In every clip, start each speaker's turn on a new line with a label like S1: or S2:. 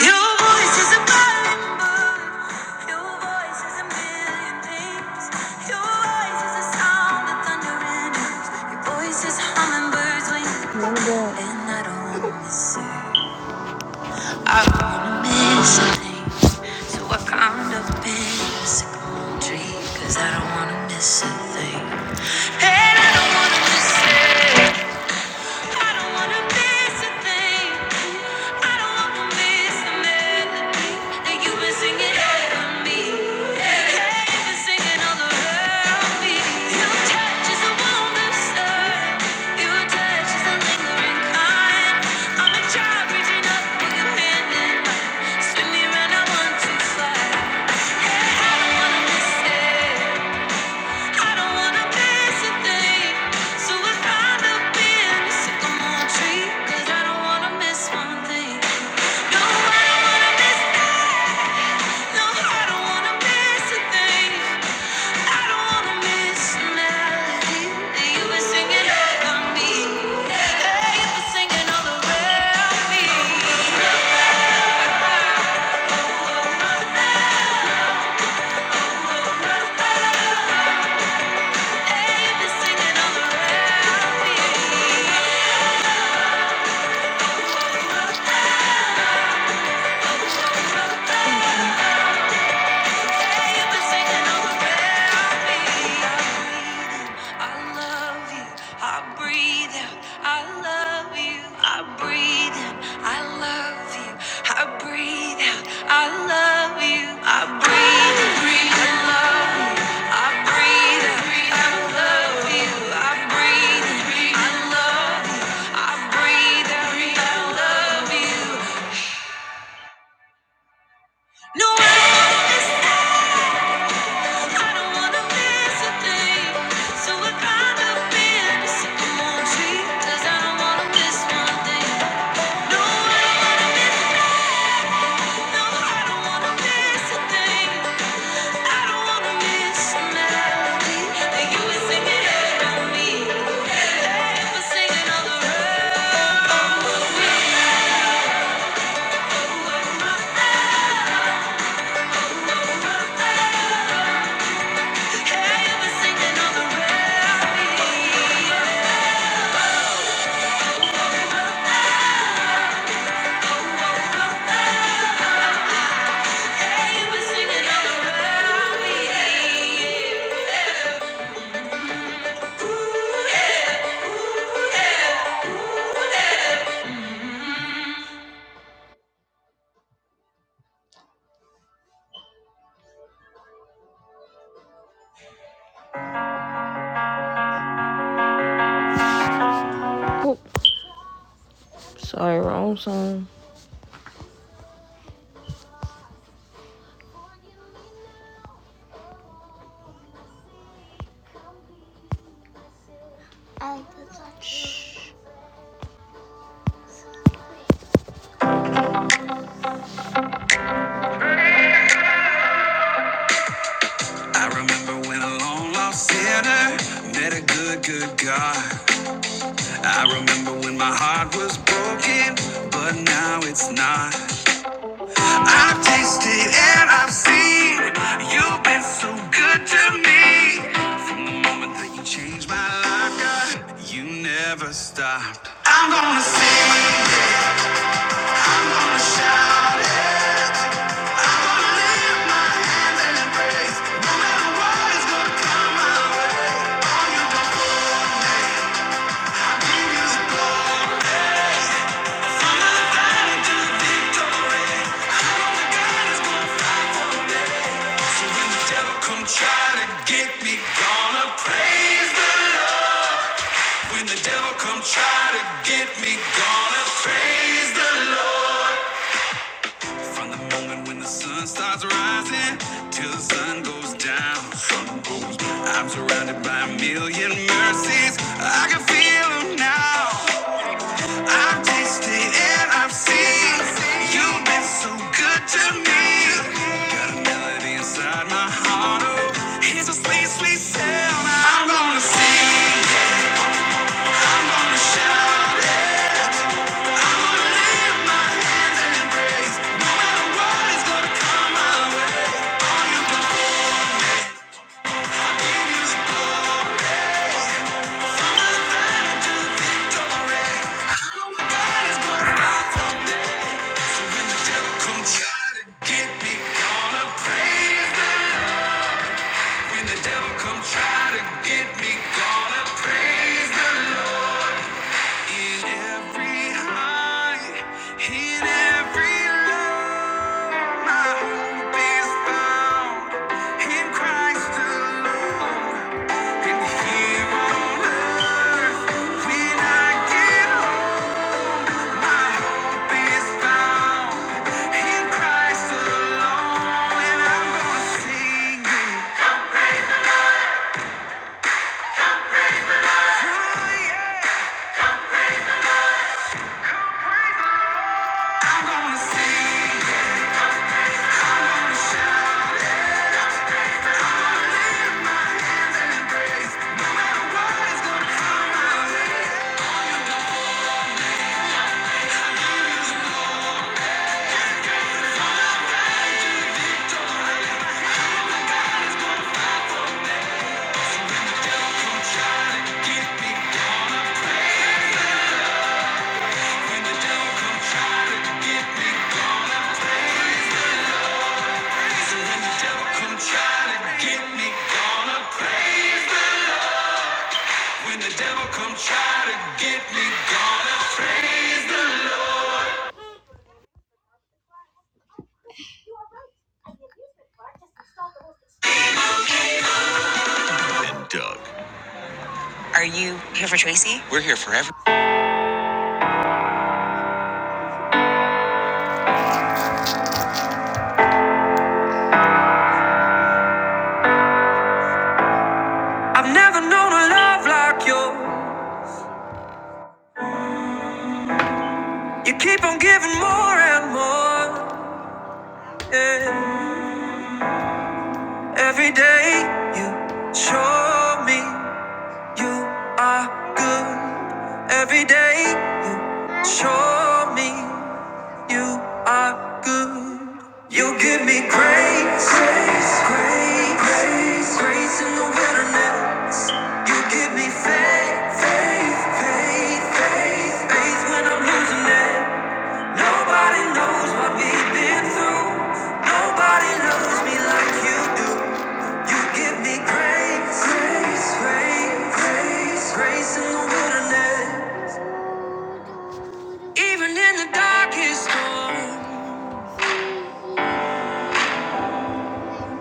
S1: Your voice is a burning bird. Your voice is a million things. Your voice is a sound of thunder Your voice is hummingbirds wings. And I don't wanna miss it. I wanna miss some things. So I climbed up in a sycamore tree. I don't wanna miss a thing. And I don't wanna miss it. I don't wanna miss a thing. I don't wanna miss a melody that you've been singing over me. Hey, you've been singing all around me. Your touch is a warm absurd. Your touch is a lingering kind. I'm a child reaching up for your hand in mine. Spin me round, I want to fly. Hey, I don't wanna miss it. I don't wanna pass a day, so I climbed up in the sycamore tree, 'cause I don't wanna miss one thing. No, I don't wanna miss that. No, I don't wanna miss a thing. I don't wanna miss a melody. Hey, You were singing over me. Hey, you were singing Hey, singing all around me. No, I understand. Hey, you were singing on the radio. Oop, sorry, wrong song. I remember when a long lost sinner met a good, good God. I remember when my heart was broken, but now it's not. I've tasted and I've seen you've been so good to me. That you changed my life, God. You never stopped. I'm gonna sing. Try to get me gonna praise the Lord. From the moment when the sun starts rising till the sun goes down. I'm surrounded by a million mercies. I can feel them now. I've tasted and I've seen. You've been so good to me. Got a melody inside my heart. Oh, it's a sweet, sweet sound. I'm gonna sing. I'm gonna shout. it. In every high, in every low. My hope is found in Christ alone, and here on earth when I get home. My hope is found in Christ alone, and I'm gonna sing it. Oh, yeah. I'm gonna sing it. I'm gonna shout it. My hands and embrace, no matter what is gonna come my way. Are you here for Tracy? I've never known a love like you. You keep on giving more and more. yeah. Every day you show me you are good. Every day show me You are good. You give me grace, grace, grace, grace, grace in the wilderness. You give me faith, faith, faith, faith, faith when I'm losing it. Nobody knows what we've been through. Nobody knows me like you do. You give me grace, grace, grace, grace, grace in the wilderness. Even in the darkest storm.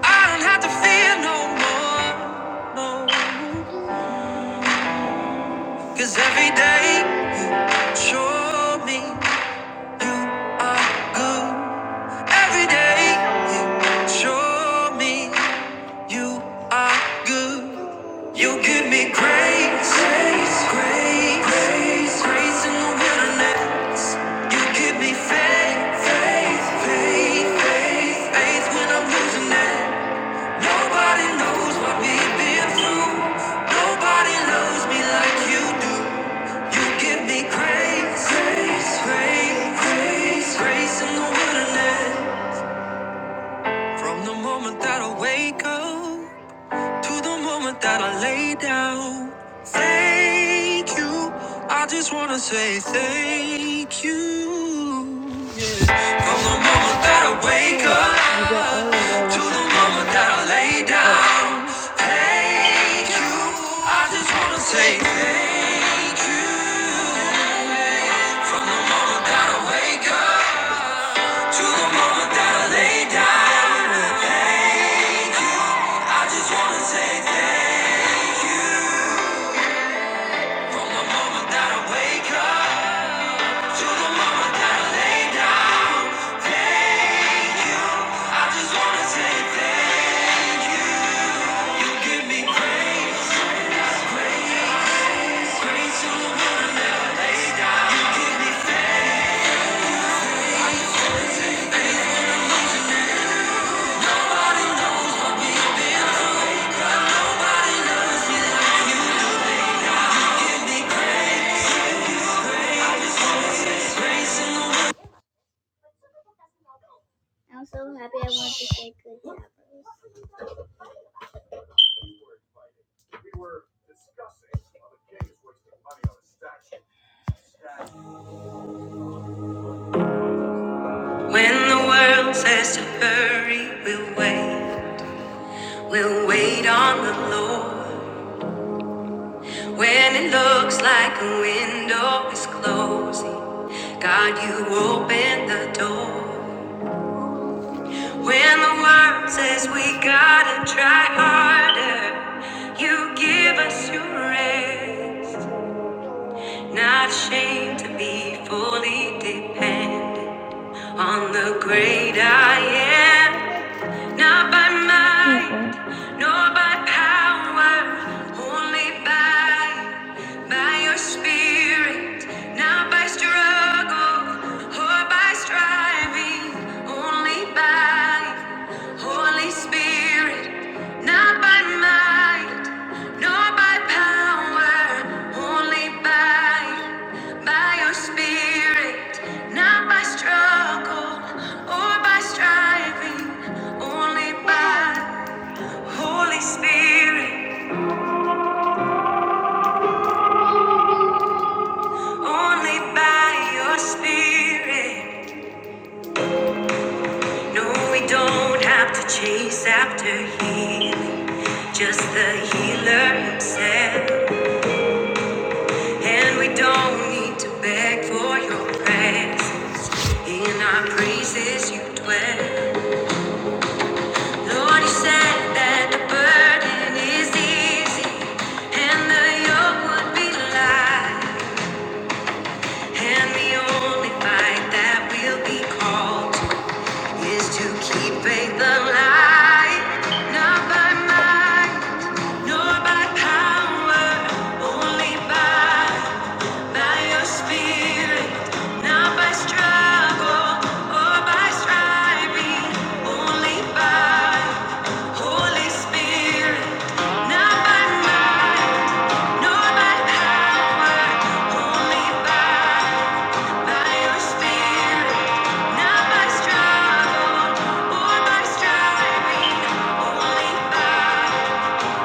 S1: I don't have to fear no more, no. Cause every day show me you are good. Every day you show me you are good. You give me grace, grace, grace, grace, grace in the wilderness. You give me faith, faith, faith, faith, faith when I'm losing it. Nobody knows what we've been through. Nobody loves me like you do. You give me grace, grace, grace, grace, in the wilderness. From the moment that I wake up to the moment that I lay down. Thank you. I just wanna say thank you. From the moment that I wake up to the moment that I lay down, thank you. I just wanna say thank you. From the moment that I wake up to the moment that I lay down, I just wanna say thank you. From the moment that I wake up to the moment that I lay, I just wanna say thank you. When the world says to hurry, we'll wait. We'll wait on the Lord. When it looks like a window is closing, God, you open the door. When the world says we gotta try harder, you give us your rest. Not ashamed to be fully dependent on the great I am. Not by Mm, might, mm. nor by power, only by by your spirit, not by struggle or by striving, only by Holy Spirit, not by might, nor by power, only by by your spirit, not by struggle or by striving, only by Holy Spirit, only by your spirit. No, we don't have to chase after healing, just the healer himself. And we don't need to beg for your presence. In our praises you dwell. Lord, you said that the burden is easy and the yoke would be light. And the only fight that we'll be called to is to keep faith alive, not by might, nor by power, only by by your spirit, not by struggle or by striving, only by Holy Spirit, not by might, nor by power, only by by your spirit. Not by struggle or by striving, only by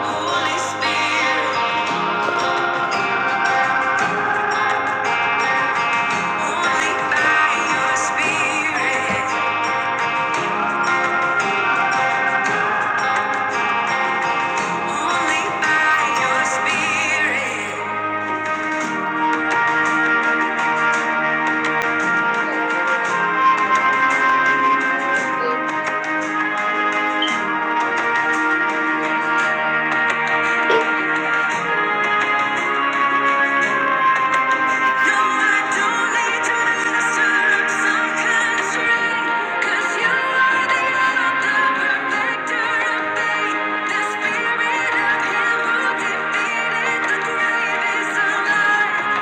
S1: Holy Spirit, only by Your Spirit, only by Your Spirit. No, I don't need to muster some kind You are the author, perfecter of faith. The Spirit of defeated the grave is alive.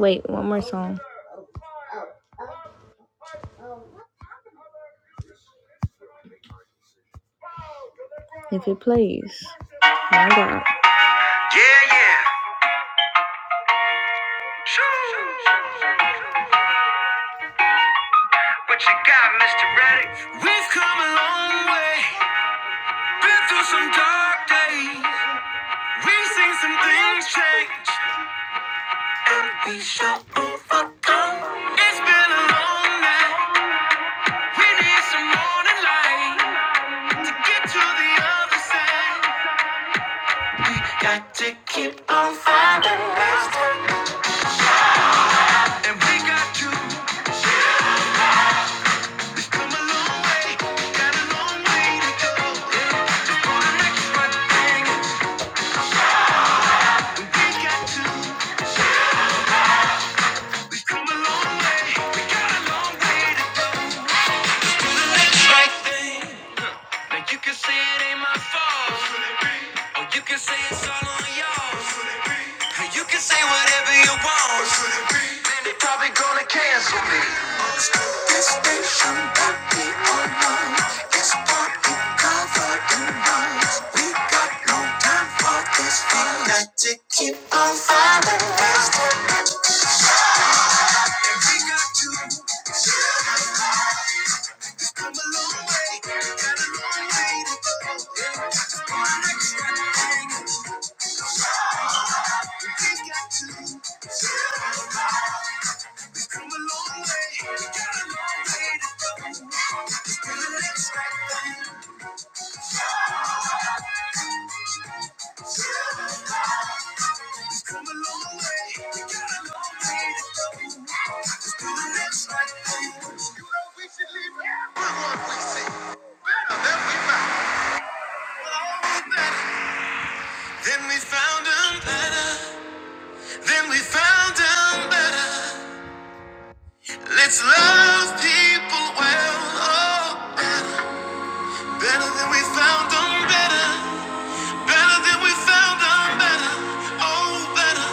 S1: Wait, one more song, if it plays. My God. Yeah, yeah. What you got, Mr. Reddick? We've come a long way. Been through some dark days. We've seen some things change, and we shall overcome. It's been a long night. We need some morning light to get to the other side. We got to keep on fighting, and we got you. Come a long way, got a long way to go. Yeah, for the next right thing, and we got to. We've come a long way, we got a long way to go. The next right thing. Now you can say it ain't my fault. Oh, you can say it's all on y'all. You can say whatever you want. Probably gonna cancel. Then we found them better. Then we found them better. Let's love people well. Oh, better than we found them better. Better than we found them better. Oh, better.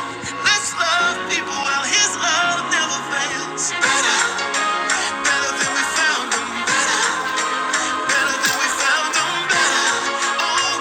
S1: Let's love people well. His love never fails. Better. oh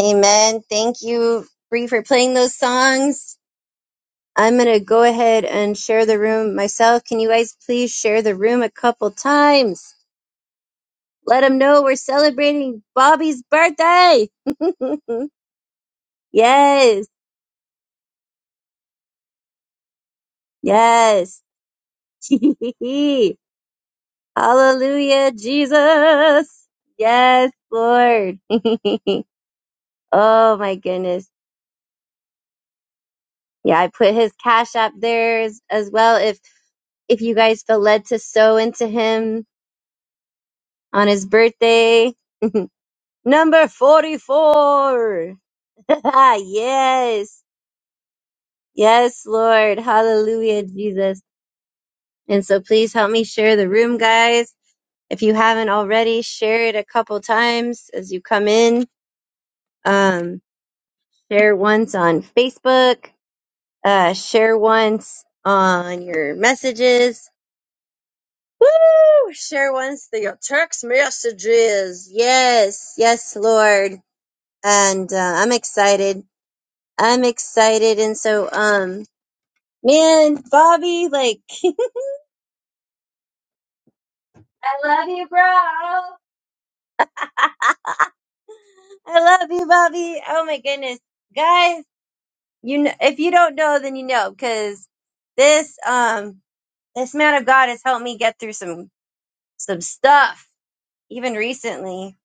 S2: Amen. Thank you, Bree, for playing those songs. I'm going to go ahead and share the room myself. Can you guys please share the room a couple times? Let them know we're celebrating Bobby's birthday. yes, yes. Hallelujah, Jesus. Yes, Lord. oh, my goodness. Yeah, I put his cash app there as, as well. If if you guys feel led to sow into him, on his birthday. Number 44. yes. Yes, Lord. Hallelujah, Jesus. And so please help me share the room, guys. If you haven't already, share it a couple times as you come in. Um, share once on Facebook. Uh, share once on your messages. Woo! Share once through your text messages. Yes. Yes, Lord. And uh, I'm excited I'm excited and so um man, Bobby, like I love you, bro. I love you, Bobby. Oh my goodness. Guys, you know if you don't know then you know cuz this um this man of God has helped me get through some some stuff even recently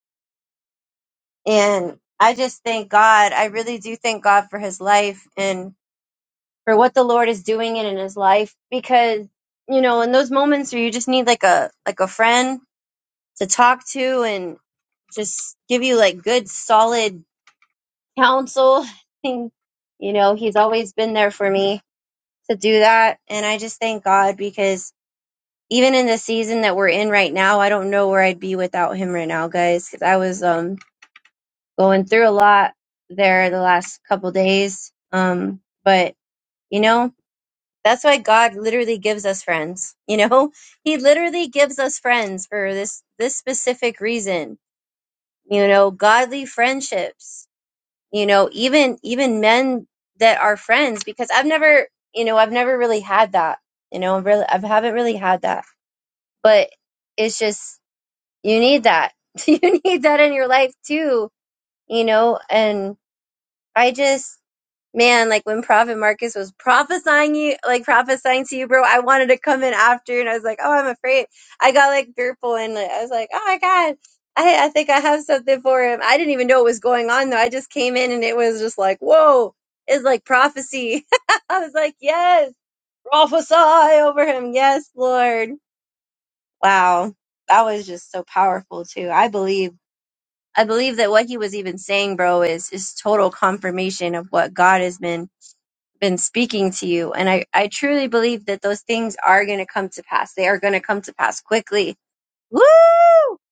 S2: and I just thank God. I really do thank God for his life and for what the Lord is doing in in his life because you know, in those moments where you just need like a like a friend to talk to and just give you like good solid counsel. you know, he's always been there for me to do that. And I just thank God because even in the season that we're in right now, I don't know where I'd be without him right now, guys. Cause I was, um, going through a lot there the last couple days. Um, but you know, that's why God literally gives us friends. You know, he literally gives us friends for this, this specific reason you know godly friendships you know even even men that are friends because i've never you know i've never really had that you know I've really i haven't really had that but it's just you need that you need that in your life too you know and i just man, like when Prophet Marcus was prophesying you, like prophesying to you, bro, I wanted to come in after, and I was like, oh, I'm afraid. I got like fearful, and like, I was like, oh my god, I I think I have something for him. I didn't even know what was going on though. I just came in, and it was just like, whoa, it's like prophecy. I was like, yes, prophesy over him, yes, Lord. Wow, that was just so powerful too. I believe. I believe that what he was even saying, bro, is is total confirmation of what God has been been speaking to you. And I, I truly believe that those things are going to come to pass. They are going to come to pass quickly. Woo!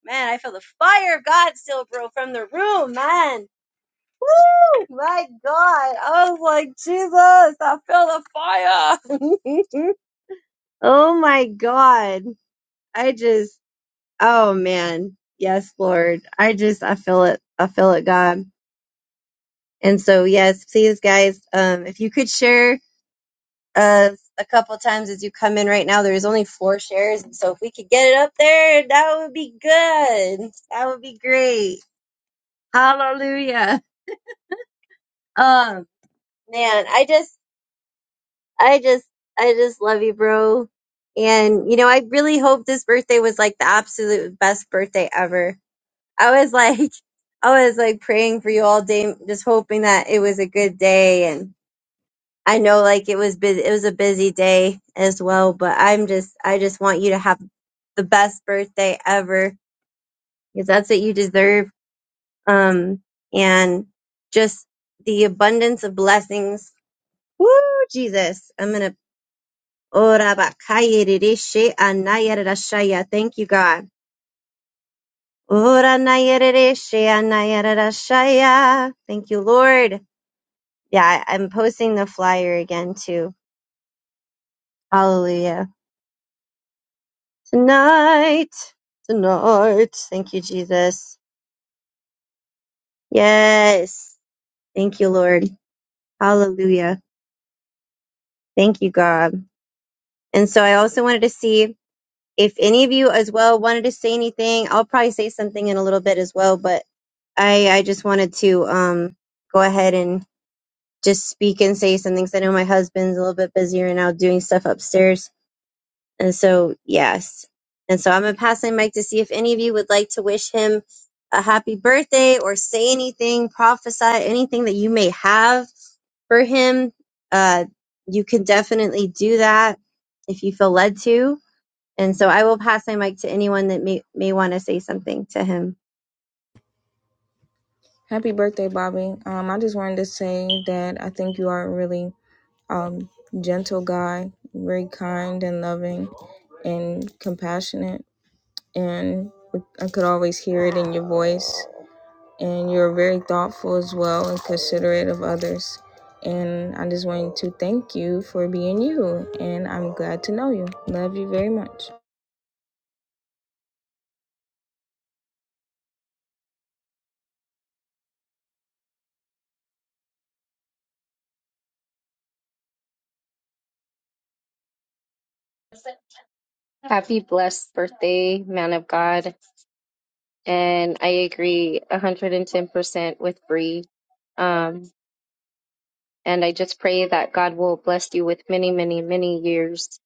S2: Man, I feel the fire of God still, bro, from the room, man. Woo! My God. I was like, Jesus, I feel the fire. oh my God. I just, oh man. Yes, Lord. I just, I feel it. I feel it, God. And so, yes, please, guys, um, if you could share uh, a couple times as you come in right now. There's only four shares, so if we could get it up there, that would be good. That would be great. Hallelujah. Um, man, I just, I just, I just love you, bro. And you know, I really hope this birthday was like the absolute best birthday ever. I was like, I was like praying for you all day, just hoping that it was a good day and I know like it was bu- it was a busy day as well, but I'm just I just want you to have the best birthday ever because that's what you deserve. Um, and just the abundance of blessings. Woo, Jesus. I'm going to. Ora bakaya ririshe Thank you, God. Ora naya ririshe Thank you, Lord. Yeah, I- I'm posting the flyer again too. Hallelujah. Tonight, tonight. Thank you, Jesus. Yes. Thank you, Lord. Hallelujah. Thank you, God. And so I also wanted to see if any of you as well wanted to say anything. I'll probably say something in a little bit as well, but I, I just wanted to um, go ahead and just speak and say something 'cause I know my husband's a little bit busy right now doing stuff upstairs. And so, yes. And so I'm going to pass my mic to see if any of you would like to wish him a happy birthday or say anything, prophesy anything that you may have for him. Uh, you can definitely do that if you feel led to. And so I will pass my mic to anyone that may, may want to say something to him.
S1: Happy birthday, Bobby. Um, I just wanted to say that I think you are a really um, gentle guy, very kind and loving and compassionate. And I could always hear it in your voice. and you're very thoughtful as well and considerate of others. And I just wanted to thank you for being you, and I'm glad to know you. Love you very much.
S3: Happy blessed birthday, man of God. And I agree 110% with Bree. Um, and I just pray that God will bless you with many, many, many years.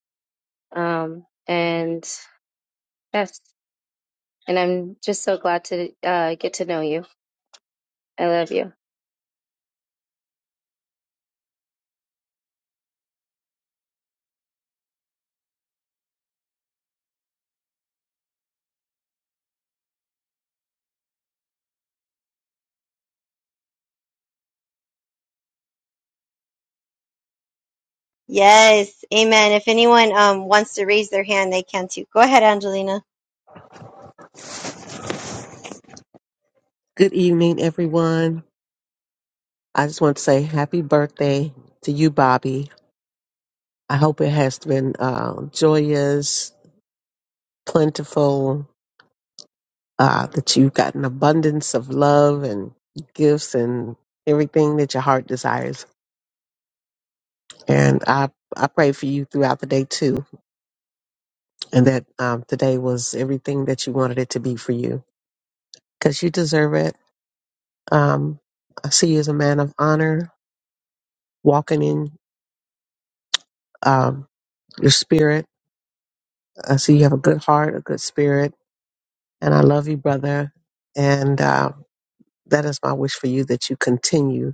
S3: Um, and yes, and I'm just so glad to uh, get to know you. I love you.
S2: Yes, amen. If anyone um, wants to raise their hand, they can too. Go ahead, Angelina.
S4: Good evening, everyone. I just want to say happy birthday to you, Bobby. I hope it has been uh, joyous, plentiful, uh, that you've got an abundance of love and gifts and everything that your heart desires. And I, I pray for you throughout the day, too, and that um, today was everything that you wanted it to be for you because you deserve it. Um, I see you as a man of honor, walking in um, your spirit I see you have a good heart, a good spirit, and I love you, brother. And uh, that is my wish for you that you continue,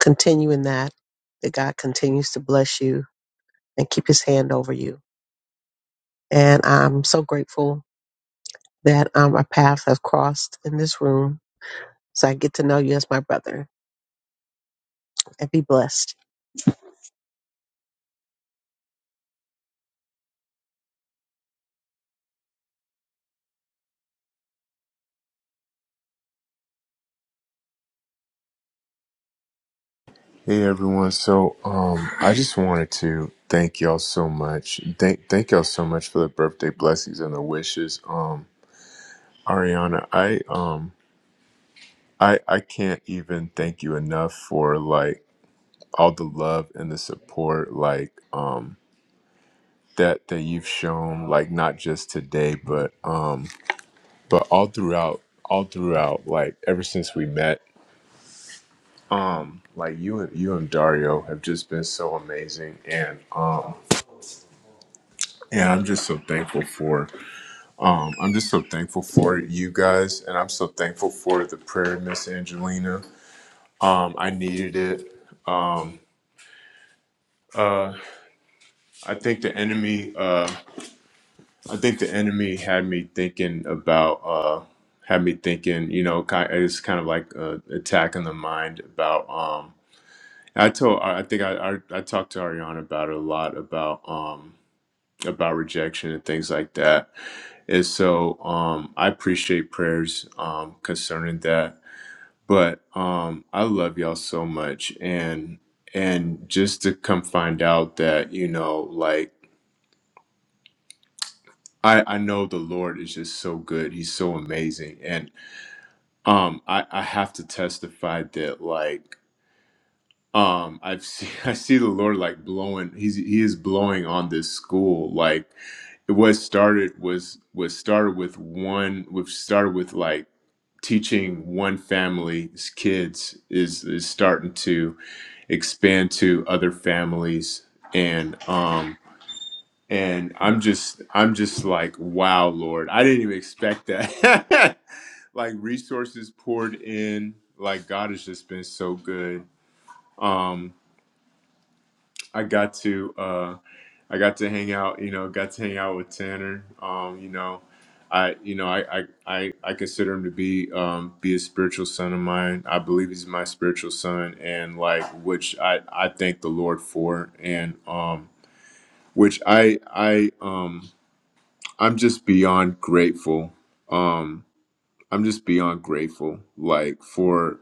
S4: continue in that, that God continues to bless you and keep his hand over you. And I'm so grateful that um, our paths have crossed in this room. So I get to know you as my brother and be blessed.
S5: Hey everyone. So um I just wanted to thank y'all so much. Thank thank y'all so much for the birthday blessings and the wishes. Um Ariana, I um I I can't even thank you enough for like all the love and the support like um that that you've shown like not just today but um but all throughout all throughout like ever since we met like you and you and Dario have just been so amazing and um and I'm just so thankful for. Um, I'm just so thankful for you guys, and I'm so thankful for the prayer, Miss Angelina. Um, I needed it. Um, uh, I think the enemy, uh, I think the enemy had me thinking about, uh, had me thinking, you know, kind it's kind of like uh attack the mind about. Um, I told, I I think I, I, I talked to Ariana about it a lot about, um, about rejection and things like that. And so um, I appreciate prayers um, concerning that. but um i love y'all so much and and just to come find out that you know like i i know the lord is just so good he's so amazing and um i i have to testify that like um i've seen i see the lord like blowing he's he is blowing on this school like what started was was started with one which started with like teaching one family's kids is is starting to expand to other families and um and i'm just i'm just like wow lord i didn't even expect that like resources poured in like god has just been so good um I got to uh, I got to hang out, you know, got to hang out with Tanner. Um, you know, I you know I I I, I consider him to be um, be a spiritual son of mine. I believe he's my spiritual son, and like which I I thank the Lord for, and um, which I I um I'm just beyond grateful. Um, I'm just beyond grateful, like for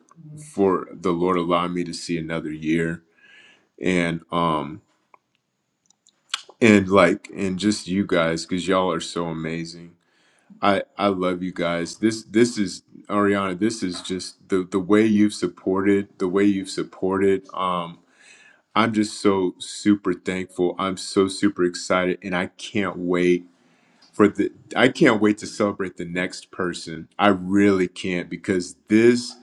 S5: for the Lord allowing me to see another year and um and like and just you guys because y'all are so amazing i i love you guys this this is ariana this is just the the way you've supported the way you've supported um i'm just so super thankful i'm so super excited and i can't wait for the I can't wait to celebrate the next person. I really can't because this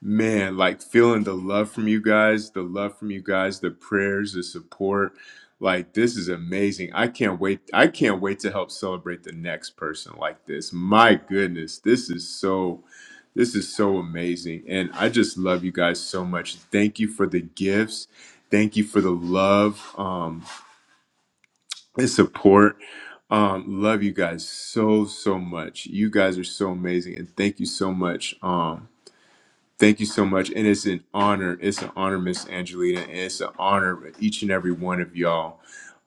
S5: man, like feeling the love from you guys, the love from you guys, the prayers, the support, like this is amazing. I can't wait. I can't wait to help celebrate the next person like this. My goodness, this is so this is so amazing. And I just love you guys so much. Thank you for the gifts. Thank you for the love. Um and support. Um, love you guys so so much. You guys are so amazing, and thank you so much. Um, thank you so much, and it's an honor. It's an honor, Miss Angelina, and it's an honor with each and every one of y'all.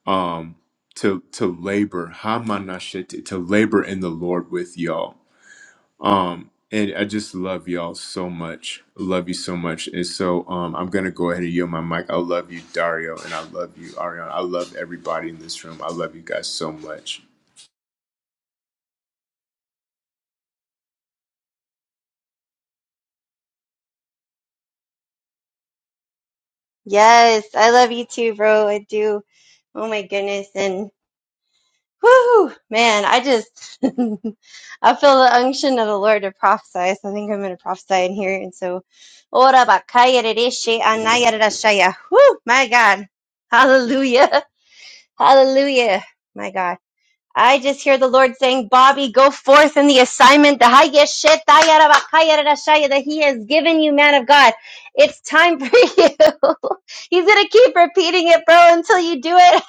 S5: Um, to to labor, hamanashete, to labor in the Lord with y'all. Um, and I just love y'all so much. Love you so much. And so um, I'm gonna go ahead and yield my mic. I love you, Dario, and I love you, Ariana. I love everybody in this room. I love you guys so much.
S2: Yes, I love you too, bro. I do. Oh my goodness. and. Woo! Man, I just I feel the unction of the Lord to prophesy. So I think I'm going to prophesy in here. And so, ora bakaya dedeshi anaya dedashaya. Woo! My God, Hallelujah, Hallelujah, my God. I just hear the Lord saying, Bobby, go forth in the assignment the highest shit, tayara bakayara that He has given you, man of God. It's time for you. He's going to keep repeating it, bro, until you do it.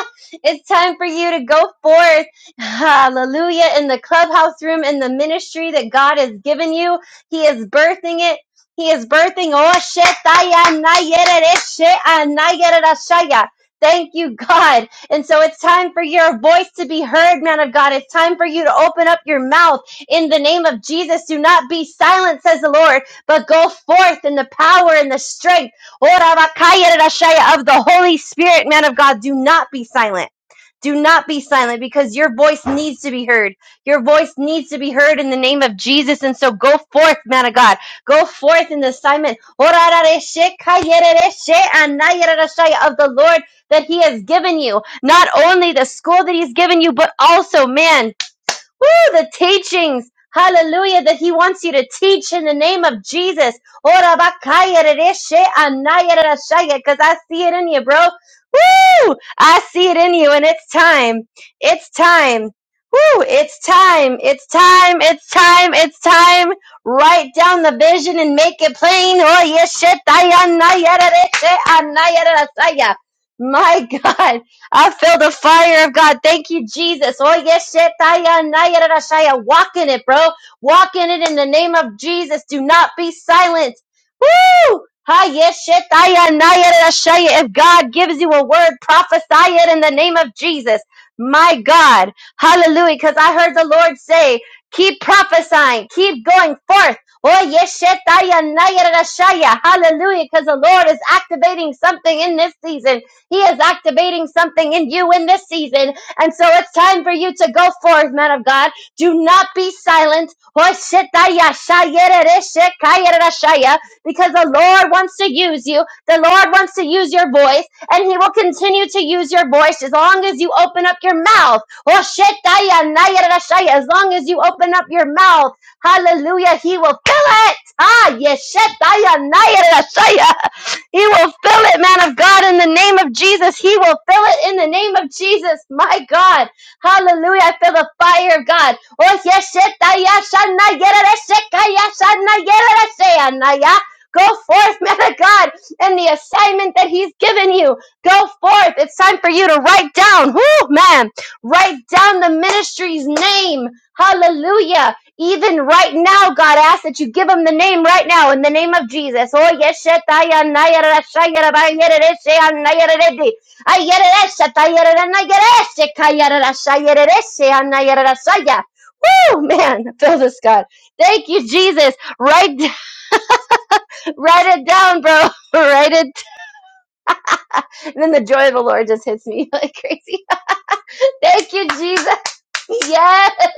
S2: it's time for you to go forth. Hallelujah. In the clubhouse room, in the ministry that God has given you, He is birthing it. He is birthing. Oh, shit, tayana yere re shit, anayara Thank you, God. And so it's time for your voice to be heard, man of God. It's time for you to open up your mouth in the name of Jesus. Do not be silent, says the Lord, but go forth in the power and the strength of the Holy Spirit, man of God. Do not be silent. Do not be silent because your voice needs to be heard. Your voice needs to be heard in the name of Jesus. And so go forth, man of God. Go forth in the assignment of the Lord that He has given you. Not only the school that He's given you, but also, man, Woo, the teachings. Hallelujah, that he wants you to teach in the name of Jesus. Ora bakaya rereshe anaya rerashaya, Cause I see it in you, bro. Woo! I see it in you and it's time. It's time. Woo! It's time. It's time. It's time. It's time. Write down the vision and make it plain. Oh, yes, shit, anaya rereshe anaya rerashaya. My God. I feel the fire of God. Thank you, Jesus. Oh, yes, shetaya, naya, rashaya. Walk in it, bro. Walk in it in the name of Jesus. Do not be silent. Woo! Ha, yes, shetaya, naya, rashaya. If God gives you a word, prophesy it in the name of Jesus. My God. Hallelujah. Because I heard the Lord say, keep prophesying, keep going forth. Oh, yes, shetaya, naya, rashaya. Hallelujah. Because the Lord is activating something in this season. He is activating something in you in this season. And so it's time for you to go forth, man of God. Do not be silent. Because the Lord wants to use you. The Lord wants to use your voice. And He will continue to use your voice as long as you open up your mouth. As long as you open up your mouth. Hallelujah. He will fill it. Ah, yes. He will fill it, man of God, in the name of Jesus. He will fill it in the name of Jesus. My God. Hallelujah. I feel the fire of God. Oh, yes, shit, ah, yeah, shanna, yera, da, shika, yeah, shanna, yera, da, shayanna, yeah. Go forth, man of God, in the assignment that He's given you. Go forth. It's time for you to write down, whoo, man, write down the ministry's name. Hallelujah. Even right now, God asks that you give him the name right now in the name of Jesus. Oh, yes, shetaya nayara shayara bayerere sheya nayara redi. Ayerere shetayara nayara shekayara shayere sheya nayara shaya. Woo, man, I feel this, God. Thank you, Jesus. Write, write it down, bro. write it. And then the joy of the Lord just hits me like crazy. Thank you, Jesus. Yes.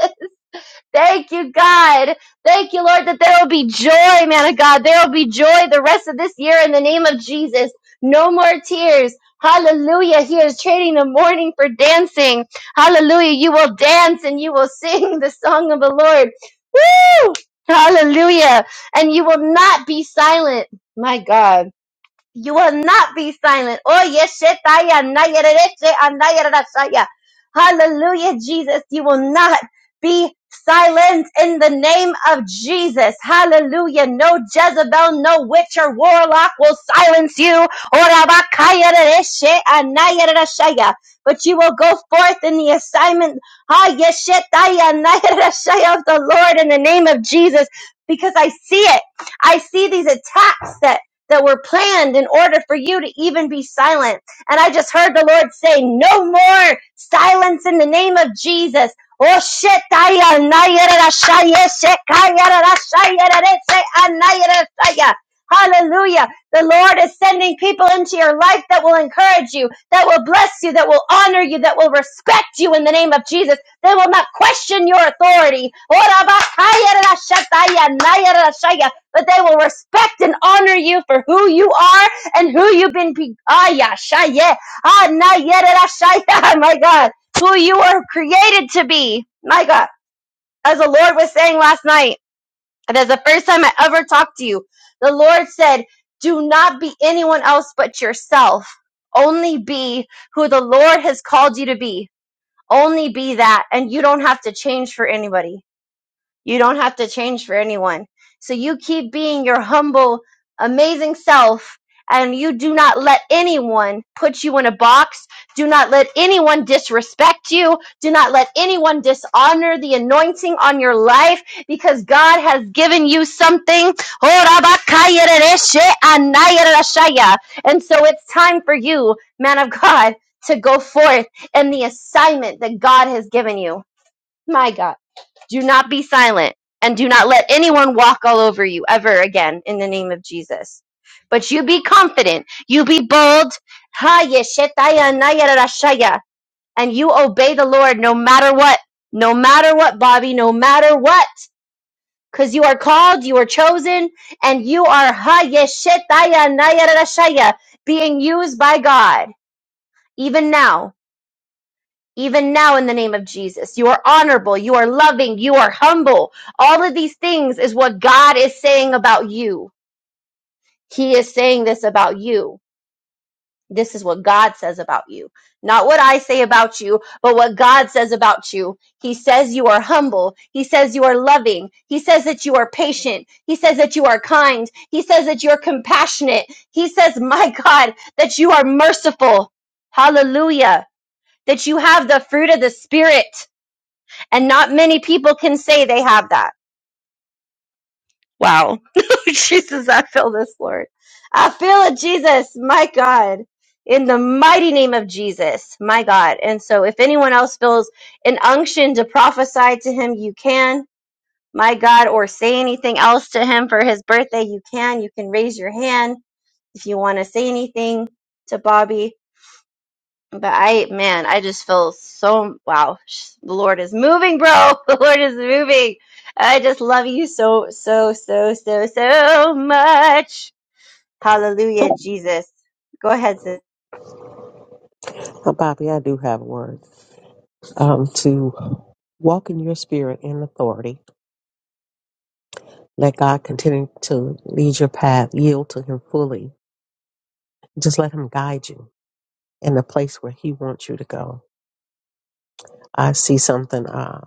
S2: Thank you, God. Thank you, Lord, that there will be joy, man of God. There will be joy the rest of this year in the name of Jesus. No more tears. Hallelujah. He is trading the mourning for dancing. Hallelujah. You will dance and you will sing the song of the Lord. Woo! Hallelujah. And you will not be silent. My God. You will not be silent. Oh, yes, shetaya, nayerereche, anayererashaya. Hallelujah, Jesus. You will not be silent in the name of Jesus. Hallelujah. No Jezebel, no witch or warlock will silence you. Orabakayerereshe, anayererashaya. But you will go forth in the assignment ah, yes, shetaya, anayererashaya of the Lord in the name of Jesus because I see it. I see these attacks that that were planned in order for you to even be silent. And I just heard the Lord say, no more silence in the name of Jesus. Oh shit, Hallelujah. The Lord is sending people into your life that will encourage you, that will bless you, that will honor you, that will respect you in the name of Jesus. They will not question your authority but they will respect and honor you for who you are and who you've been. Be- ah, yeah, shaye, ah, na, yet, ah, shaya, my God, who you were created to be, my God. As the Lord was saying last night, and as the first time I ever talked to you, the Lord said, "Do not be anyone else but yourself. Only be who the Lord has called you to be. Only be that, and you don't have to change for anybody." You don't have to change for anyone. So you keep being your humble, amazing self, and you do not let anyone put you in a box. Do not let anyone disrespect you. Do not let anyone dishonor the anointing on your life because God has given you something. And so it's time for you, man of God, to go forth in the assignment that God has given you. My God. Do not be silent and do not let anyone walk all over you ever again in the name of Jesus. But you be confident, you be bold, Ha, yeshetaya, nayarashaya, and you obey the Lord no matter what, no matter what, Bobby, no matter what. Because you are called, you are chosen, and you are ha, yeshetaya, nayarashaya, being used by God, even now. Even now, in the name of Jesus, you are honorable, you are loving, you are humble. All of these things is what God is saying about you. He is saying this about you. This is what God says about you. Not what I say about you, but what God says about you. He says you are humble. He says you are loving. He says that you are patient. He says that you are kind. He says that you're compassionate. He says, my God, that you are merciful. Hallelujah. That you have the fruit of the Spirit and not many people can say they have that. Wow. Jesus, I feel this, Lord. I feel it, Jesus. My God. In the mighty name of Jesus. My God. And so if anyone else feels an unction to prophesy to him, you can. My God, or say anything else to him for his birthday, you can. You can raise your hand if you want to say anything to Bobby. But I, man, I just feel so, wow, sh- the Lord is moving, bro. The Lord is moving. I just love you so, so, so, so, so much. Hallelujah, Jesus. Go ahead, sis.
S4: Uh, Bobby, I do have a word. Um, to walk in your spirit and authority. Let God continue to lead your path. Yield to Him fully. Just let Him guide you in the place where He wants you to go. I see something uh,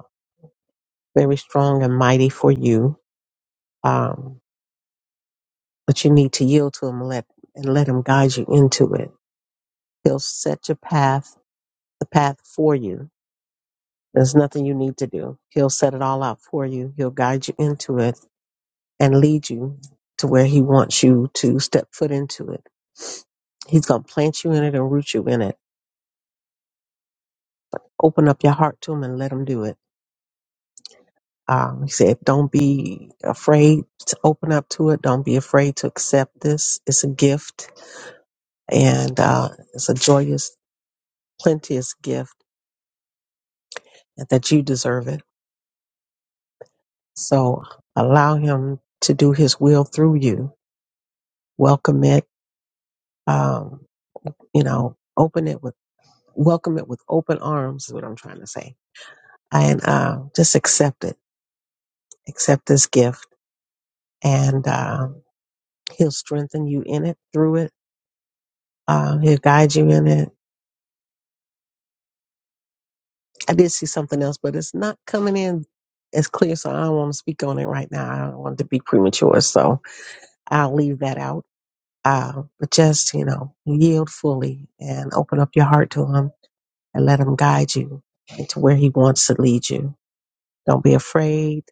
S4: very strong and mighty for you, um, but you need to yield to Him and let, and let Him guide you into it. He'll set your path, the path for you. There's nothing you need to do. He'll set it all out for you. He'll guide you into it and lead you to where he wants you to step foot into it. He's going to plant you in it and root you in it. Open up your heart to him and let him do it. Um, he said, don't be afraid to open up to it. Don't be afraid to accept this. It's a gift and uh, it's a joyous, plenteous gift and that you deserve it. So allow him to do his will through you. Welcome it. Um, you know, open it with, welcome it with open arms is what I'm trying to say and uh, just accept it. Accept this gift, and um He'll strengthen you in it through it. Uh, he'll guide you in it. I did see something else, but it's not coming in as clear, so I don't want to speak on it right now. I don't want to be premature, so I'll leave that out. Uh, but just you know, yield fully and open up your heart to Him and let Him guide you into where He wants to lead you. Don't be afraid.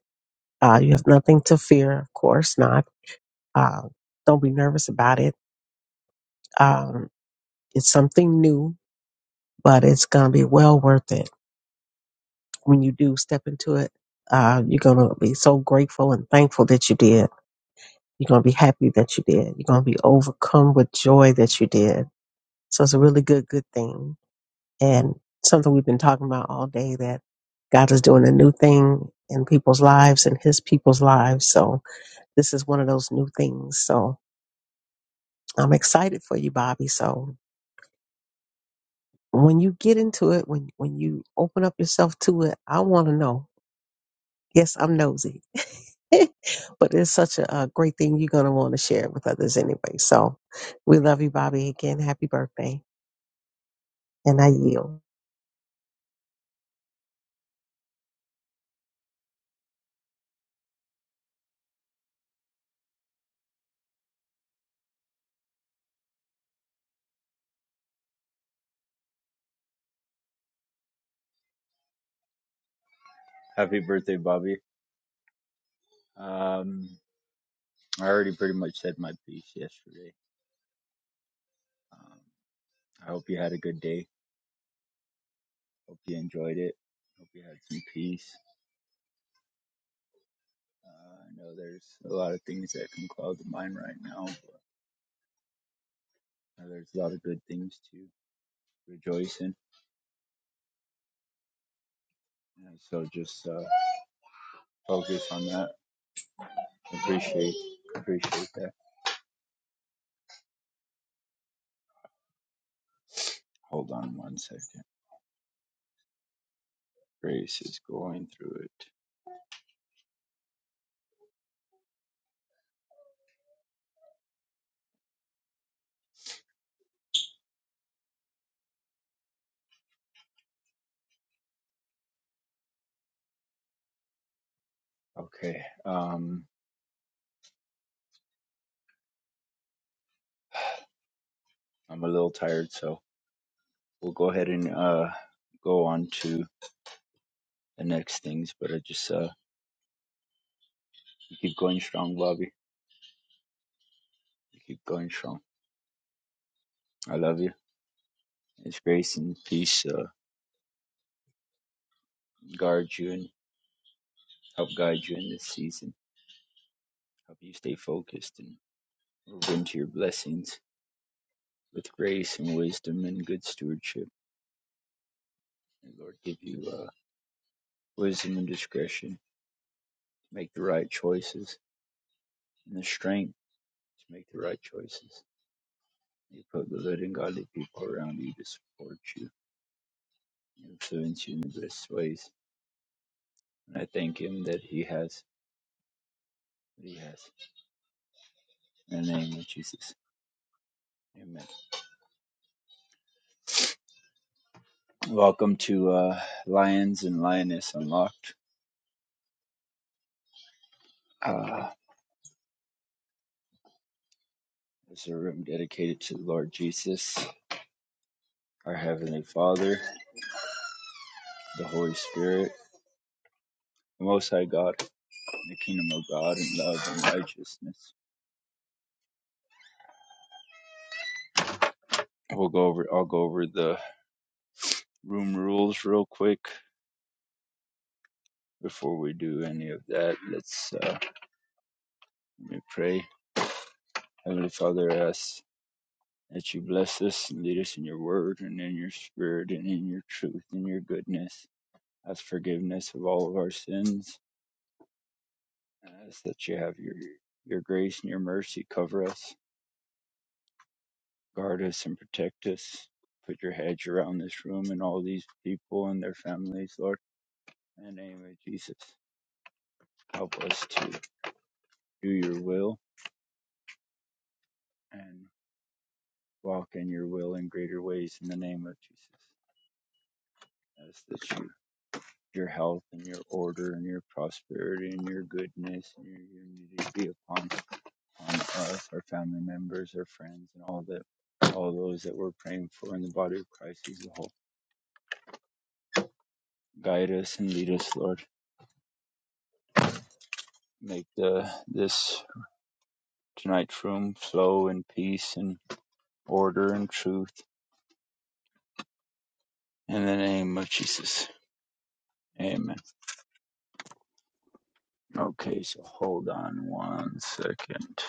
S4: Uh, you have nothing to fear, of course not. Uh, don't be nervous about it Um, it's something new, but it's going to be well worth it. When you do step into it, uh, you're going to be so grateful and thankful that you did. You're going to be happy that you did. You're going to be overcome with joy that you did. So it's a really good, good thing. And something we've been talking about all day that God is doing a new thing in people's lives and his people's lives. So this is one of those new things. So I'm excited for you, Bobby. So when you get into it, when when you open up yourself to it, I want to know. Yes, I'm nosy, but it's such a, uh great thing. You're gonna want to share it with others anyway. So, we love you, Bobby. Again, happy birthday, and I yield.
S6: Happy birthday, Bobby. Um, I already pretty much said my piece yesterday. Um, I hope you had a good day. Hope you enjoyed it. Hope you had some peace. Uh, I know there's a lot of things that can cloud the mind right now, but there's a lot of good things to rejoice in. And so just uh, focus on that. Appreciate, appreciate that. Hold on one second. Grace is going through it. Okay. Um, I'm a little tired, so we'll go ahead and uh, go on to the next things. But I just uh, you keep going strong, Bobby. You keep going strong. I love you. His grace and peace uh, guard you and help guide you in this season. Help you stay focused and move into your blessings with grace and wisdom and good stewardship. And Lord, give you uh, wisdom and discretion to make the right choices and the strength to make the right choices. You put good and godly people around you to support you, influence you in the best ways. And I thank Him that He has. Yes. In the name of Jesus. Amen. Welcome to uh, Lions and Lioness Unlocked. Uh, it's a room dedicated to the Lord Jesus, our Heavenly Father, the Holy Spirit, the Most High God, the Kingdom of God, and love and righteousness. We'll go over. I'll go over the room rules real quick before we do any of that. Let's uh, let me pray. Heavenly Father, I ask. that you bless us and lead us in your word and in your spirit and in your truth and your goodness. Ask forgiveness of all of our sins. Ask that you have your your grace and your mercy cover us, guard us and protect us. Put your hedge around this room and all these people and their families, Lord. In the name of Jesus, help us to do your will and walk in your will in greater ways in the name of Jesus. Ask that you your health and your order and your prosperity and your goodness and your unity be upon, upon us, our family members, our friends, and all that, all those that we're praying for in the body of Christ as a whole. Guide us and lead us, Lord. Make the this tonight's room flow in peace and order and truth in the name of Jesus. Amen. Okay, so hold on one second.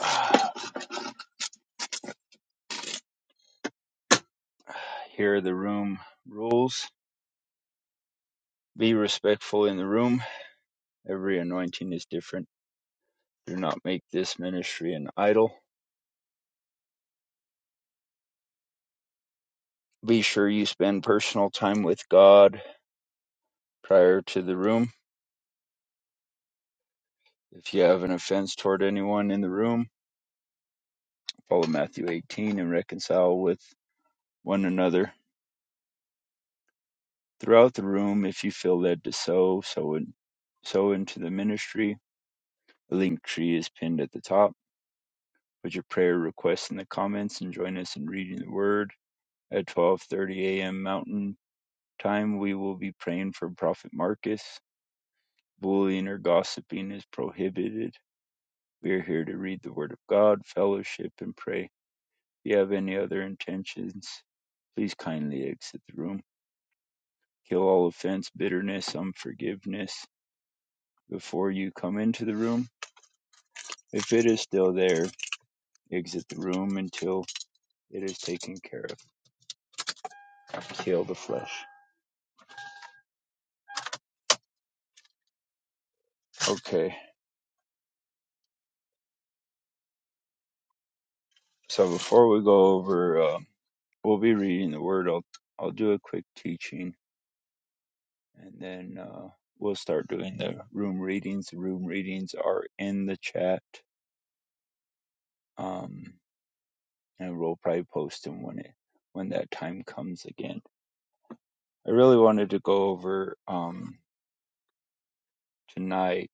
S6: Here are the room rules. Be respectful in the room Every anointing is different. Do not make this ministry an idol. Be sure you spend personal time with God prior to the room. If you have an offense toward anyone in the room, follow Matthew 18 and reconcile with one another. Throughout the room, if you feel led to sow, sow, in, sow into the ministry. The link tree is pinned at the top. Put your prayer requests in the comments and join us in reading the word. At 12.30 a.m. Mountain Time, we will be praying for Prophet Marcus. Bullying or gossiping is prohibited. We are here to read the Word of God, fellowship, and pray. If you have any other intentions, please kindly exit the room. Kill all offense, bitterness, unforgiveness before you come into the room. If it is still there, exit the room until it is taken care of. Kill the flesh. Okay, so before we go over, uh, we'll be reading the Word. I'll, I'll do a quick teaching and then uh, we'll start doing the room readings. The room readings are in the chat, um, and we'll probably post them when it when that time comes again. I really wanted to go over um, tonight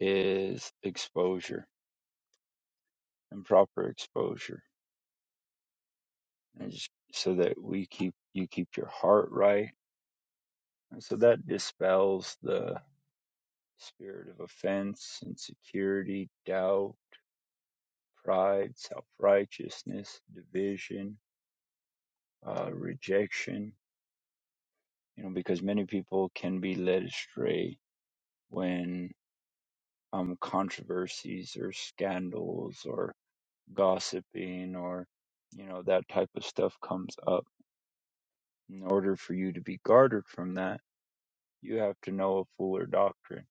S6: is exposure and proper exposure, and just so that we keep you keep your heart right, and so that dispels the spirit of offense, insecurity, doubt, pride, self righteousness, division uh, rejection, you know, because many people can be led astray when um, controversies or scandals or gossiping or, you know, that type of stuff comes up. In order for you to be guarded from that, you have to know a fuller doctrine.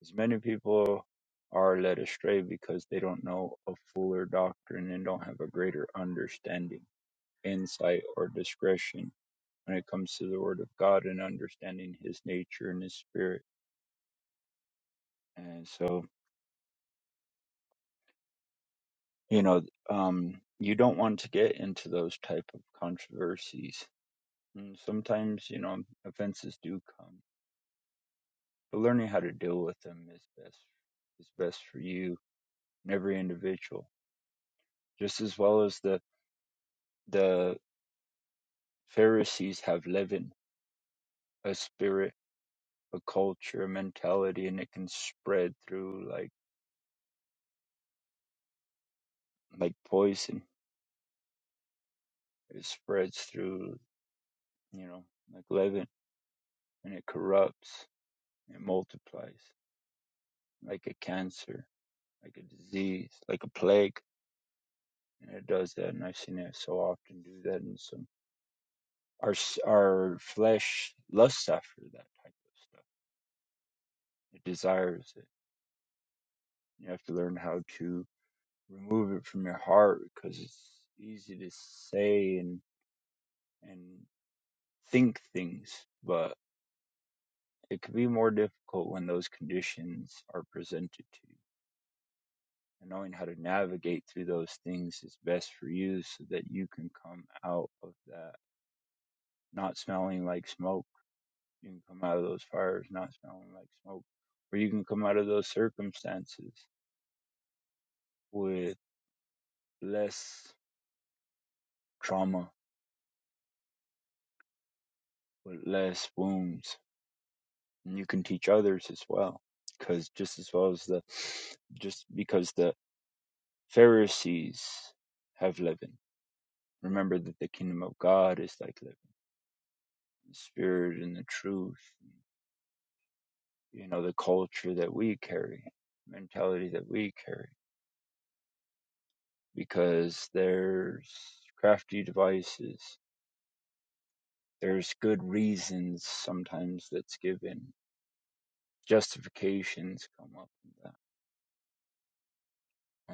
S6: As many people are led astray because they don't know a fuller doctrine and don't have a greater understanding, insight, or discretion when it comes to the Word of God and understanding His nature and His Spirit. And so, you know, um, you don't want to get into those type of controversies. And sometimes, you know, offenses do come, but learning how to deal with them is best is best for you and every individual, just as well as the the Pharisees have leaven, a spirit, a culture, a mentality, and it can spread through like like poison. It spreads through you know, like leaven, and it corrupts, it multiplies like a cancer, like a disease, like a plague, and it does that. And I've seen it so often do that. And some our our flesh lusts after that type of stuff. It desires it. You have to learn how to remove it from your heart because it's easy to say and and think things, but it can be more difficult when those conditions are presented to you and knowing how to navigate through those things is best for you so that you can come out of that not smelling like smoke. You can come out of those fires not smelling like smoke, or you can come out of those circumstances with less trauma, with less wounds. And you can teach others as well. Because just as well as the, just because the Pharisees have leaven, remember that the kingdom of God is like leaven, the spirit and the truth you know the culture that we carry mentality that we carry because there's crafty devices there's good reasons sometimes that's given justifications come up with that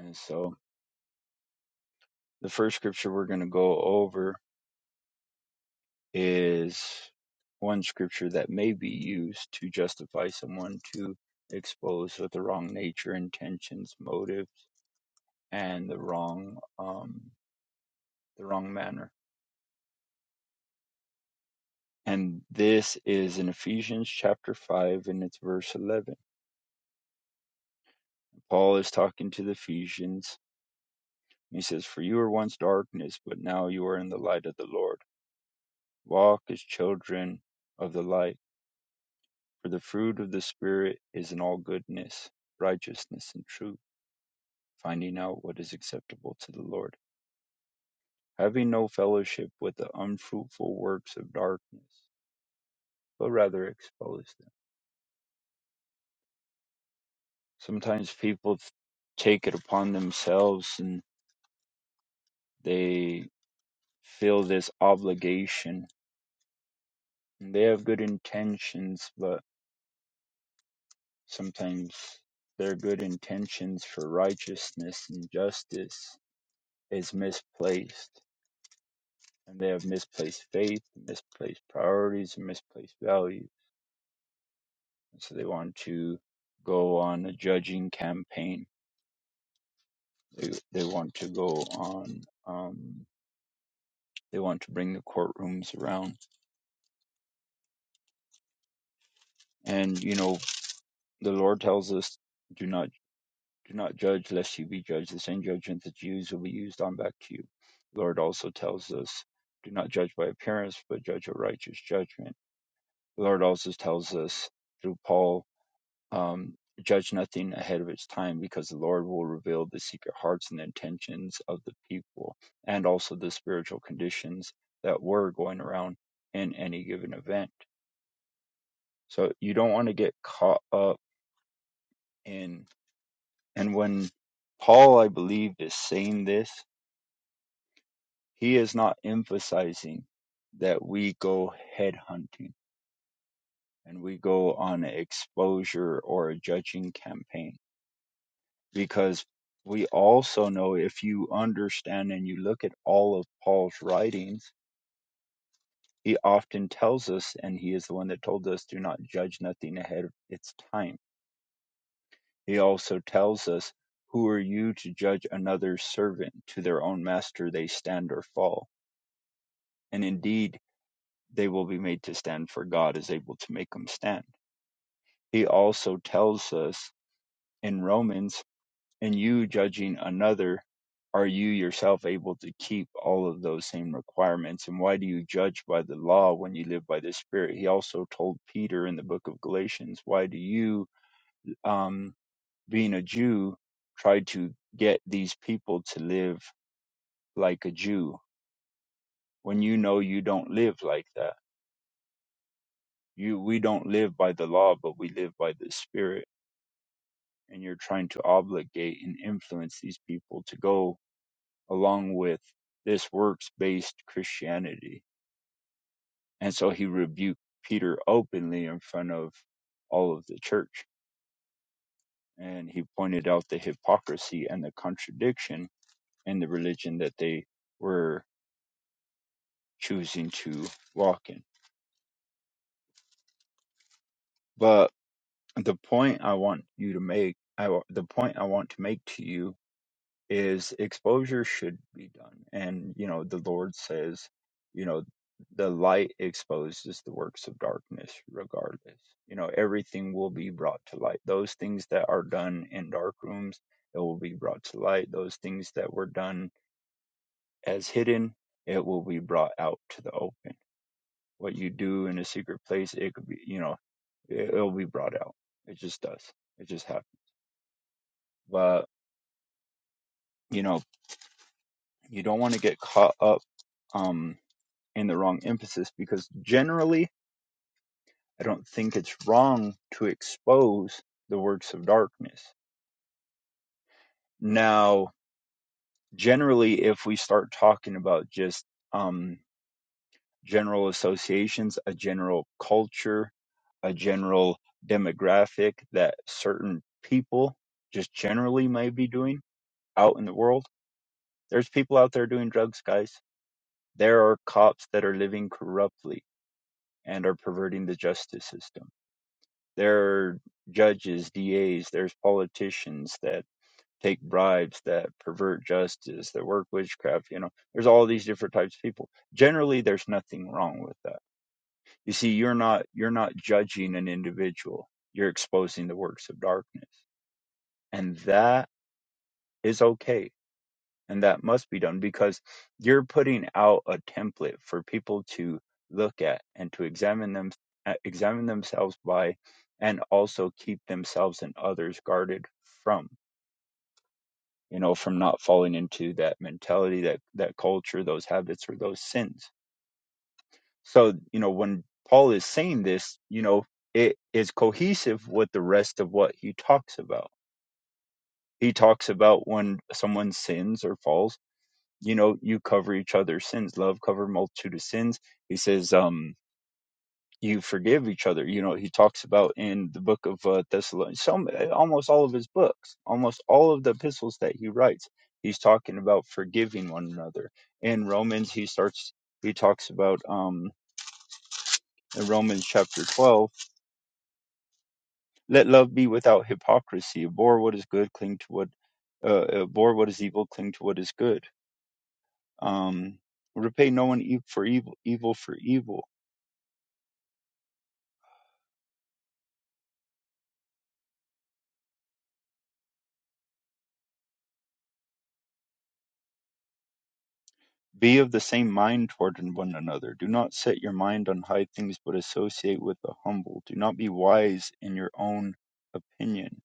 S6: and so the first scripture we're going to go over is one scripture that may be used to justify someone to expose with the wrong nature intentions motives and the wrong um the wrong manner And this is in Ephesians chapter 5, and it's verse 11. Paul is talking to the Ephesians. He says, For you were once darkness, but now you are in the light of the Lord. Walk as children of the light. For the fruit of the Spirit is in all goodness, righteousness, and truth, finding out what is acceptable to the Lord. Having no fellowship with the unfruitful works of darkness, but rather expose them. Sometimes people take it upon themselves and they feel this obligation. They have good intentions, but sometimes their good intentions for righteousness and justice is misplaced. And they have misplaced faith, misplaced priorities, and misplaced values. And so they want to go on a judging campaign. They, they want to go on, um, they want to bring the courtrooms around. And, you know, the Lord tells us do not. Do not judge, lest you be judged. The same judgment that you use will be used on back to you. The Lord also tells us, do not judge by appearance, but judge a righteous judgment. The Lord also tells us through Paul, um, judge nothing ahead of its time, because the Lord will reveal the secret hearts and the intentions of the people, and also the spiritual conditions that were going around in any given event. So you don't want to get caught up in, and when Paul, I believe, is saying this. He is not emphasizing that we go headhunting and we go on an exposure or a judging campaign because we also know if you understand and you look at all of Paul's writings, he often tells us, and he is the one that told us, do not judge nothing ahead of its time. He also tells us, who are you to judge another servant? To their own master they stand or fall. And indeed, they will be made to stand, for God is able to make them stand. He also tells us in Romans, and you judging another, are you yourself able to keep all of those same requirements? And why do you judge by the law when you live by the Spirit? He also told Peter in the book of Galatians, why do you, um, being a Jew, try to get these people to live like a Jew when you know you don't live like that? You, we don't live by the law, but we live by the Spirit and you're trying to obligate and influence these people to go along with this works based Christianity. And so he rebuked Peter openly in front of all of the church. And he pointed out the hypocrisy and the contradiction in the religion that they were choosing to walk in. But the point I want you to make, I, the point I want to make to you is exposure should be done. And, you know, the Lord says, you know, the light exposes the works of darkness regardless. You know, everything will be brought to light. Those things that are done in dark rooms, it will be brought to light. Those things that were done as hidden, it will be brought out to the open. What you do in a secret place, it could be, you know, it- will be brought out. It just does. It just happens. But, you know, you don't want to get caught up. Um, and the wrong emphasis because generally I don't think it's wrong to expose the works of darkness. Now, generally, if we start talking about just um, general associations, a general culture, a general demographic that certain people just generally may be doing out in the world, there's people out there doing drugs, guys. There are cops that are living corruptly and are perverting the justice system There are judges, DAs, there's politicians that take bribes, that pervert justice, that work witchcraft. You know, there's all these different types of people. Generally, there's nothing wrong with that. You see, you're not you're not judging an individual. You're exposing the works of darkness, and that is okay and that must be done because you're putting out a template for people to look at and to examine them uh, examine themselves by and also keep themselves and others guarded from you know from not falling into that mentality that that culture those habits or those sins so you know when paul is saying this you know it is cohesive with the rest of what he talks about he talks about when someone sins or falls you know you cover each other's sins love cover multitude of sins he says um you forgive each other you know he talks about in the book of uh, thessalonians some eh, almost all of his books almost all of the epistles that he writes he's talking about forgiving one another in romans he starts he talks about um in romans chapter 12 let love be without hypocrisy abhor what is good cling to what uh, abhor what is evil cling to what is good um repay no one e- for evil evil for evil Be of the same mind toward one another. Do not set your mind on high things, but associate with the humble. Do not be wise in your own opinion.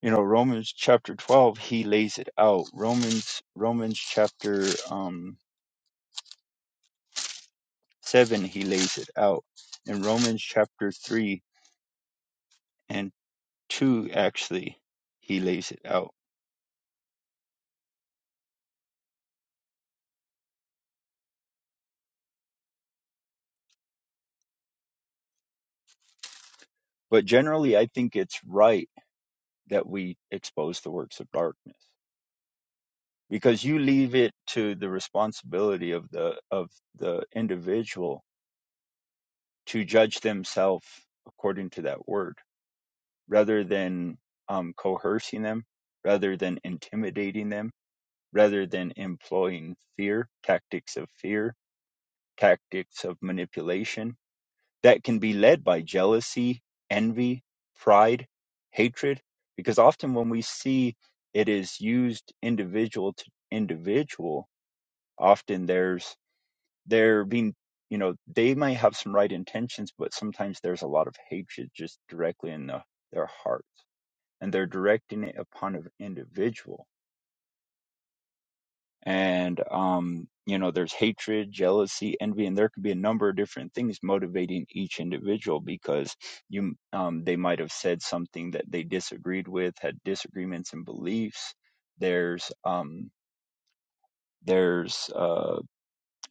S6: You know, Romans chapter 12, he lays it out. Romans, Romans chapter um, 7, he lays it out. In Romans chapter 3 and 2, actually, he lays it out. But generally, I think it's right that we expose the works of darkness. because you leave it to the responsibility of the of the individual to judge themselves according to that word rather than um, coercing them rather than intimidating them rather than employing fear tactics of fear tactics of manipulation that can be led by jealousy envy pride hatred because often when we see it is used individual to individual often there's they're being you know they might have some right intentions but sometimes there's a lot of hatred just directly in the, their hearts and they're directing it upon an individual and um you know there's hatred jealousy envy and there could be a number of different things motivating each individual because you um they might have said something that they disagreed with had disagreements and beliefs there's um there's uh.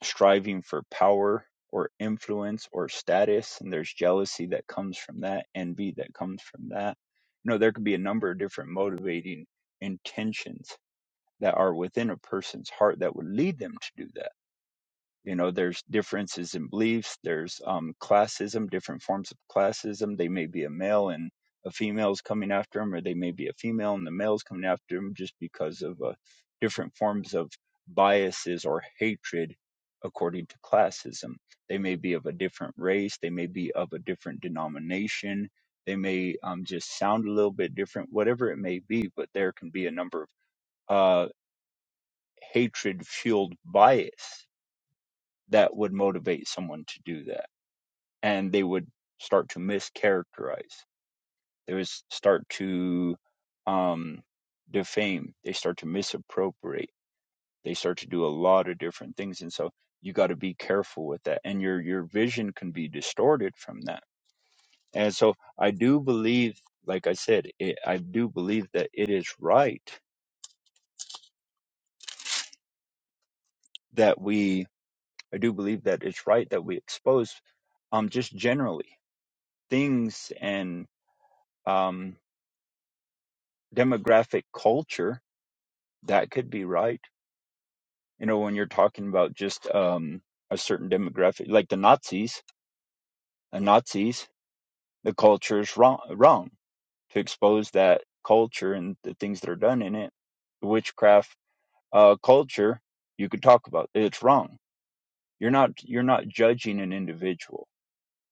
S6: striving for power or influence or status and there's jealousy that comes from that envy that comes from that you know there could be a number of different motivating intentions that are within a person's heart that would lead them to do that you know there's differences in beliefs there's um, classism different forms of classism they may be a male and a female's coming after them or they may be a female and the male's coming after them just because of uh, different forms of biases or hatred according to classism they may be of a different race they may be of a different denomination they may um, just sound a little bit different whatever it may be but there can be a number of uh, hatred fueled bias that would motivate someone to do that and they would start to mischaracterize they would start to um, defame they start to misappropriate they start to do a lot of different things and so you got to be careful with that and your your vision can be distorted from that and so i do believe like i said it, i do believe that it is right that we i do believe that it's right that we expose um just generally things and um. demographic culture that could be right you know when you're talking about just um a certain demographic like the nazis the nazis the culture is wrong wrong to expose that culture and the things that are done in it the witchcraft uh culture you could talk about it's wrong you're not you're not judging an individual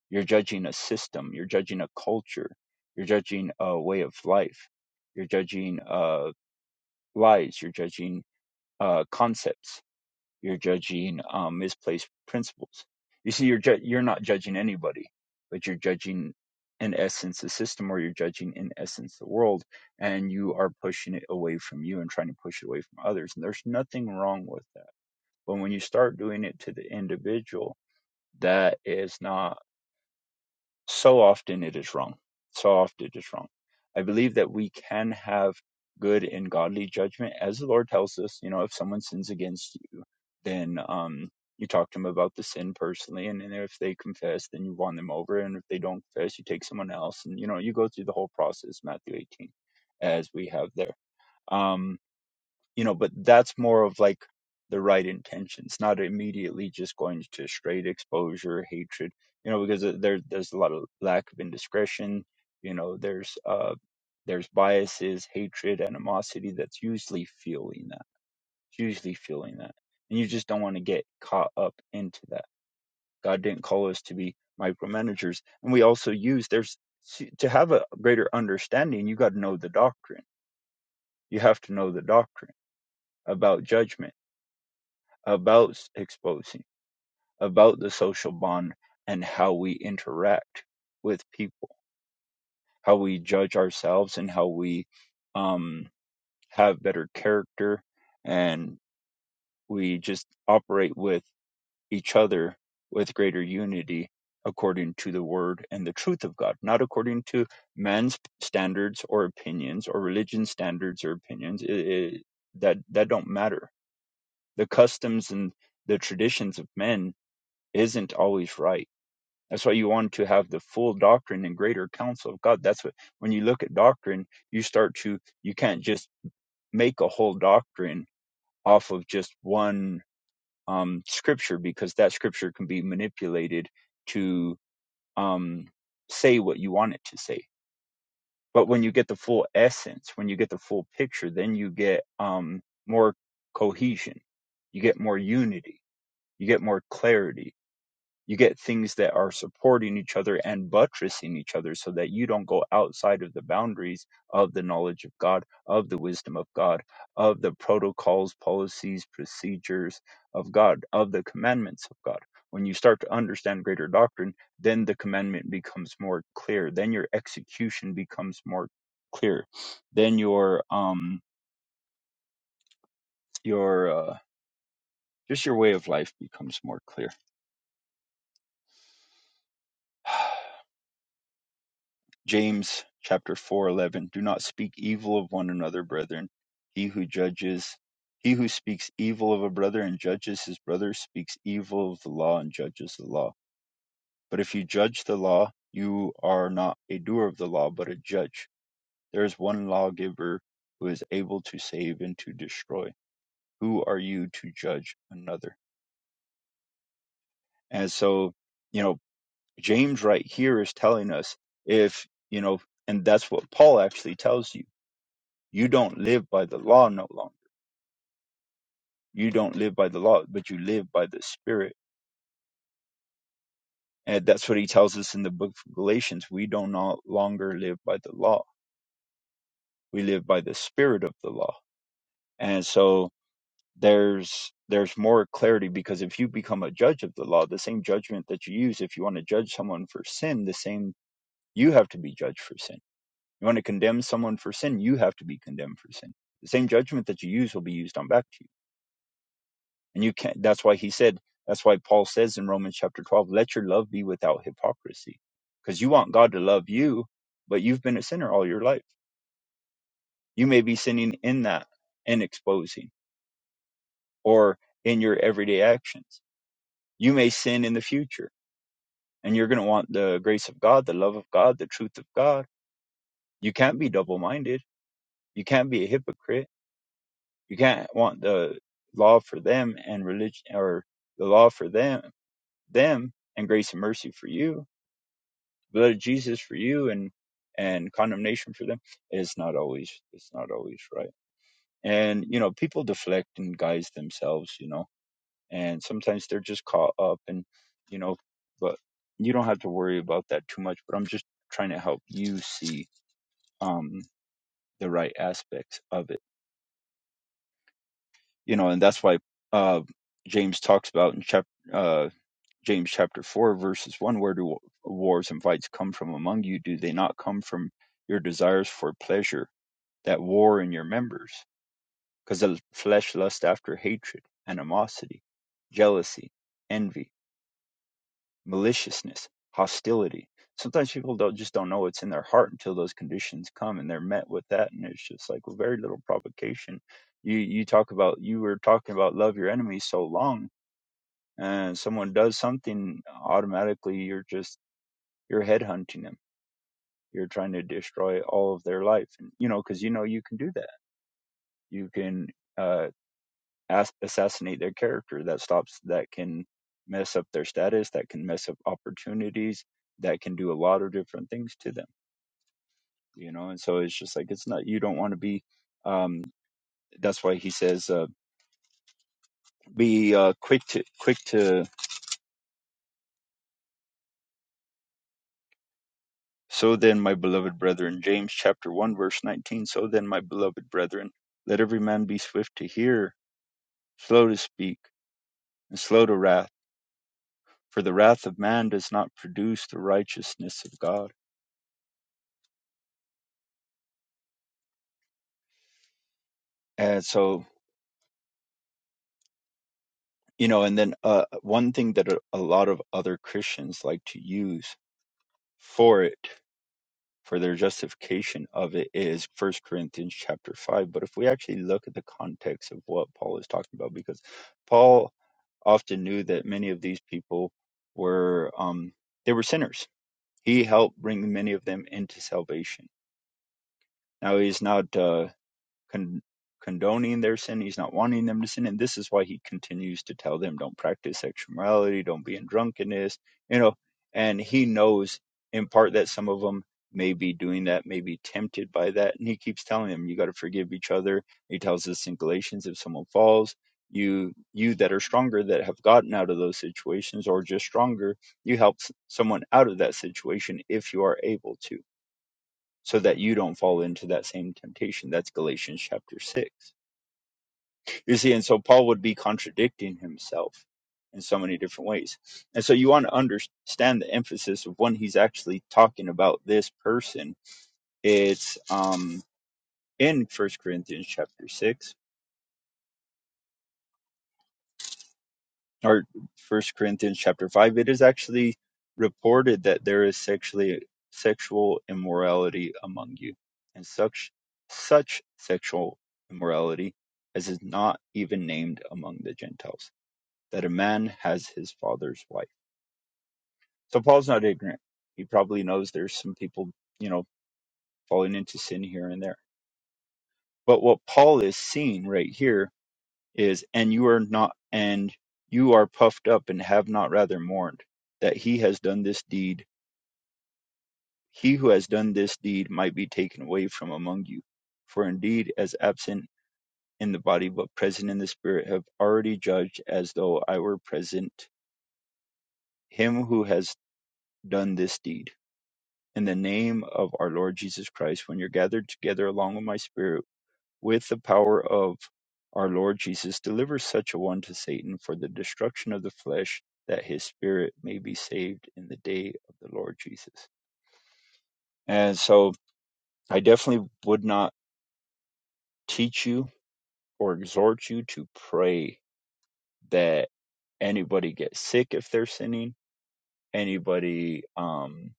S6: you're judging a system you're judging a culture you're judging a way of life you're judging uh lies you're judging uh concepts You're judging um, misplaced principles. You see, you're ju- you're not judging anybody, but you're judging in essence the system, or you're judging in essence the world, and you are pushing it away from you and trying to push it away from others. And there's nothing wrong with that. But when you start doing it to the individual, that is not so often it is wrong. So often it is wrong. I believe that we can have good and godly judgment, as the Lord tells us. You know, if someone sins against you, then um, you talk to them about the sin personally, and, then if they confess, then you won them over, and if they don't confess, you take someone else, and you know, you go through the whole process, Matthew 18, as we have there. Um, you know, but that's more of like the right intentions, not immediately just going to straight exposure, hatred, you know, because uh, there there's a lot of lack of indiscretion, you know, there's uh there's biases, hatred, animosity that's usually fueling that. It's usually fueling that. And you just don't want to get caught up into that. God didn't call us to be micromanagers. And we also use there's to have a greater understanding, you got to know the doctrine. You have to know the doctrine about judgment about exposing, about the social bond and how we interact with people, how we judge ourselves, and how we um, have better character, and we just operate with each other with greater unity according to the word and the truth of God, not according to man's standards or opinions or religion standards or opinions. It, it, that that don't matter. The customs and the traditions of men isn't always right. That's why you want to have the full doctrine and greater counsel of God. That's what when you look at doctrine, you start to you can't just make a whole doctrine off of just one um, scripture because that scripture can be manipulated to um, say what you want it to say. But when you get the full essence, when you get the full picture, then you get um, more cohesion, you get more unity, you get more clarity you get things that are supporting each other and buttressing each other so that you don't go outside of the boundaries of the knowledge of God, of the wisdom of God, of the protocols, policies, procedures of God, of the commandments of God. When you start to understand greater doctrine, then the commandment becomes more clear. Then your execution becomes more clear. Then your um your uh, just your way of life becomes more clear. James chapter 4:11 Do not speak evil of one another brethren he who judges he who speaks evil of a brother and judges his brother speaks evil of the law and judges the law but if you judge the law you are not a doer of the law but a judge there is one lawgiver who is able to save and to destroy who are you to judge another and so you know James right here is telling us if you know and that's what Paul actually tells you You don't live by the law no longer. You don't live by the law, but you live by the Spirit. And that's what he tells us in the book of Galatians. We do not longer live by the law. We live by the Spirit of the law. And so there's there's more clarity because if you become a judge of the law, the same judgment that you use if you want to judge someone for sin, the same you have to be judged for sin. You want to condemn someone for sin, you have to be condemned for sin. The same judgment that you use will be used on back to you And you can't, that's why he said, that's why Paul says in Romans chapter 12, let your love be without hypocrisy. Because you want God to love you, but you've been a sinner all your life. You may be sinning in that and exposing or in your everyday actions. You may sin in the future and you're going to want the grace of God, the love of God, the truth of God. You can't be double minded. You can't be a hypocrite. You can't want the law for them and religion or the law for them, them and grace and mercy for you blood of Jesus for you and and condemnation for them is not always it's not always right. And you know, people deflect and guise themselves, you know, and sometimes they're just caught up and you know, but you don't have to worry about that too much. But I'm just trying to help you see um the right aspects of it. You know, and that's why uh James talks about in chapter uh James chapter four verses one where do wars and fights come from among you? Do they not come from your desires for pleasure that war in your members, because the flesh lusts after hatred, animosity, jealousy, envy, maliciousness, hostility. Sometimes people don't just don't know what's in their heart until those conditions come and they're met with that, and it's just like very little provocation. You you talk about you were talking about love your enemies so long, and someone does something automatically, you're just you're headhunting them. You're trying to destroy all of their life, and you know because you know you can do that. You can. uh, as- assassinate their character that stops that can mess up their status that can mess up opportunities that can do a lot of different things to them you know and so it's just like it's not you don't want to be um that's why he says uh, be uh, quick to quick to so then my beloved brethren james chapter 1 verse 19 so then my beloved brethren let every man be swift to hear slow to speak and slow to wrath for the wrath of man does not produce the righteousness of god and so you know and then uh, one thing that a, a lot of other christians like to use for it for their justification of it is first corinthians chapter 5 but if we actually look at the context of what paul is talking about because paul often knew that many of these people were um, they were sinners he helped bring many of them into salvation now he's not uh, con- condoning their sin. He's not wanting them to sin. And this is why he continues to tell them, don't practice sexual morality, don't be in drunkenness, you know. And he knows in part that some of them may be doing that, may be tempted by that. And he keeps telling them, you got to forgive each other. He tells us in Galatians, if someone falls, you you that are stronger that have gotten out of those situations or just stronger you help s- someone out of that situation if you are able to so that you don't fall into that same temptation. That's Galatians chapter 6. You see, and so Paul would be contradicting himself in so many different ways. And so you want to understand the emphasis of when he's actually talking about this person. It's um, in First Corinthians chapter 6 or First Corinthians chapter five, it is actually reported that there is sexually sexual immorality among you, and such such sexual immorality as is not even named among the Gentiles, that a man has his father's wife. So Paul's not ignorant. He probably knows there's some people, you know, falling into sin here and there. But what Paul is seeing right here is and you are not and you are puffed up and have not rather mourned that he has done this deed he who has done this deed might be taken away from among you for indeed as absent in the body but present in the spirit have already judged as though i were present him who has done this deed in the name of our lord jesus christ when you're gathered together along with my spirit with the power of our Lord Jesus, deliver such a one to Satan for the destruction of the flesh, that his spirit may be saved in the day of the Lord Jesus. And so I definitely would not teach you or exhort you to pray that anybody gets sick if they're sinning, anybody, um,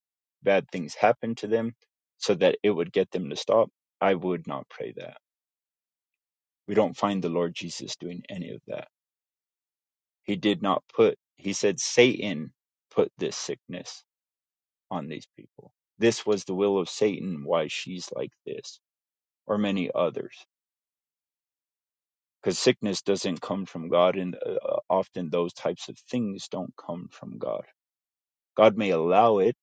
S6: bad things happen to them, so that it would get them to stop. I would not pray that. We don't find the Lord Jesus doing any of that He did not put, he said, Satan put this sickness on these people. This was the will of Satan, why she's like this, or many others. Because sickness doesn't come from God, and uh, uh, often those types of things don't come from God. God may allow it,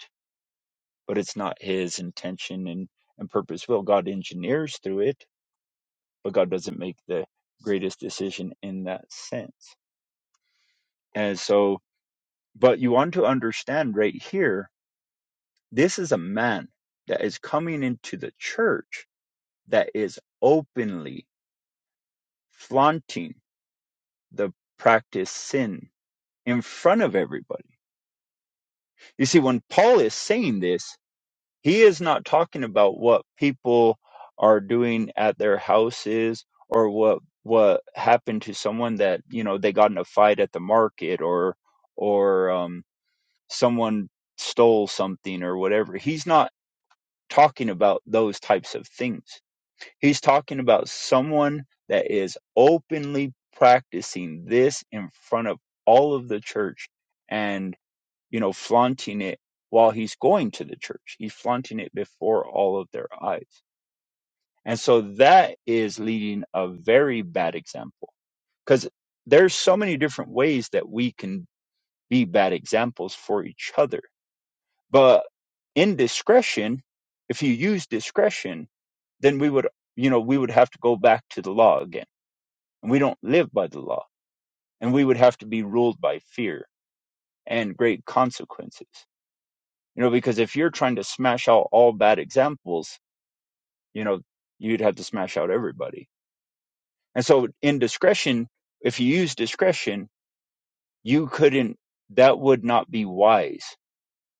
S6: but it's not his intention and, and purpose will. God engineers through it, but God doesn't make the greatest decision in that sense. And so, but you want to understand right here This is a man that is coming into the church that is openly flaunting the practice sin in front of everybody. You see, when Paul is saying this, he is not talking about what people are doing at their houses or what what happened to someone that you know they got in a fight at the market or or um, someone stole something or whatever. He's not talking about those types of things. He's talking about someone that is openly practicing this in front of all of the church and, you know, flaunting it while he's going to the church. He's flaunting it before all of their eyes. And so that is leading a very bad example because there's so many different ways that we can be bad examples for each other. But in discretion, if you use discretion, then we would, you know, we would have to go back to the law again and we don't live by the law and we would have to be ruled by fear and great consequences you know because if you're trying to smash out all bad examples you know you'd have to smash out everybody and so in discretion if you use discretion you couldn't that would not be wise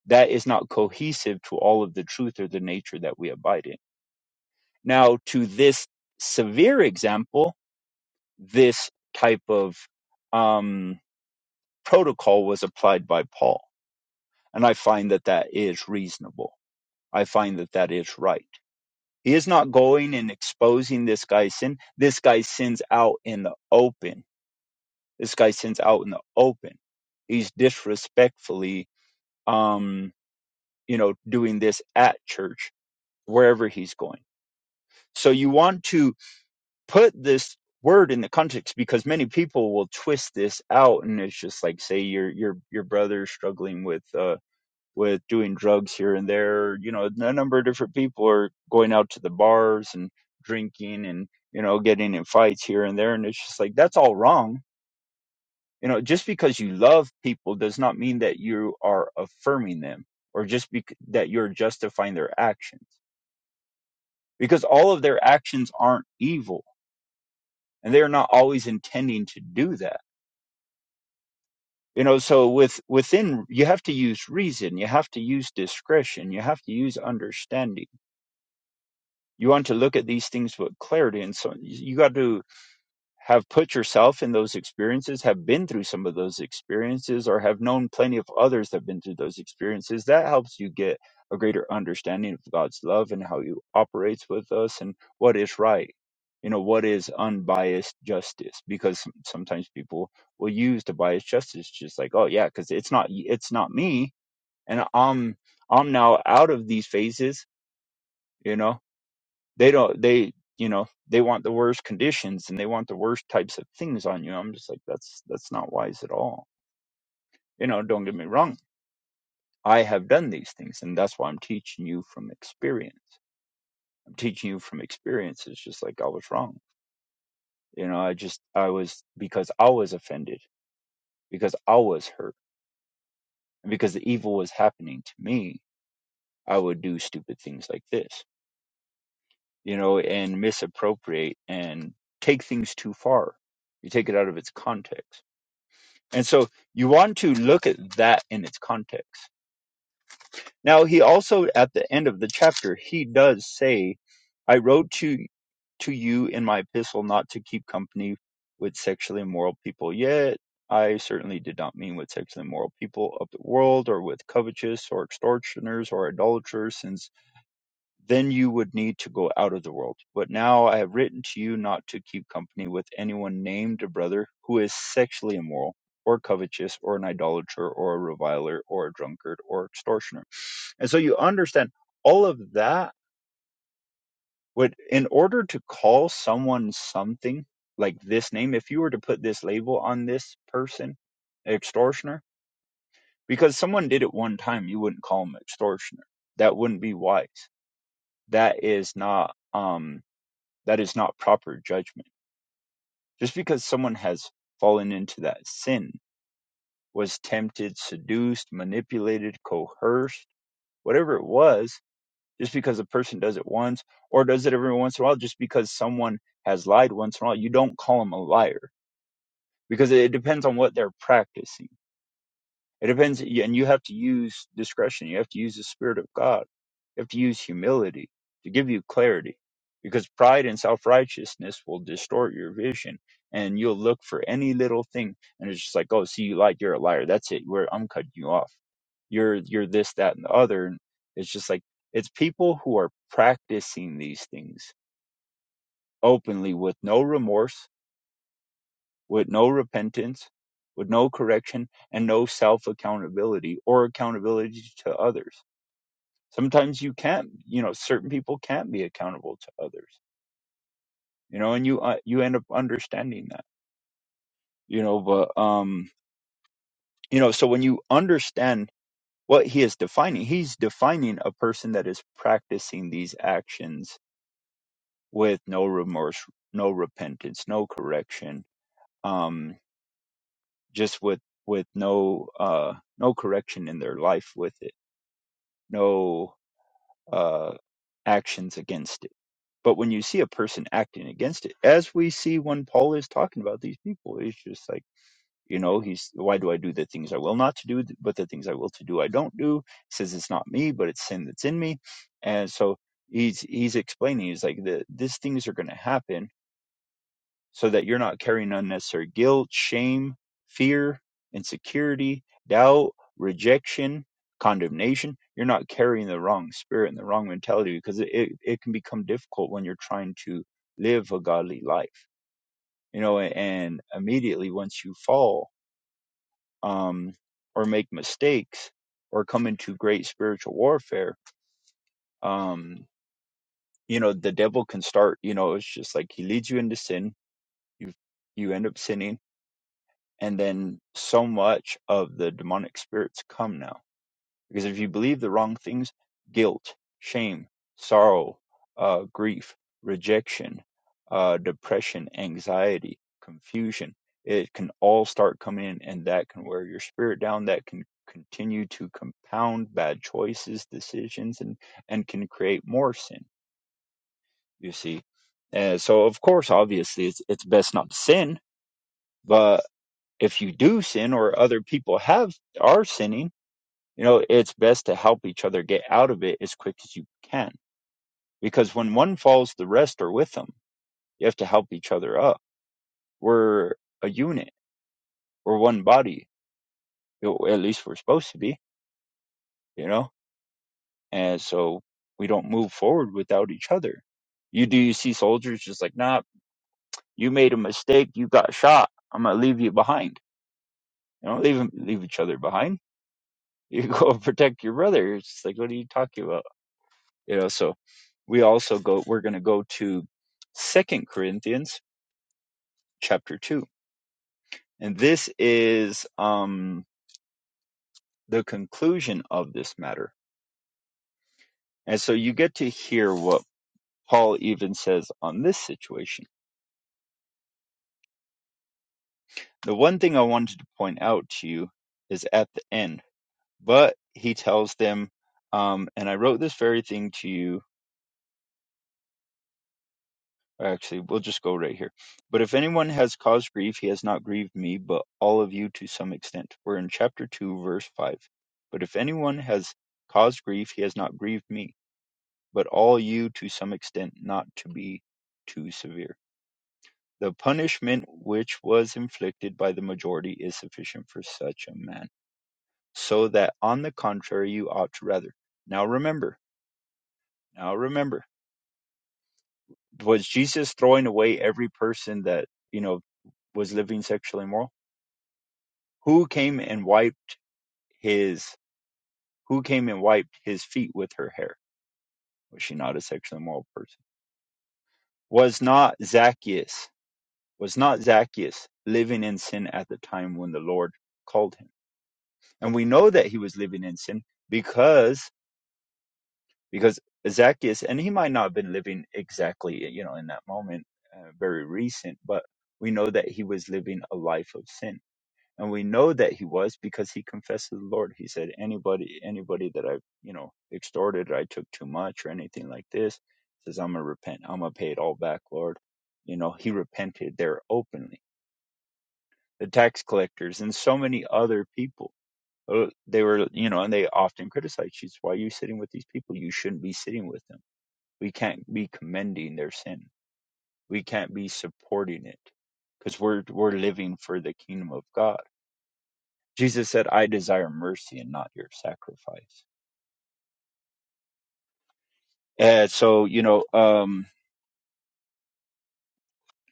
S6: that is not cohesive to all of the truth or the nature that we abide in now to this severe example this type of um protocol was applied by paul And I find that that is reasonable. I find that that is right. He is not going and exposing this guy's sin. This guy sins out in the open. This guy sins out in the open. He's disrespectfully, um, you know, doing this at church, wherever he's going. So you want to put this word in the context because many people will twist this out and it's just like say your your your brother struggling with uh with doing drugs here and there. You know, a number of different people are going out to the bars and drinking and, you know, getting in fights here and there. And it's just like, that's all wrong. You know, just because you love people does not mean that you are affirming them or just bec- that you're justifying their actions because all of their actions aren't evil and they're not always intending to do that. You know, so with within you have to use reason, you have to use discretion, you have to use understanding you want to look at these things with clarity and so you got to have put yourself in those experiences have been through some of those experiences or have known plenty of others that have been through those experiences that helps you get a greater understanding of god's love and how he operates with us and what is right you know what is unbiased justice because some- sometimes people will use the biased justice just like oh yeah because it's not it's not me and i'm i'm now out of these phases you know they don't they you know they want the worst conditions and they want the worst types of things on you i'm just like that's that's not wise at all you know don't get me wrong i have done these things and that's why i'm teaching you from experience i'm teaching you from experience it's just like i was wrong you know i just i was because i was offended because i was hurt and because the evil was happening to me i would do stupid things like this you know and misappropriate and take things too far you take it out of its context And so you want to look at that in its context. Now, he also, at the end of the chapter, he does say, I wrote to, to you in my epistle not to keep company with sexually immoral people, yet I certainly did not mean with sexually immoral people of the world or with covetous or extortioners or idolaters, since." then you would need to go out of the world. But now I have written to you not to keep company with anyone named a brother who is sexually immoral, or covetous, or an idolater, or a reviler, or a drunkard, or extortioner. And so you understand all of that would, in order to call someone something like this name, if you were to put this label on this person, extortioner, because someone did it one time, you wouldn't call them extortioner. That wouldn't be wise. That is not, um, That is not proper judgment. Just because someone has fallen into that sin, was tempted, seduced, manipulated, coerced, whatever it was, just because a person does it once or does it every once in a while, just because someone has lied once in a while, you don't call them a liar because it depends on what they're practicing It depends, and you have to use discretion. You have to use the Spirit of God. You have to use humility to give you clarity because pride and self righteousness will distort your vision and you'll look for any little thing and it's just like, oh, see, you lied. You're a liar. That's it. We're, I'm cutting you off. You're, you're this, that, and the other. And it's just like, it's people who are practicing these things openly with no remorse with no repentance, with no correction, and no self accountability or accountability to others. Sometimes you can't, you know, certain people can't be accountable to others, you know, and you uh, you end up understanding that, you know, but um, you know, so when you understand what he is defining, he's defining a person that is practicing these actions with no remorse, no repentance, no correction, um, just with with no uh no correction in their life with it no uh, actions against it. But when you see a person acting against it, as we see when Paul is talking about these people, it's just like, you know, he's, why do I do the things I will not to do, but the things I will to do, I don't do? He says it's not me, but it's sin that's in me. And so he's, he's explaining, he's like, the, these things are going to happen so that you're not carrying unnecessary guilt, shame, fear, insecurity, doubt, rejection, condemnation. You're not carrying the wrong spirit and the wrong mentality because it, it, it can become difficult when you're trying to live a godly life, you know, and immediately once you fall um, or make mistakes or come into great spiritual warfare, um, you know, the devil can start, you know, it's just like he leads you into sin. You, you end up sinning and then so much of the demonic spirits come now because if you believe the wrong things guilt shame sorrow uh, grief rejection uh, depression anxiety confusion it can all start coming in and that can wear your spirit down that can continue to compound bad choices decisions and and can create more sin you see and so of course obviously it's it's best not to sin but if you do sin or other people have are sinning, you know, it's best to help each other get out of it as quick as you can. Because when one falls, the rest are with them. You have to help each other up. We're a unit. We're one body. you At least we're supposed to be, you know? And so we don't move forward without each other. You do you see soldiers just like, nah, you made a mistake, you got shot. I'm gonna leave you behind. You know, leave leave each other behind. You go protect your brother. It's just like, what are you talking about? you know so we also go we're going to go to second corinthians chapter 2 and this is um the conclusion of this matter and so you get to hear what paul even says on this situation the one thing i wanted to point out to you is at the end but he tells them um and i wrote this very thing to you Actually, we'll just go right here. But if anyone has caused grief, he has not grieved me, but all of you to some extent. We're in chapter 2, verse 5. But if anyone has caused grief, he has not grieved me, but all you to some extent, not to be too severe. The punishment which was inflicted by the majority is sufficient for such a man, so that on the contrary you ought to rather. Now remember, now remember, was Jesus throwing away every person that, you know, was living sexually immoral? Who came and wiped his who came and wiped his feet with her hair? Was she not a sexually immoral person? Was not Zacchaeus was not Zacchaeus living in sin at the time when the Lord called him? And we know that he was living in sin because because Zacchaeus and he might not have been living exactly you know in that moment uh, very recent, but we know that he was living a life of sin and we know that he was because he confessed to the lord he said anybody anybody that i you know extorted i took too much or anything like this says i'm gonna repent i'm gonna pay it all back lord you know he repented there openly the tax collectors and so many other people uh, they were you know and they often criticized jesus why are you sitting with these people you shouldn't be sitting with them we can't be commending their sin we can't be supporting it because we're we're living for the kingdom of god Jesus said, I desire mercy and not your sacrifice. And so, you know, um,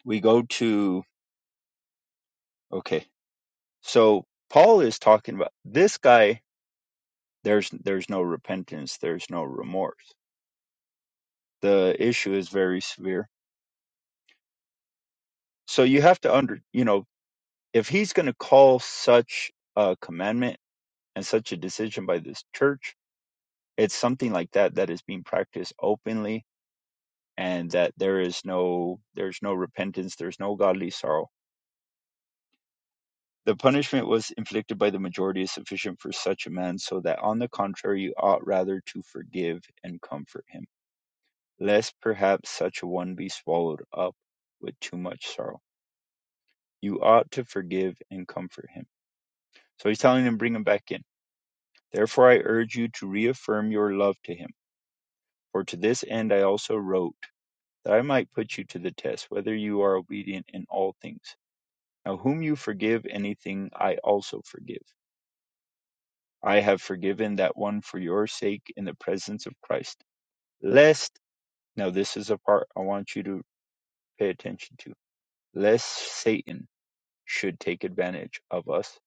S6: we go to, okay, so Paul is talking about this guy, there's, there's no repentance, there's no remorse. The issue is very severe. So you have to under, you know, if he's going to call such a commandment and such a decision by this church, it's something like that that is being practiced openly and that there is no, there's no repentance, there's no godly sorrow The punishment was inflicted by the majority is sufficient for such a man, so that on the contrary you ought rather to forgive and comfort him, lest perhaps such a one be swallowed up with too much sorrow. You ought to forgive and comfort him. So he's telling them, bring him back in. Therefore I urge you to reaffirm your love to him. For to this end I also wrote, that I might put you to the test, whether you are obedient in all things. Now whom you forgive anything, I also forgive. I have forgiven that one for your sake in the presence of Christ. Lest, now this is a part I want you to pay attention to, lest Satan should take advantage of us,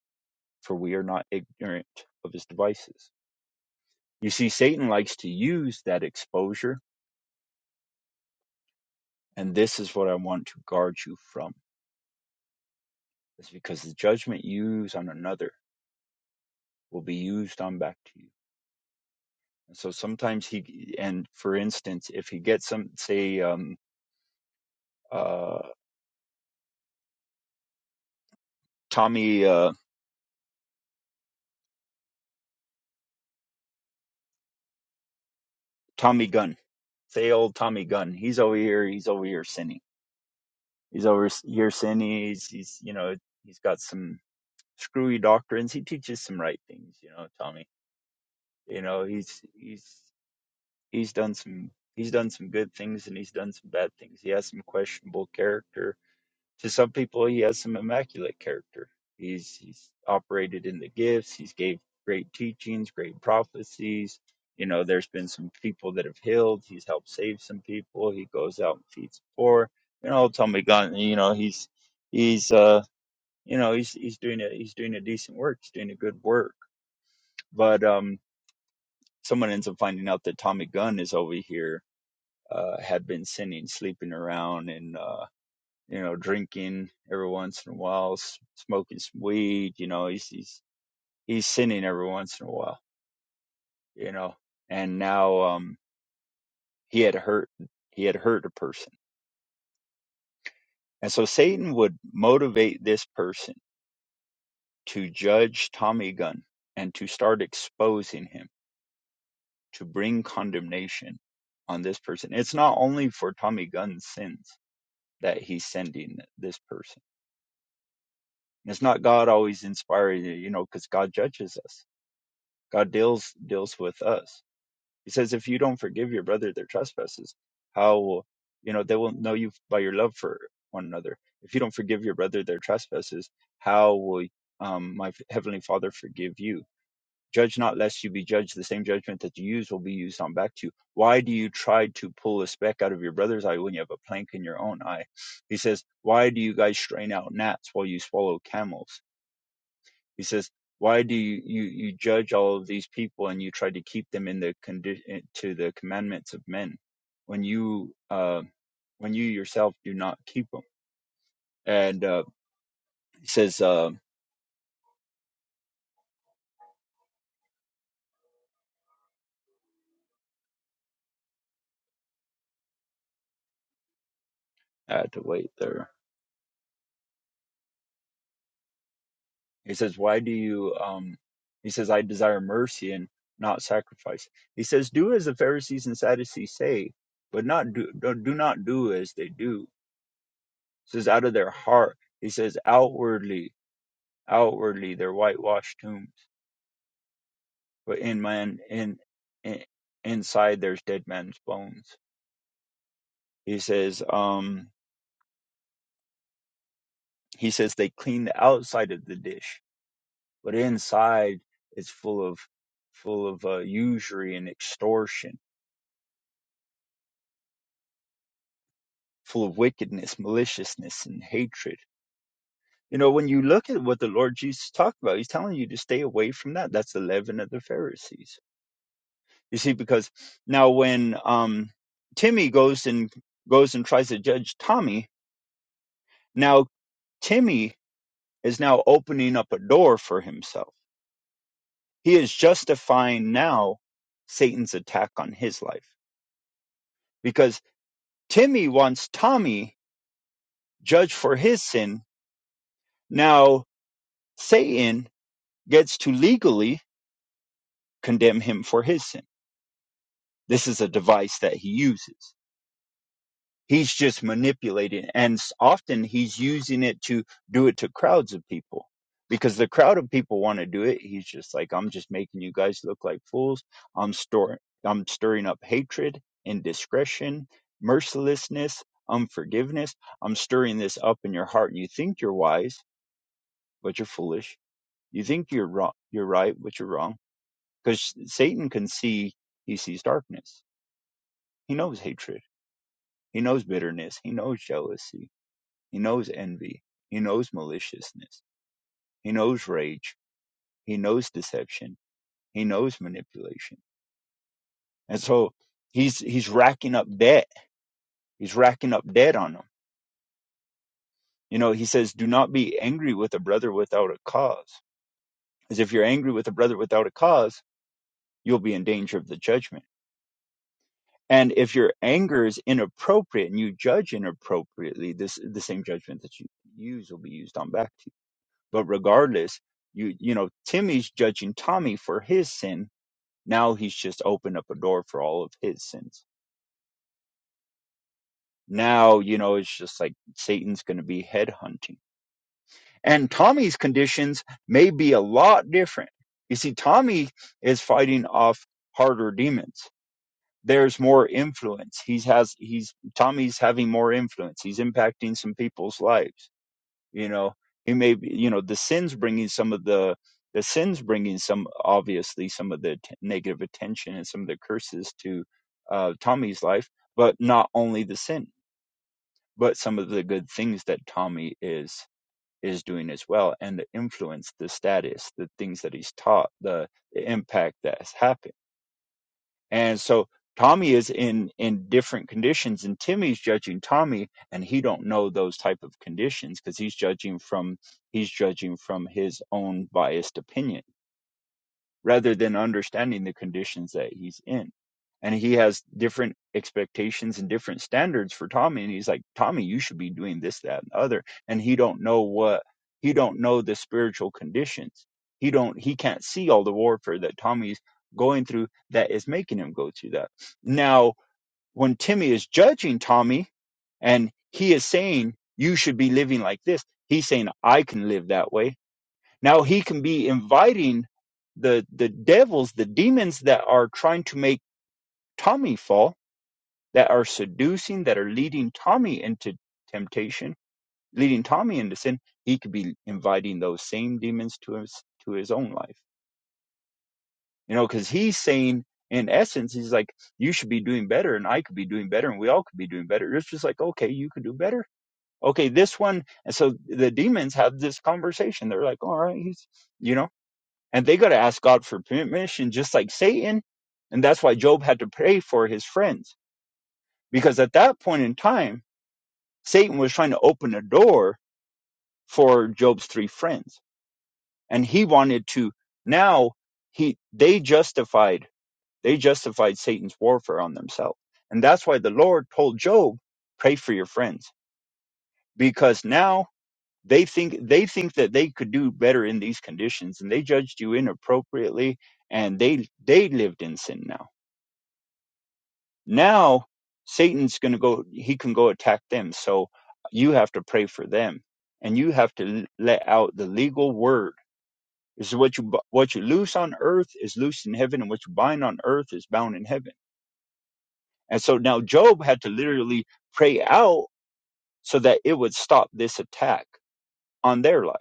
S6: for we are not ignorant of his devices. You see, Satan likes to use that exposure, and this is what I want to guard you from. It's because the judgment you use on another will be used on back to you. And so sometimes he, and for instance, if he gets some, say, um, uh, Tommy uh. Tommy Gunn, say old Tommy Gunn. He's over here. He's over here sinning. He's over here sinning. He's, he's you know he's got some screwy doctrines. He teaches some right things. You know Tommy. You know he's he's he's done some he's done some good things and he's done some bad things. He has some questionable character to some people he has some immaculate character he's he's operated in the gifts he's gave great teachings great prophecies you know there's been some people that have healed he's helped save some people he goes out and feeds the poor you know tell me god you know he's he's uh you know he's he's doing a he's doing a decent work he's doing a good work but um someone ends up finding out that tommy gunn is over here uh had been sinning sleeping around and uh you know, drinking every once in a while, smoking some weed, you know, he's, he's, he's sinning every once in a while, you know, and now, um, he had hurt, he had hurt a person. And so Satan would motivate this person to judge Tommy Gunn and to start exposing him, to bring condemnation on this person. It's not only for Tommy Gunn's sins that he's sending this person. It's not God always inspiring you, you know, because God judges us God deals deals with us. He says, if you don't forgive your brother their trespasses, how will you know they will know you by your love for one another? If you don't forgive your brother their trespasses, how will um, my heavenly Father forgive you? Judge not, lest you be judged. The same judgment that you use will be used on back to you. Why do you try to pull a speck out of your brother's eye when you have a plank in your own eye? He says, Why do you guys strain out gnats while you swallow camels? He says, "Why do you, you, you judge all of these people and you try to keep them in the condition to the commandments of men, when you uh, when you yourself do not keep them?" And uh, he says, uh, "I had to wait there." He says, "Why do you?" Um, he says, "I desire mercy and not sacrifice." He says, "Do as the Pharisees and Sadducees say, but not do do do not do as they do." He says, "Out of their heart." He says, "Outwardly, outwardly, they're whitewashed tombs." but in man in, in inside there's dead man's bones he says um he says they clean the outside of the dish but inside it's full of full of uh, usury and extortion full of wickedness maliciousness and hatred you know when you look at what the lord jesus talked about he's telling you to stay away from that that's the leaven of the pharisees you see because now when um timmy goes and goes and tries to judge tommy now timmy is now opening up a door for himself. He is justifying now Satan's attack on his life because Timmy wants Tommy judged for his sin. Now Satan gets to legally condemn him for his sin. This is a device that he uses. He's just manipulating, and s- often he's using it to do it to crowds of people because the crowd of people want to do it. He's just like, I'm just making you guys look like fools. I'm storing, I'm stirring up hatred, indiscretion, mercilessness, unforgiveness. I'm stirring this up in your heart. You think you're wise, but you're foolish. You think you're wrong, you're right, but you're wrong. Because Satan can see, he sees darkness. He knows hatred. He knows bitterness. He knows jealousy He knows envy. He knows maliciousness. He knows rage. He knows deception. He knows manipulation. And so he's he's racking up debt. He's racking up debt on them. You know, he says, "Do not be angry with a brother without a cause." As if you're angry with a brother without a cause, you'll be in danger of the judgment. And if your anger is inappropriate and you judge inappropriately, this the same judgment that you use will be used on back to you. But regardless, you you know, Timmy's judging Tommy for his sin Now he's just opened up a door for all of his sins. Now, you know, it's just like Satan's going to be headhunting. And Tommy's conditions may be a lot different. You see, Tommy is fighting off harder demons. There's more influence. He's has he's Tommy's having more influence. He's impacting some people's lives you know he may be you know the sins bringing some of the the sins bringing some obviously some of the t- negative attention and some of the curses to uh, tommy's life but not only the sin but some of the good things that tommy is is doing as well and the influence the status the things that he's taught the, the impact that has happened and so tommy is in in different conditions and timmy's judging tommy and he don't know those type of conditions because he's judging from he's judging from his own biased opinion rather than understanding the conditions that he's in. And he has different expectations and different standards for Tommy. And he's like, Tommy, you should be doing this, that, and other. And he don't know what he don't know the spiritual conditions. He don't he can't see all the warfare that Tommy's going through that is making him go through that. Now, when Timmy is judging Tommy and he is saying, You should be living like this, he's saying, I can live that way now he can be inviting the the devils, the demons that are trying to make Tommy fall, that are seducing, that are leading Tommy into temptation, leading Tommy into sin. He could be inviting those same demons to his to his own life, you know, because he's saying. In essence, he's like, you should be doing better, and I could be doing better, and we all could be doing better. It's just like, okay, you could do better. Okay, this one. And so the demons have this conversation. They're like, all right, he's, you know. and they got to ask God for permission, just like Satan. And that's why Job had to pray for his friends, because at that point in time, Satan was trying to open a door for Job's three friends, and he wanted to. Now he they justified they justified Satan's warfare on themselves, and that's why the Lord told Job, "Pray for your friends," because now they think they think that they could do better in these conditions, and they judged you inappropriately, and they they lived in sin now Now Satan's going to go, he can go attack them. So you have to pray for them and you have to let out the legal word. This is what you, what you loose on earth is loose in heaven and what you bind on earth is bound in heaven. And so now Job had to literally pray out so that it would stop this attack on their life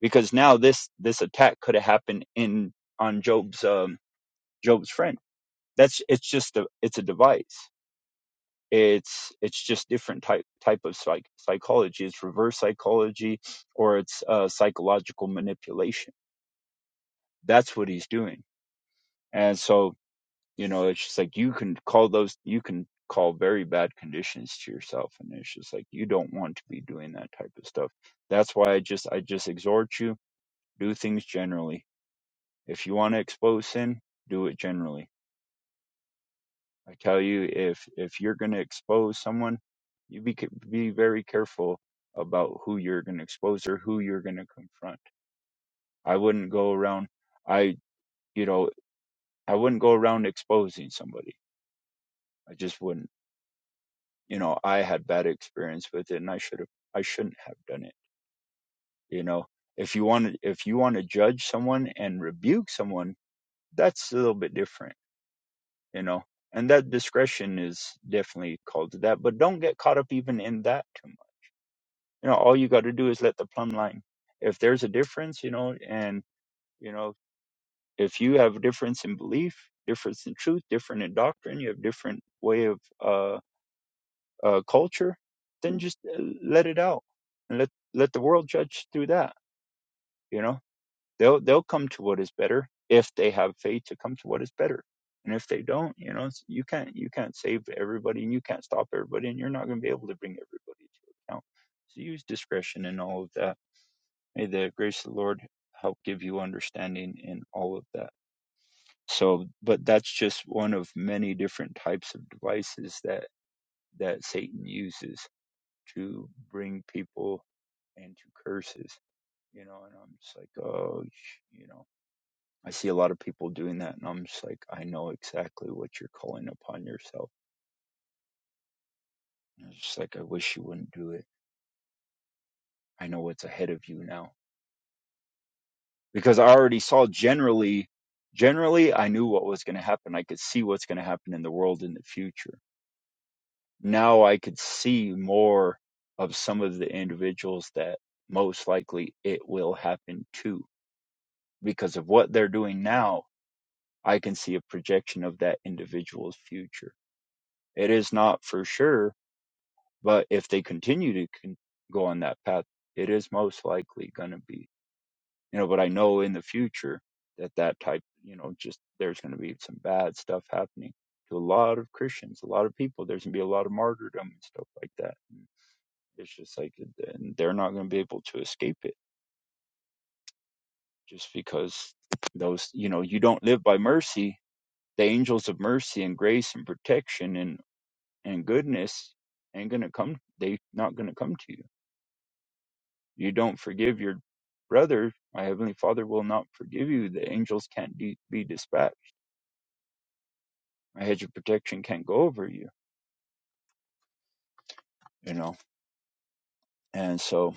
S6: because now this, this attack could have happened in, on Job's, um, Job's friend. That's, it's just a, it's a device it's it's just different type type of psych, psychology it's reverse psychology or it's uh, psychological manipulation that's what he's doing and so you know it's just like you can call those you can call very bad conditions to yourself and it's just like you don't want to be doing that type of stuff that's why i just i just exhort you do things generally if you want to expose sin do it generally I tell you, if if you're going to expose someone, you be be very careful about who you're going to expose or who you're going to confront. I wouldn't go around. I you know I wouldn't go around exposing somebody. I just wouldn't. You know, I had bad experience with it, and I should have. I shouldn't have done it. You know, if you want to if you want to judge someone and rebuke someone, that's a little bit different. You know. And that discretion is definitely called to that, but don't get caught up even in that too much you know all you got to do is let the plumb line if there's a difference you know and you know if you have a difference in belief difference in truth different in doctrine you have different way of uh, uh culture then just uh, let it out and let let the world judge through that you know they'll they'll come to what is better if they have faith to come to what is better and if they don't you know it's- you can't you can't save everybody and you can't stop everybody and you're not going to be able to bring everybody to account so use discretion and all of that May the grace of the Lord help give you understanding in all of that. So, but that's just one of many different types of devices that that Satan uses to bring people into curses, you know. And I'm just like, oh, you know, I see a lot of people doing that, and I'm just like, I know exactly what you're calling upon yourself. And it's just like, I wish you wouldn't do it. I know what's ahead of you now. because I already saw generally, generally, I knew what was going to happen. I could see what's going to happen in the world in the future. Now I could see more of some of the individuals that most likely it will happen to because of what they're doing now. I can see a projection of that individual's future. It is not for sure, but if they continue to con- go on that path, it is most likely going to be. you know but i know in the future that that type you know just there's going to be some bad stuff happening to a lot of christians a lot of people there's going to be a lot of martyrdom and stuff like that and it's just like and they're not going to be able to escape it just because those you know you don't live by mercy the angels of mercy and grace and protection and and goodness ain't going to come they not going to come to you you don't forgive your brother my heavenly father will not forgive you the angels can't de- be dispatched my hedge of protection can't go over you you know and so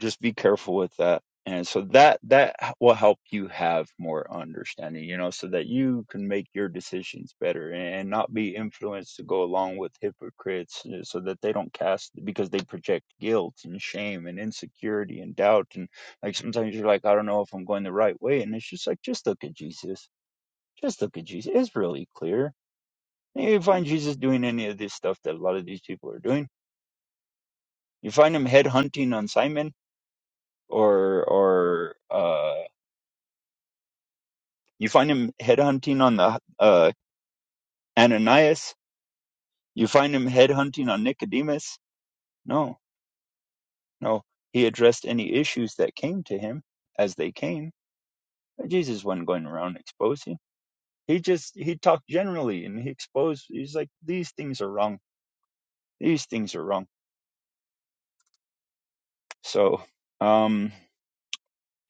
S6: just be careful with that and so that that will help you have more understanding you know so that you can make your decisions better and not be influenced to go along with hypocrites uh, so that they don't cast because they project guilt and shame and insecurity and doubt and like sometimes you're like i don't know if i'm going the right way and it's just like just look at jesus just look at jesus it's really clear you find jesus doing any of this stuff that a lot of these people are doing You find him headhunting on Simon, or or uh, you find him headhunting on the uh, Ananias. You find him headhunting on Nicodemus. No, no, he addressed any issues that came to him as they came. Jesus wasn't going around exposing. He just he talked generally and he exposed. He's like these things are wrong. These things are wrong. So, um,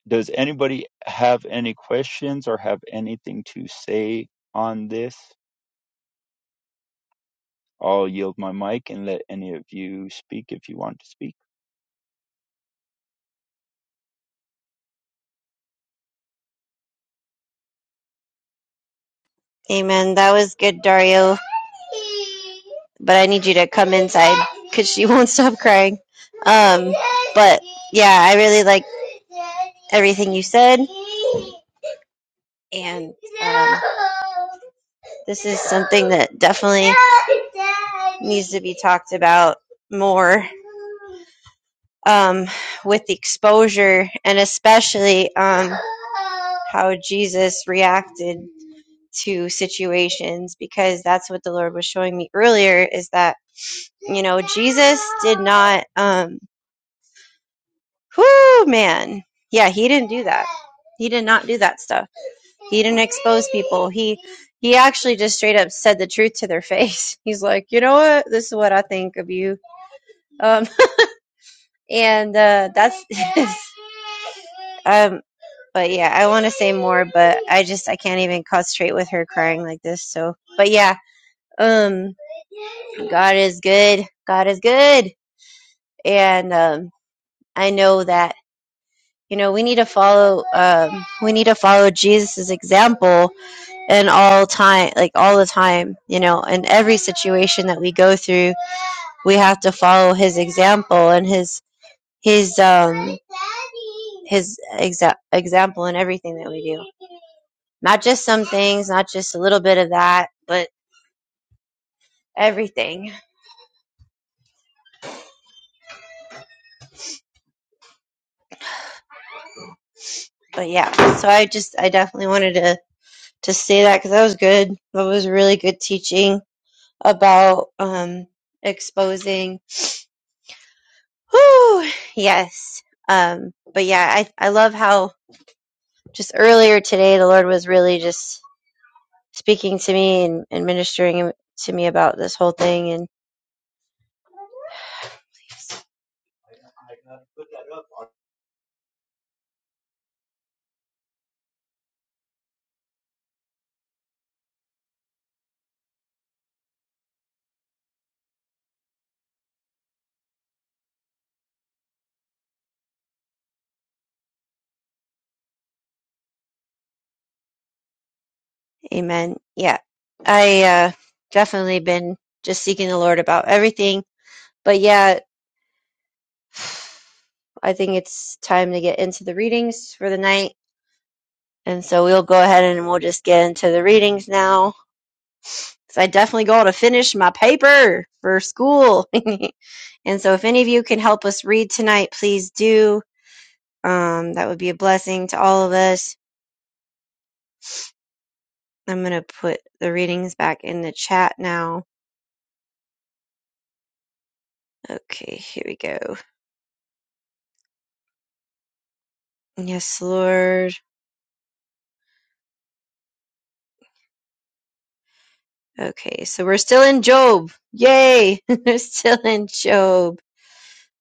S6: does anybody have any questions or have anything to say on this? I'll yield my mic and let any of you speak if you want to speak.
S2: Amen. That was good, Dario. But I need you to come inside because she won't stop crying. Um, but yeah, I really like everything you said. And um, This is something that definitely needs to be talked about more um, with the exposure and especially um, how Jesus reacted to situations because that's what the Lord was showing me earlier is that, you know, Jesus did not, um, whoo, man. Yeah, he didn't do that. He did not do that stuff. He didn't expose people. He he actually just straight up said the truth to their face. He's like, you know what? This is what I think of you. Um, and uh, that's um. But yeah, I want to say more, but I just I can't even concentrate with her crying like this. So, but yeah, um, God is good. God is good, and um, I know that you know we need to follow. Um, we need to follow Jesus's example and all time like all the time you know in every situation that we go through we have to follow his example and his his um his exa- example in everything that we do not just some things not just a little bit of that but everything but yeah so i just i definitely wanted to to say that because that was good that was really good teaching about um exposing Whew, yes um but yeah i i love how just earlier today, the Lord was really just speaking to me and, and ministering to me about this whole thing. And amen. Yeah, I uh, definitely been just seeking the Lord about everything. But yeah, I think it's time to get into the readings for the night. And so we'll go ahead and we'll just get into the readings now. Because I definitely got to finish my paper for school. and so if any of you can help us read tonight, please do. Um, that would be a blessing to all of us I'm going to put the readings back in the chat now. Okay, here we go. Yes, Lord. Okay, so we're still in Job. Yay! we're still in Job.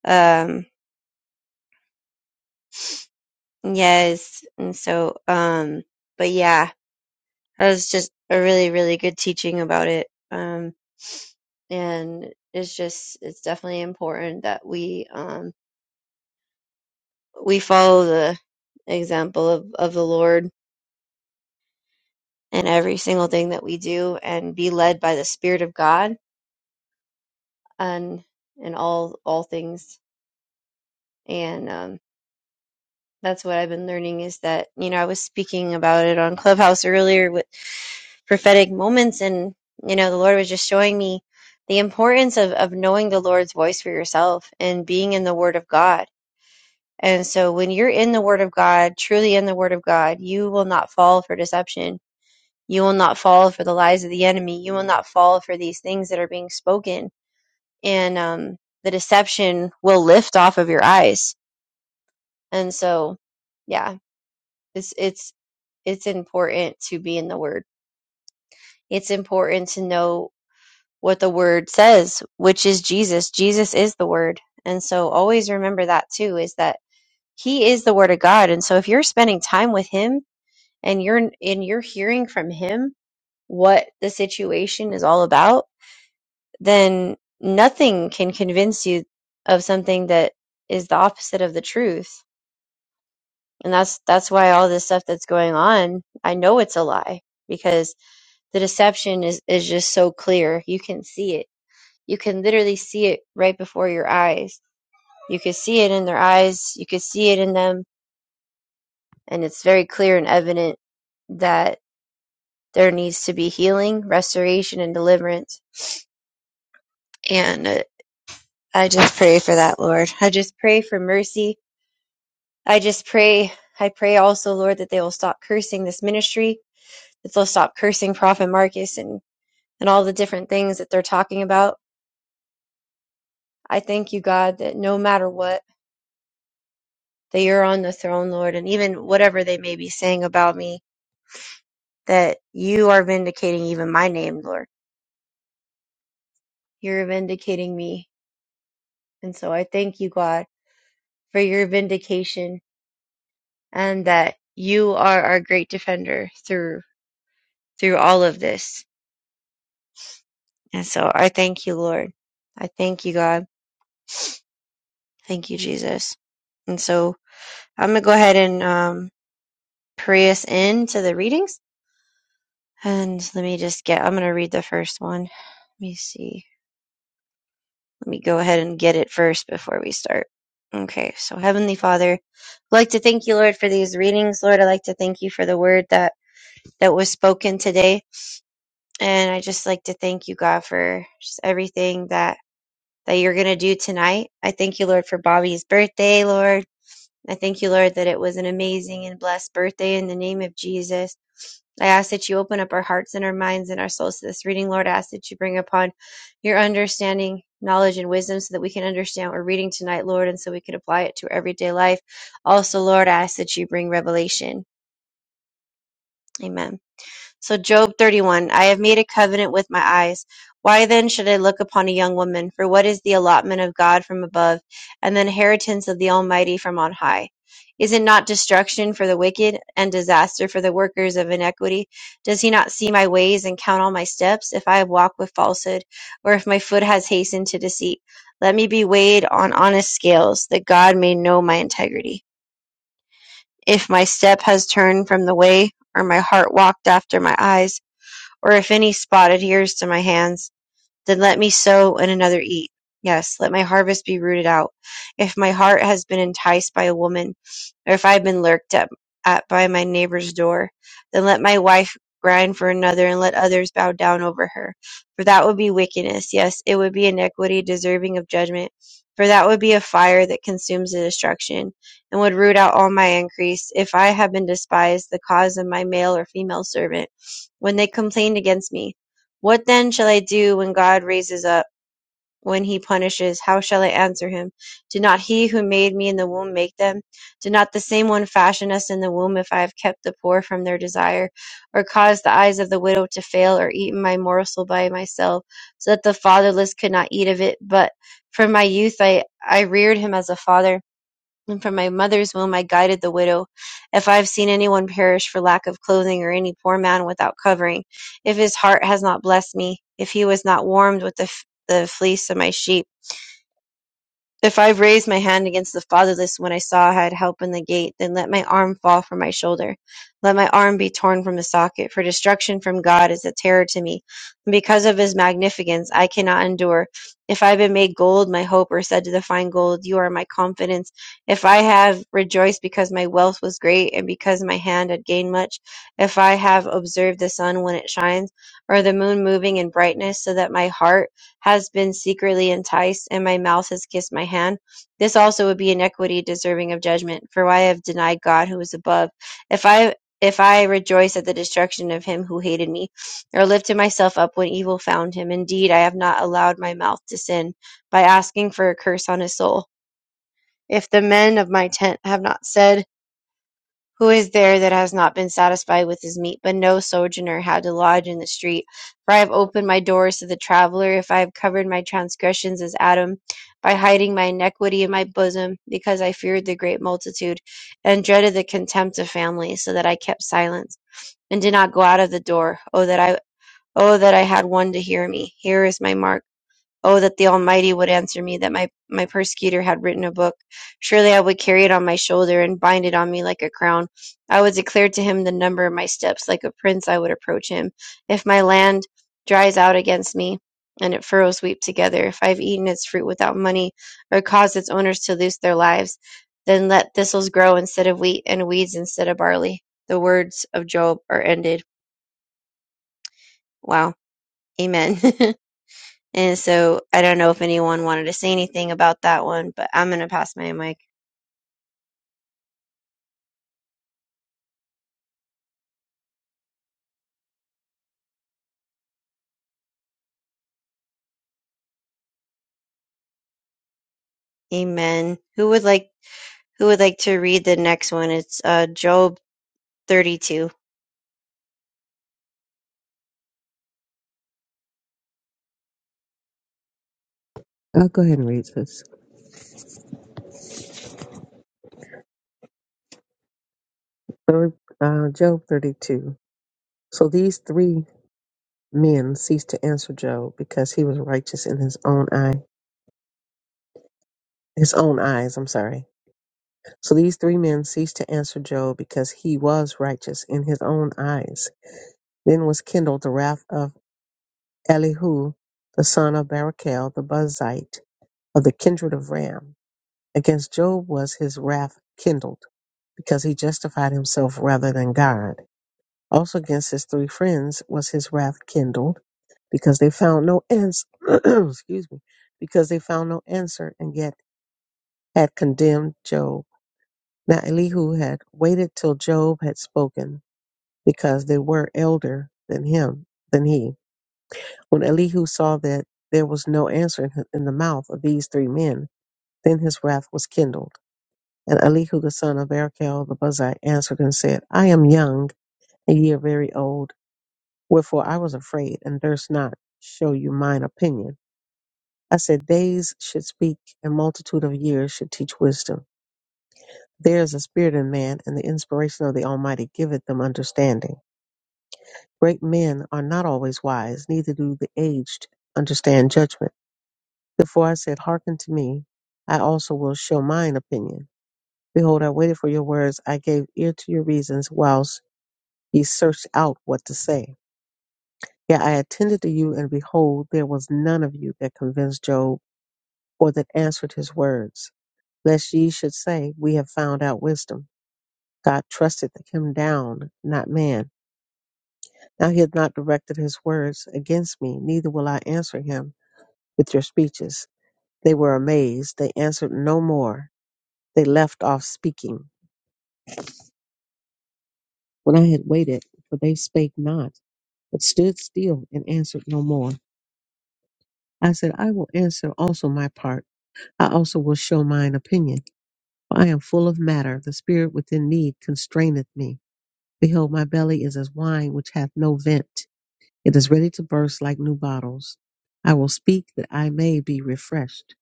S2: Um, yes. And so, um, but yeah, that was just a really, really good teaching about it. Um, and it's just, it's definitely important that we, um, we follow the example of, of the Lord in every single thing that we do and be led by the Spirit of God and and all all things and um that's what i've been learning is that you know i was speaking about it on clubhouse earlier with prophetic moments and you know the lord was just showing me the importance of of knowing the lord's voice for yourself and being in the word of god and so when you're in the word of god truly in the word of god you will not fall for deception you will not fall for the lies of the enemy you will not fall for these things that are being spoken and um the deception will lift off of your eyes And so, yeah, it's it's it's important to be in the word. It's important to know what the word says, which is Jesus. Jesus is the word. And so always remember that too is that he is the word of God. And so if you're spending time with him and you're and you're hearing from him what the situation is all about, then nothing can convince you of something that is the opposite of the truth. And that's that's why all this stuff that's going on, I know it's a lie because the deception is is just so clear. You can see it. You can literally see it right before your eyes. You could see it in their eyes, you could see it in them, and it's very clear and evident that there needs to be healing, restoration and deliverance. And uh, I just pray for that, Lord. I just pray for mercy. I just pray I pray also, Lord, that they will stop cursing this ministry, that they'll stop cursing Prophet Marcus and and all the different things that they're talking about. I thank you, God, that no matter what, that you're on the throne, Lord, and even whatever they may be saying about me, that you are vindicating even my name, Lord. You're vindicating me. And so I thank you, God, for your vindication and that you are our great defender through through all of this. And so I thank you, Lord. I thank you, God. Thank you, Jesus. And so I'm gonna go ahead and um, pray us into the readings. And let me just get, I'm going to read the first one. Let me see. Let me go ahead and get it first before we start. Okay, so Heavenly Father, I'd like to thank you, Lord, for these readings. Lord, I'd like to thank you for the word that, that was spoken today. And I just like to thank you, God, for just everything that, that you're going to do tonight. I thank you, Lord, for Bobby's birthday, Lord. I thank you, Lord, that it was an amazing and blessed birthday in the name of Jesus. I ask that you open up our hearts and our minds and our souls to this reading, Lord. I ask that you bring upon your understanding, knowledge, and wisdom so that we can understand what we're reading tonight, Lord, and so we can apply it to our everyday life. Also, Lord, I ask that you bring revelation. Amen. So, Job 31 I have made a covenant with my eyes. Why then should I look upon a young woman? For what is the allotment of God from above, and the inheritance of the Almighty from on high? Is it not destruction for the wicked, and disaster for the workers of iniquity? Does he not see my ways and count all my steps? If I have walked with falsehood, or if my foot has hastened to deceit, let me be weighed on honest scales, that God may know my integrity. If my step has turned from the way, or my heart walked after my eyes, or if any spotted years to my hands. Then let me sow and another eat. Yes, let my harvest be rooted out. If my heart has been enticed by a woman, or if I have been lurked at, at by my neighbor's door, then let my wife grind for another, and let others bow down over her. For that would be wickedness. Yes, it would be iniquity deserving of judgment. For that would be a fire that consumes the destruction, and would root out all my increase. If I have been despised, the cause of my male or female servant, when they complained against me, what then shall I do when God raises up, when he punishes? How shall I answer him? Did not he who made me in the womb make them? Did not the same one fashion us in the womb if I have kept the poor from their desire, or caused the eyes of the widow to fail, or eaten my morsel by myself, so that the fatherless could not eat of it? But from my youth I, I reared him as a father and from my mother's womb I guided the widow. If I have seen anyone perish for lack of clothing, or any poor man without covering, if his heart has not blessed me, if he was not warmed with the, f- the fleece of my sheep, if I raised my hand against the fatherless when I saw I had help in the gate, then let my arm fall from my shoulder. Let my arm be torn from the socket, for destruction from God is a terror to me. And because of his magnificence, I cannot endure. If I have been made gold, my hope, or said to the fine gold, you are my confidence. If I have rejoiced because my wealth was great, and because my hand had gained much, if I have observed the sun when it shines, or the moon moving in brightness, so that my heart has been secretly enticed, and my mouth has kissed my hand. This also would be iniquity deserving of judgment, for I have denied God who is above. If I if I rejoice at the destruction of him who hated me, or lifted myself up when evil found him, indeed I have not allowed my mouth to sin by asking for a curse on his soul. If the men of my tent have not said, who is there that has not been satisfied with his meat? But no sojourner had to lodge in the street. For I have opened my doors to the traveler, if I have covered my transgressions as Adam, by hiding my iniquity in my bosom, because I feared the great multitude, and dreaded the contempt of families, so that I kept silence, and did not go out of the door. Oh that I oh that I had one to hear me. Here is my mark. Oh, that the Almighty would answer me, that my, my persecutor had written a book. Surely I would carry it on my shoulder and bind it on me like a crown. I would declare to him the number of my steps. Like a prince, I would approach him. If my land dries out against me, and its furrows weep together, if I've eaten its fruit without money, or caused its owners to lose their lives, then let thistles grow instead of wheat, and weeds instead of barley. The words of Job are ended. Wow. Amen. And so I don't know if anyone wanted to say anything about that one, but I'm gonna pass my mic. Amen. Who would like who would like to read the next one? It's uh Job 32.
S4: I'll go ahead and read this. Third, uh, Job 32. So these three men ceased to answer Job because he was righteous in his own eyes. his own eyes, I'm sorry. So these three men ceased to answer Job because he was righteous in his own eyes. Then was kindled the wrath of Elihu, the son of Barachel, the Buzite of the kindred of Ram. Against Job was his wrath kindled, because he justified himself rather than God. Also against his three friends was his wrath kindled, because they found no answer. excuse me, because they found no answer, and yet had condemned Job Now Elihu had waited till Job had spoken, because they were elder than him than he. When Elihu saw that there was no answer in, in the mouth of these three men, then his wrath was kindled. And Elihu the son of Arachel the Buzzite answered and said, I am young, and ye are very old. Wherefore I was afraid, and durst not show you mine opinion. I said, Days should speak, and multitude of years should teach wisdom. There is a spirit in man, and the inspiration of the Almighty giveth them understanding. Great men are not always wise, neither do the aged understand judgment. Therefore I said, Hearken to me, I also will show mine opinion. Behold, I waited for your words, I gave ear to your reasons, whilst ye searched out what to say. Yet I attended to you, and behold, there was none of you that convinced Job, or that answered his words, lest ye should say, We have found out wisdom. God trusted him down, not man. Now he hath not directed his words against me, neither will I answer him with your speeches. They were amazed. They answered no more. They left off speaking. When I had waited, for they spake not, but stood still and answered no more. I said, I will answer also my part. I also will show mine opinion. For I am full of matter. The spirit within me constraineth me. Behold, my belly is as wine which hath no vent. It is ready to burst like new bottles. I will speak that I may be refreshed.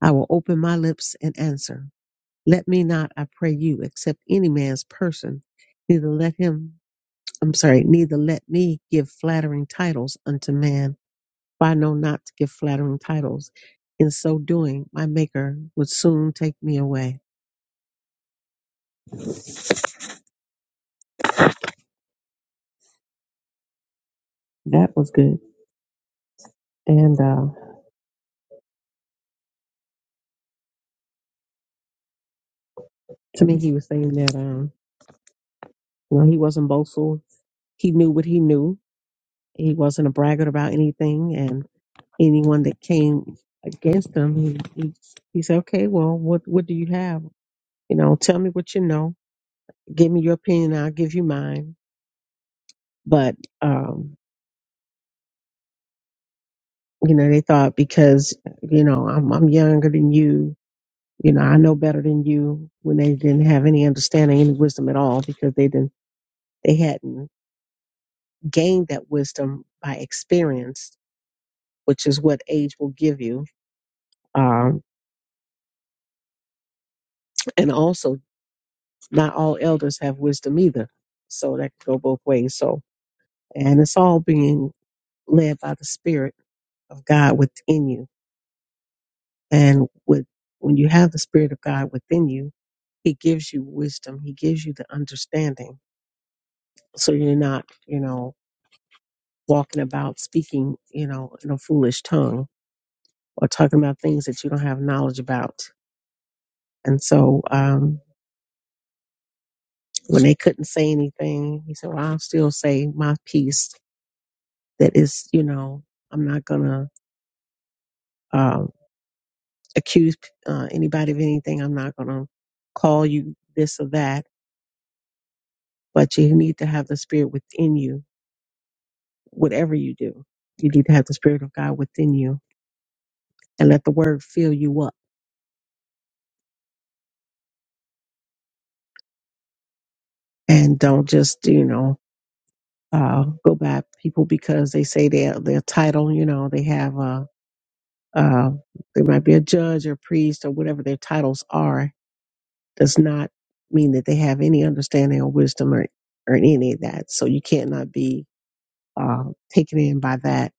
S4: I will open my lips and answer. Let me not, I pray you, accept any man's person, neither let him, I'm sorry, neither let me give flattering titles unto man, for I know not to give flattering titles. In so doing, my Maker would soon take me away. That was good. And uh, to me, he was saying that, um, you know, he wasn't boastful. He knew what he knew. He wasn't a braggart about anything, and anyone that came against him, he, he, he said, "Okay, well, what what do you have? You know, tell me what you know." give me your opinion, I'll give you mine. But um, you know, they thought because you know I'm I'm younger than you, you know I know better than you. When they didn't have any understanding, any wisdom at all, because they didn't they hadn't gained that wisdom by experience, which is what age will give you. Um, and also, not all elders have wisdom either, so that could go both ways. So, and it's all being led by the Spirit of God within you And with, when you have the Spirit of God within you, He gives you wisdom. He gives you the understanding. So you're not, you know, walking about speaking, you know, in a foolish tongue or talking about things that you don't have knowledge about. And so um, when they couldn't say anything, He said, well, I'll still say my piece that is, you know, I'm not going to um, accuse uh, anybody of anything. I'm not going to call you this or that, but you need to have the Spirit within you whatever you do, you need to have the Spirit of God within you and let the Word fill you up. And don't just, you know, uh, go by people because they say their their title, you know, they have a, uh, they might be a judge or priest or whatever their titles are, does not mean that they have any understanding or wisdom or, or any of that. So you can't not be uh, taken in by that.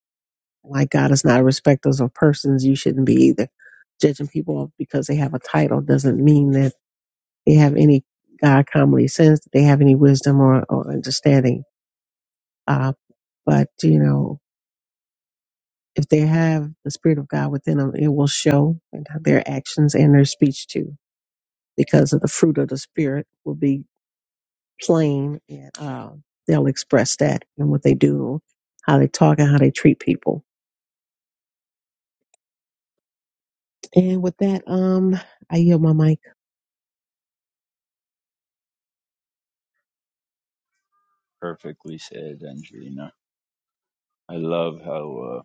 S4: Like God is not a respecter of persons, you shouldn't be either judging people because they have a title doesn't mean that they have any God commonly sense, that they have any wisdom or, or understanding. Uh, but, you know, if they have the Spirit of God within them, it will show in their actions and their speech too, because of the fruit of the Spirit will be plain and uh, they'll express that in what they do, how they talk, and how they treat people. And with that, um, I yield my mic.
S6: Perfectly said, Angelina. I love how uh,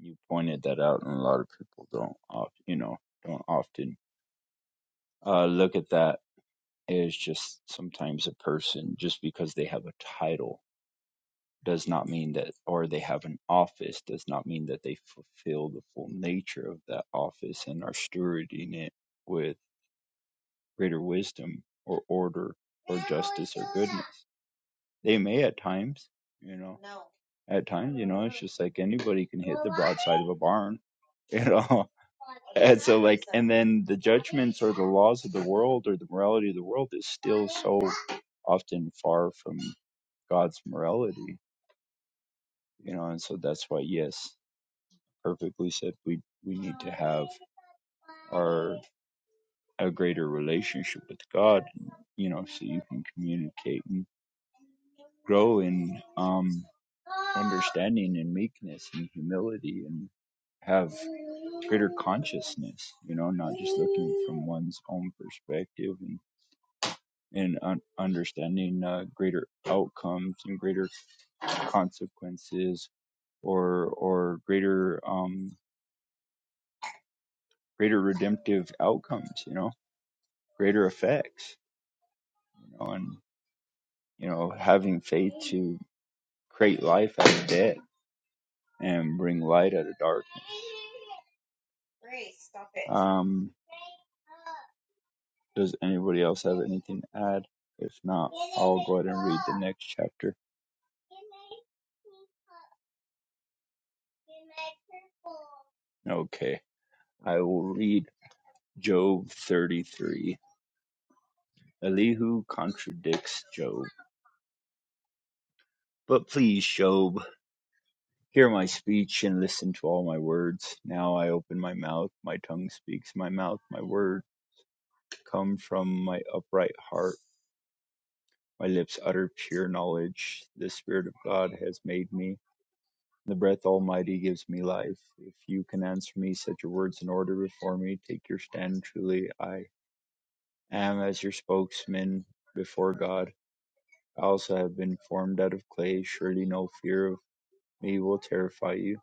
S6: you pointed that out, and a lot of people don't, oft, you know, don't often uh, look at that as just sometimes a person just because they have a title does not mean that, or they have an office does not mean that they fulfill the full nature of that office and are stewarding it with greater wisdom or order or justice or goodness They may at times, you know. No. At times, you know, it's just like anybody can hit the broadside of a barn, you know. And so, like, and then the judgments or the laws of the world or the morality of the world is still so often far from God's morality, you know. And so that's why, yes, perfectly said, we we need to have our a greater relationship with God, you know, so you can communicate grow in um, understanding and meekness and humility and have greater consciousness, you know, not just looking from one's own perspective and, and un- understanding uh, greater outcomes and greater consequences or, or greater, um, greater redemptive outcomes, you know, greater effects, you know, and, you know, having faith to create life out of death and bring light out of darkness. Um, does anybody else have anything to add? If not, I'll go ahead and read the next chapter. Okay, I will read Job 33. Elihu contradicts Job. But please, Job, hear my speech and listen to all my words. Now I open my mouth, my tongue speaks, my mouth, my word come from my upright heart. My lips utter pure knowledge. The Spirit of God has made me The breath almighty gives me life. If you can answer me, set your words in order before me. Take your stand truly. I am as your spokesman before God. I also have been formed out of clay. Surely no fear of me will terrify you,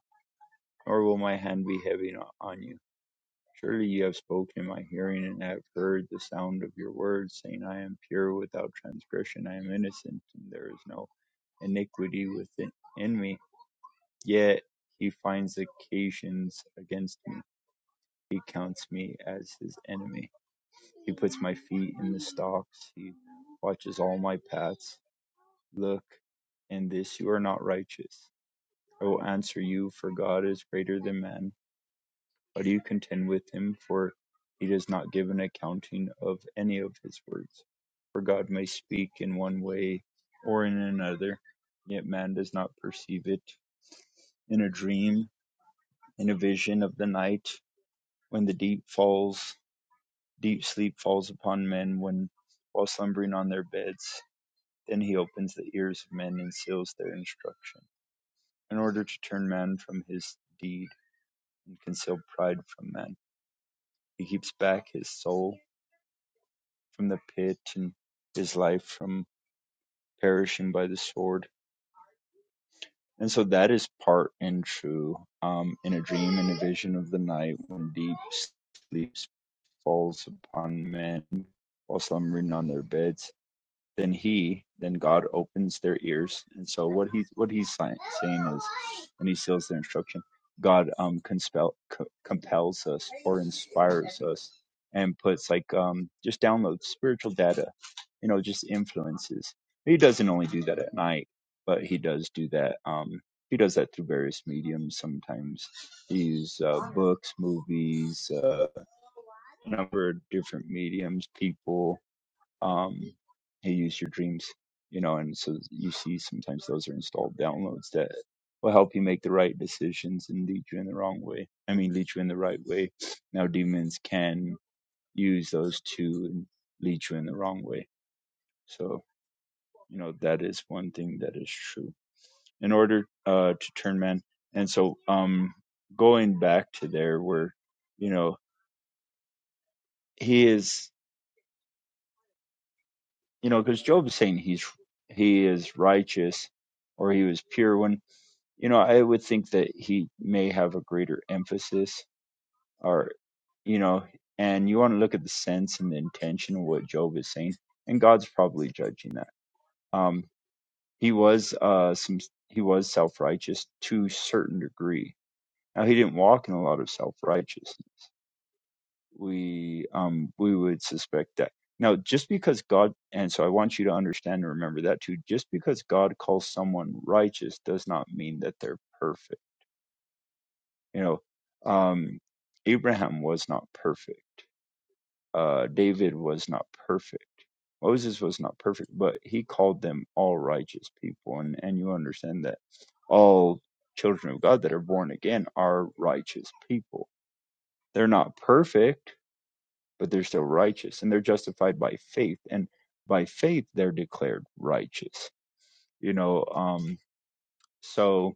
S6: nor will my hand be heavy no- on you. Surely you have spoken in my hearing, and I have heard the sound of your words, saying, I am pure without transgression. I am innocent, and there is no iniquity within in me. Yet he finds occasions against me He counts me as his enemy. He puts my feet in the stocks. He watches all my paths. Look, in this you are not righteous. I will answer you, for God is greater than man. Why do you contend with him? For he does not give an accounting of any of his words. For God may speak in one way or in another, yet man does not perceive it. In a dream, in a vision of the night, when the deep falls Deep sleep falls upon men when, while slumbering on their beds. Then he opens the ears of men and seals their instruction. In order to turn man from his deed and conceal pride from man, he keeps back his soul from the pit and his life from perishing by the sword. And so that is part and true um, in a dream and a vision of the night when deep sleep falls upon men while slumbering on their beds then he then god opens their ears and so what he's what he's si- saying is and he seals their instruction god um conspel, co- compels us or inspires us and puts like um just downloads spiritual data you know just influences he doesn't only do that at night but he does do that um he does that through various mediums sometimes he's uh, books movies uh a number of different mediums people um, hey, use your dreams, you know, and so you see sometimes those are installed downloads that will help you make the right decisions and lead you in the wrong way. I mean, lead you in the right way. Now, demons can use those two and lead you in the wrong way. So, you know, that is one thing that is true in order uh, to turn man. And so, um, going back to there where, you know, he is, you know, because Job is saying he's, he is righteous or he was pure. When you know, I would think that he may have a greater emphasis or, you know, and you want to look at the sense and the intention of what Job is saying, and God's probably judging that. Um, he was uh some he was self righteous to a certain degree. Now he didn't walk in a lot of self righteousness. We um we would suspect that. Now just because God and so I want you to understand and remember that too, just because God calls someone righteous does not mean that they're perfect You know, um, Abraham was not perfect. Uh, David was not perfect. Moses was not perfect, but he called them all righteous people. And, and you understand that all children of God that are born again are righteous people. They're not perfect, but they're still righteous and they're justified by faith. And by faith, they're declared righteous. You know, um, so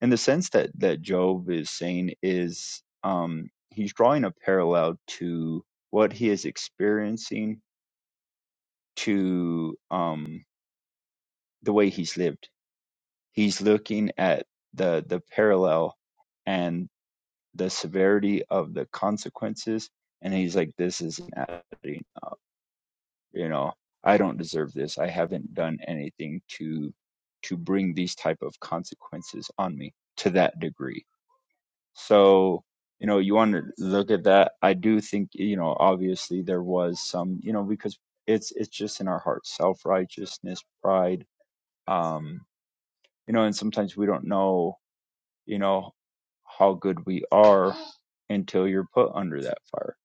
S6: And the sense that that Job is saying is um, he's drawing a parallel to what he is experiencing to um, the way he's lived. He's looking at the the parallel and the severity of the consequences, and he's like, "This is inadequate. You know, I don't deserve this. I haven't done anything to to bring these type of consequences on me to that degree." So, you know, you want to look at that. I do think, you know, obviously there was some, you know, because it's it's just in our hearts, self righteousness, pride. Um, you know, and sometimes we don't know, you know, how good we are until you're put under that fire,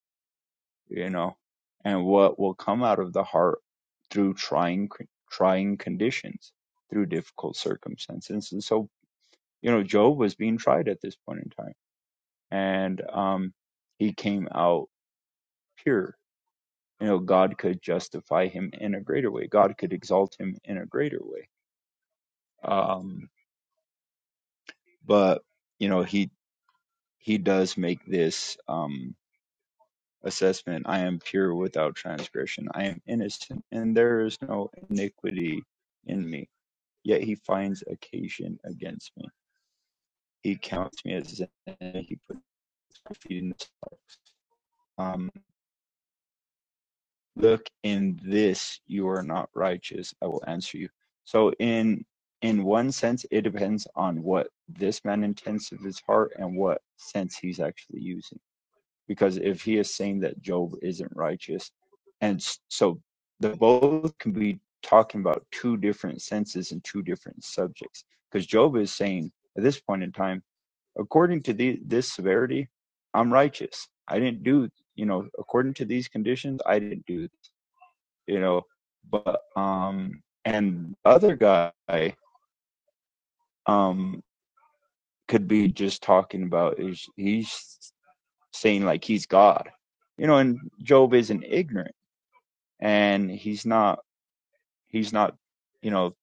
S6: you know, and what will come out of the heart through trying trying conditions, through difficult circumstances. And so, you know, Job was being tried at this point in time and um, he came out pure. You know, God could justify him in a greater way. God could exalt him in a greater way. Um, but you know, he he does make this um, assessment: I am pure without transgression. I am innocent, and there is no iniquity in me. Yet he finds occasion against me. He counts me as his enemy. He puts my feet in. the look in this you are not righteous i will answer you so in in one sense it depends on what this man intends of his heart and what sense he's actually using because if he is saying that job isn't righteous and so the both can be talking about two different senses and two different subjects because job is saying at this point in time according to the, this severity i'm righteous i didn't do you know according to these conditions i didn't do you know. But um, and the other guy um could be just talking about is he's saying like he's God, you know. And Job isn't ignorant, and he's not he's not you know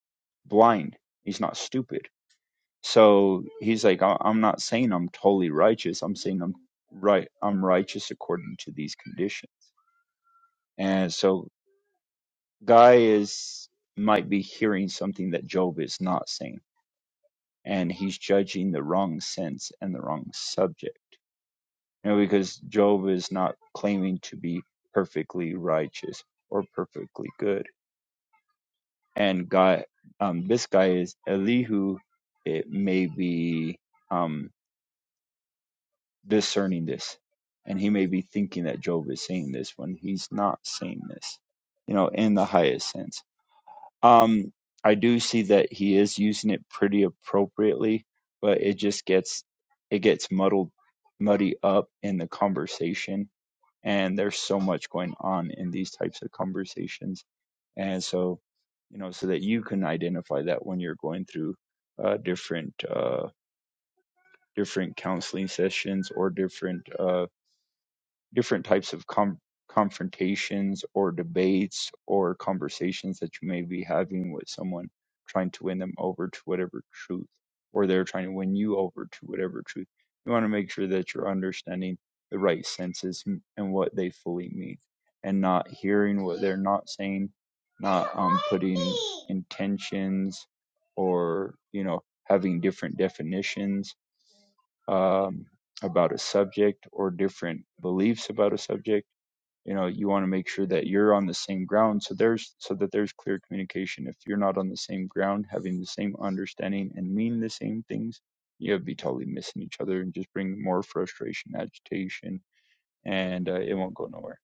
S6: blind. He's not stupid. So he's like, "I- I'm not saying I'm totally righteous. I'm saying I'm right. I'm righteous according to these conditions. And so guy is might be hearing something that Job is not saying and he's judging the wrong sense and the wrong subject. You know, because Job is not claiming to be perfectly righteous or perfectly good. And God, um, this guy is Elihu. It may be um, discerning this, and he may be thinking that Job is saying this when he's not saying this. You know, in the highest sense. Um, I do see that he is using it pretty appropriately, but it just gets it gets muddled muddy up in the conversation and there's so much going on in these types of conversations. And so, you know, so that you can identify that when you're going through uh different uh different counseling sessions or different uh different types of com- confrontations or debates or conversations that you may be having with someone trying to win them over to whatever truth or they're trying to win you over to whatever truth you want to make sure that you're understanding the right senses and what they fully mean and not hearing what they're not saying not um, putting intentions or you know having different definitions um, about a subject or different beliefs about a subject you know you want to make sure that you're on the same ground so there's so that there's clear communication if you're not on the same ground having the same understanding and mean the same things you'll be totally missing each other and just bring more frustration agitation and uh, it won't go nowhere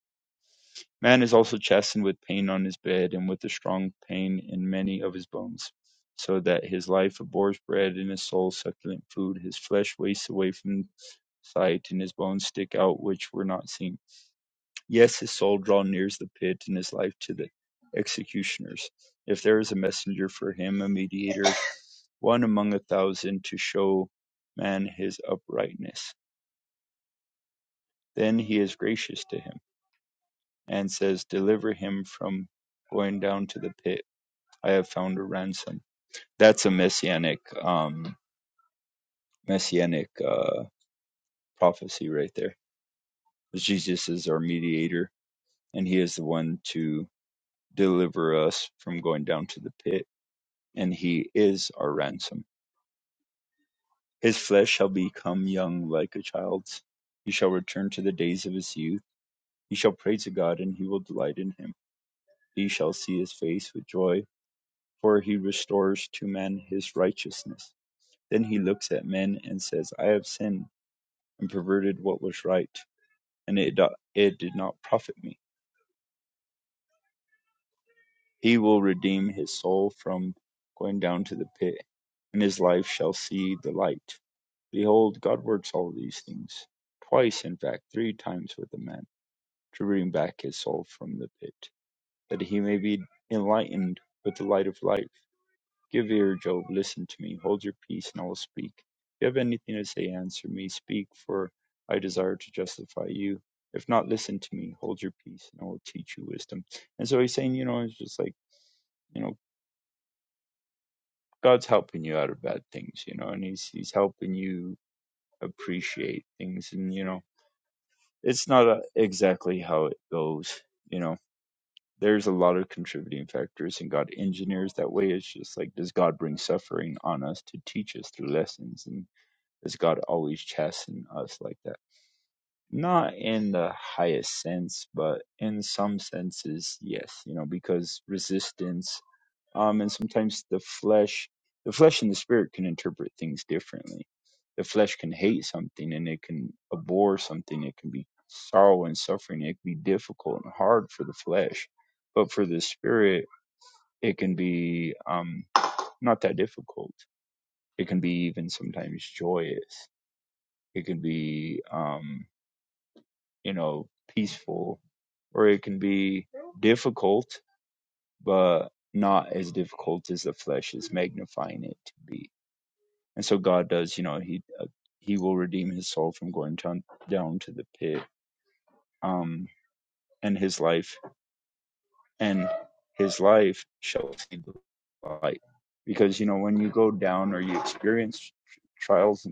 S6: Man is also chastened with pain on his bed, and with a strong pain in many of his bones, so that his life abhors bread, and his soul succulent food. His flesh wastes away from sight, and his bones stick out which were not seen. Yes, his soul draw nears the pit, and his life to the executioners. If there is a messenger for him, a mediator, one among a thousand, to show man his uprightness, then he is gracious to him, and says, Deliver him from going down to the pit I have found a ransom. That's a messianic um, messianic uh, prophecy right there. Jesus is our mediator, and He is the one to deliver us from going down to the pit, and He is our ransom. His flesh shall become young like a child's. He shall return to the days of his youth. He shall pray to God, and He will delight in Him. He shall see His face with joy, for He restores to man His righteousness. Then He looks at men and says, I have sinned and perverted what was right, and it, uh, it did not profit me. He will redeem his soul from going down to the pit, and his life shall see the light. Behold, God works all these things, twice, in fact, three times with a man, to bring back his soul from the pit, that he may be enlightened with the light of life. Give ear, Job, listen to me, hold your peace, and I will speak. If you have anything to say, answer me, speak, for I desire to justify you. If not, listen to me, hold your peace, and I will teach you wisdom. And so he's saying, you know, it's just like, you know, God's helping you out of bad things, you know, and he's he's helping you appreciate things, and you know, it's not uh exactly how it goes, you know. There's a lot of contributing factors, and God engineers that way. It's just like, does God bring suffering on us to teach us through lessons? And Is God always chastening us like that? Not in the highest sense, but in some senses, yes, you know, because resistance, um, and sometimes the flesh, the flesh and the spirit can interpret things differently. The flesh can hate something and it can abhor something. It can be sorrow and suffering. It can be difficult and hard for the flesh, but for the spirit, it can be, um, not that difficult. It can be even sometimes joyous. It can be, um. you know, peaceful, or it can be difficult, but not as difficult as the flesh is magnifying it to be. And so God does, you know, he uh, he will redeem his soul from going down down to the pit, um, and his life and his life shall see the light. Because you know, when you go down or you experience trials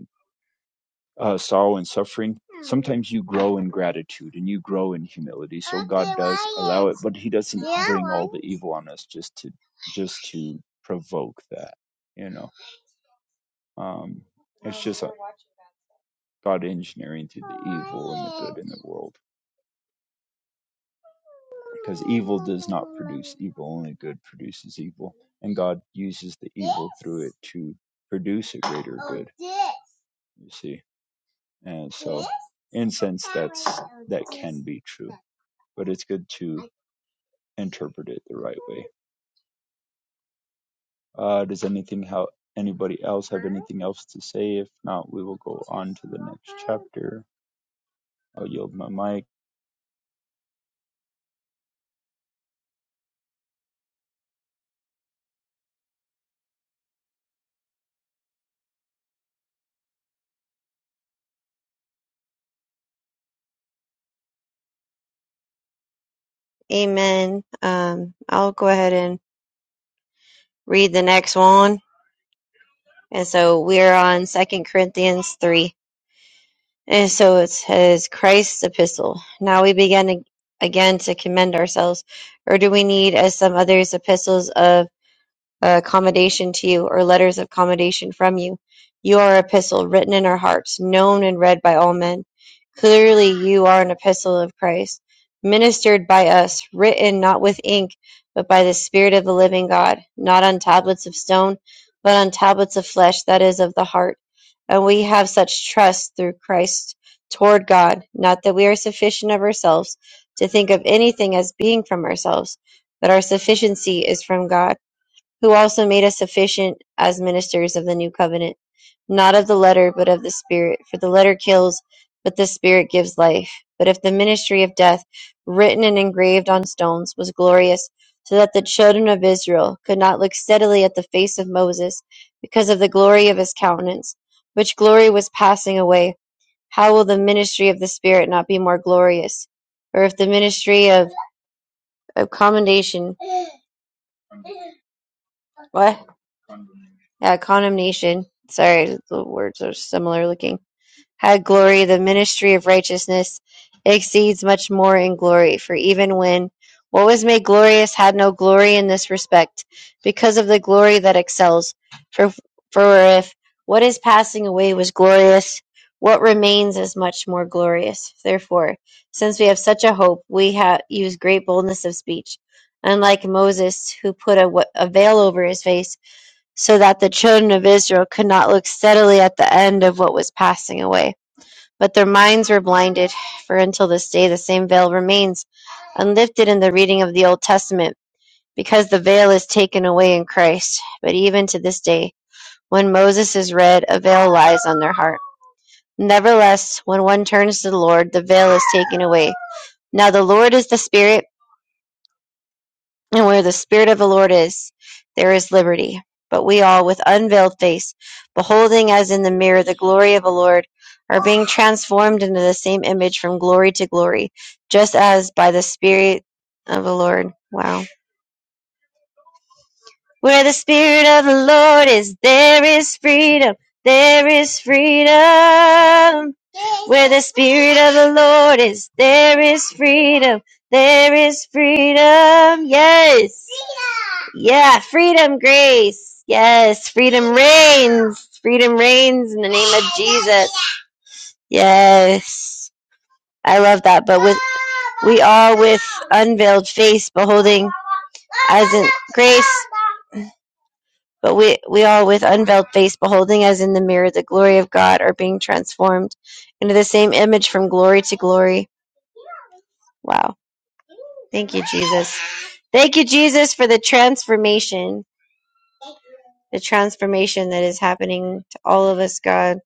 S6: uh, sorrow and suffering, sometimes you grow in gratitude and you grow in humility. So God does allow it, but He doesn't bring all the evil on us just to just to provoke that. You know, um, it's just uh, God engineering through the evil and the good in the world because evil does not produce evil only good produces evil and god uses the evil through it to produce a greater good you see And so, in sense, that's that can be true, but it's good to interpret it the right way. Uh, does anything how anybody else have anything else to say? If not, we will go on to the next chapter. I'll yield my mic.
S2: Amen. Um I'll go ahead and read the next one. And so we're on Second Corinthians 3. And so it says Christ's epistle. Now we begin ag- again to commend ourselves, or do we need as some others epistles of uh, commendation to you or letters of commendation from you. You are an epistle written in our hearts, known and read by all men. Clearly, you are an epistle of Christ, ministered by us, written not with ink, but by the Spirit of the living God, not on tablets of stone, but on tablets of flesh, that is, of the heart. And we have such trust through Christ toward God, not that we are sufficient of ourselves to think of anything as being from ourselves, but our sufficiency is from God who also made us sufficient as ministers of the new covenant, not of the letter, but of the Spirit. For the letter kills, but the Spirit gives life. But if the ministry of death, written and engraved on stones, was glorious, so that the children of Israel could not look steadily at the face of Moses because of the glory of his countenance, which glory was passing away, how will the ministry of the Spirit not be more glorious? Or if the ministry of, of commendation, what? Yeah, condemnation. Sorry, the words are similar looking. Had glory, the ministry of righteousness exceeds much more in glory, for even when what was made glorious had no glory in this respect, because of the glory that excels. For for if what is passing away was glorious, what remains is much more glorious. Therefore, since we have such a hope, we have use great boldness of speech, unlike Moses who put a, a veil over his face so that the children of Israel could not look steadily at the end of what was passing away. But their minds were blinded, for until this day the same veil remains unlifted in the reading of the Old Testament, because the veil is taken away in Christ. But even to this day, when Moses is read, a veil lies on their heart. Nevertheless, when one turns to the Lord, the veil is taken away. Now the Lord is the Spirit, And where the Spirit of the Lord is, there is liberty. But we all, with unveiled face, beholding as in the mirror the glory of the Lord, are being transformed into the same image from glory to glory, just as by the Spirit of the Lord. Wow. Where the Spirit of the Lord is, there is freedom. There is freedom. Where the Spirit of the Lord is, there is freedom. There is freedom. Yes. Yeah, freedom, grace. Yes, freedom reigns. Freedom reigns in the name of Jesus. Yes. I love that. But with we all with unveiled face beholding as in grace but we, we all, with unveiled face, beholding as in the mirror the glory of God, are being transformed into the same image from glory to glory. Wow. Thank you, Jesus. Thank you, Jesus, for the transformation, the transformation that is happening to all of us, God,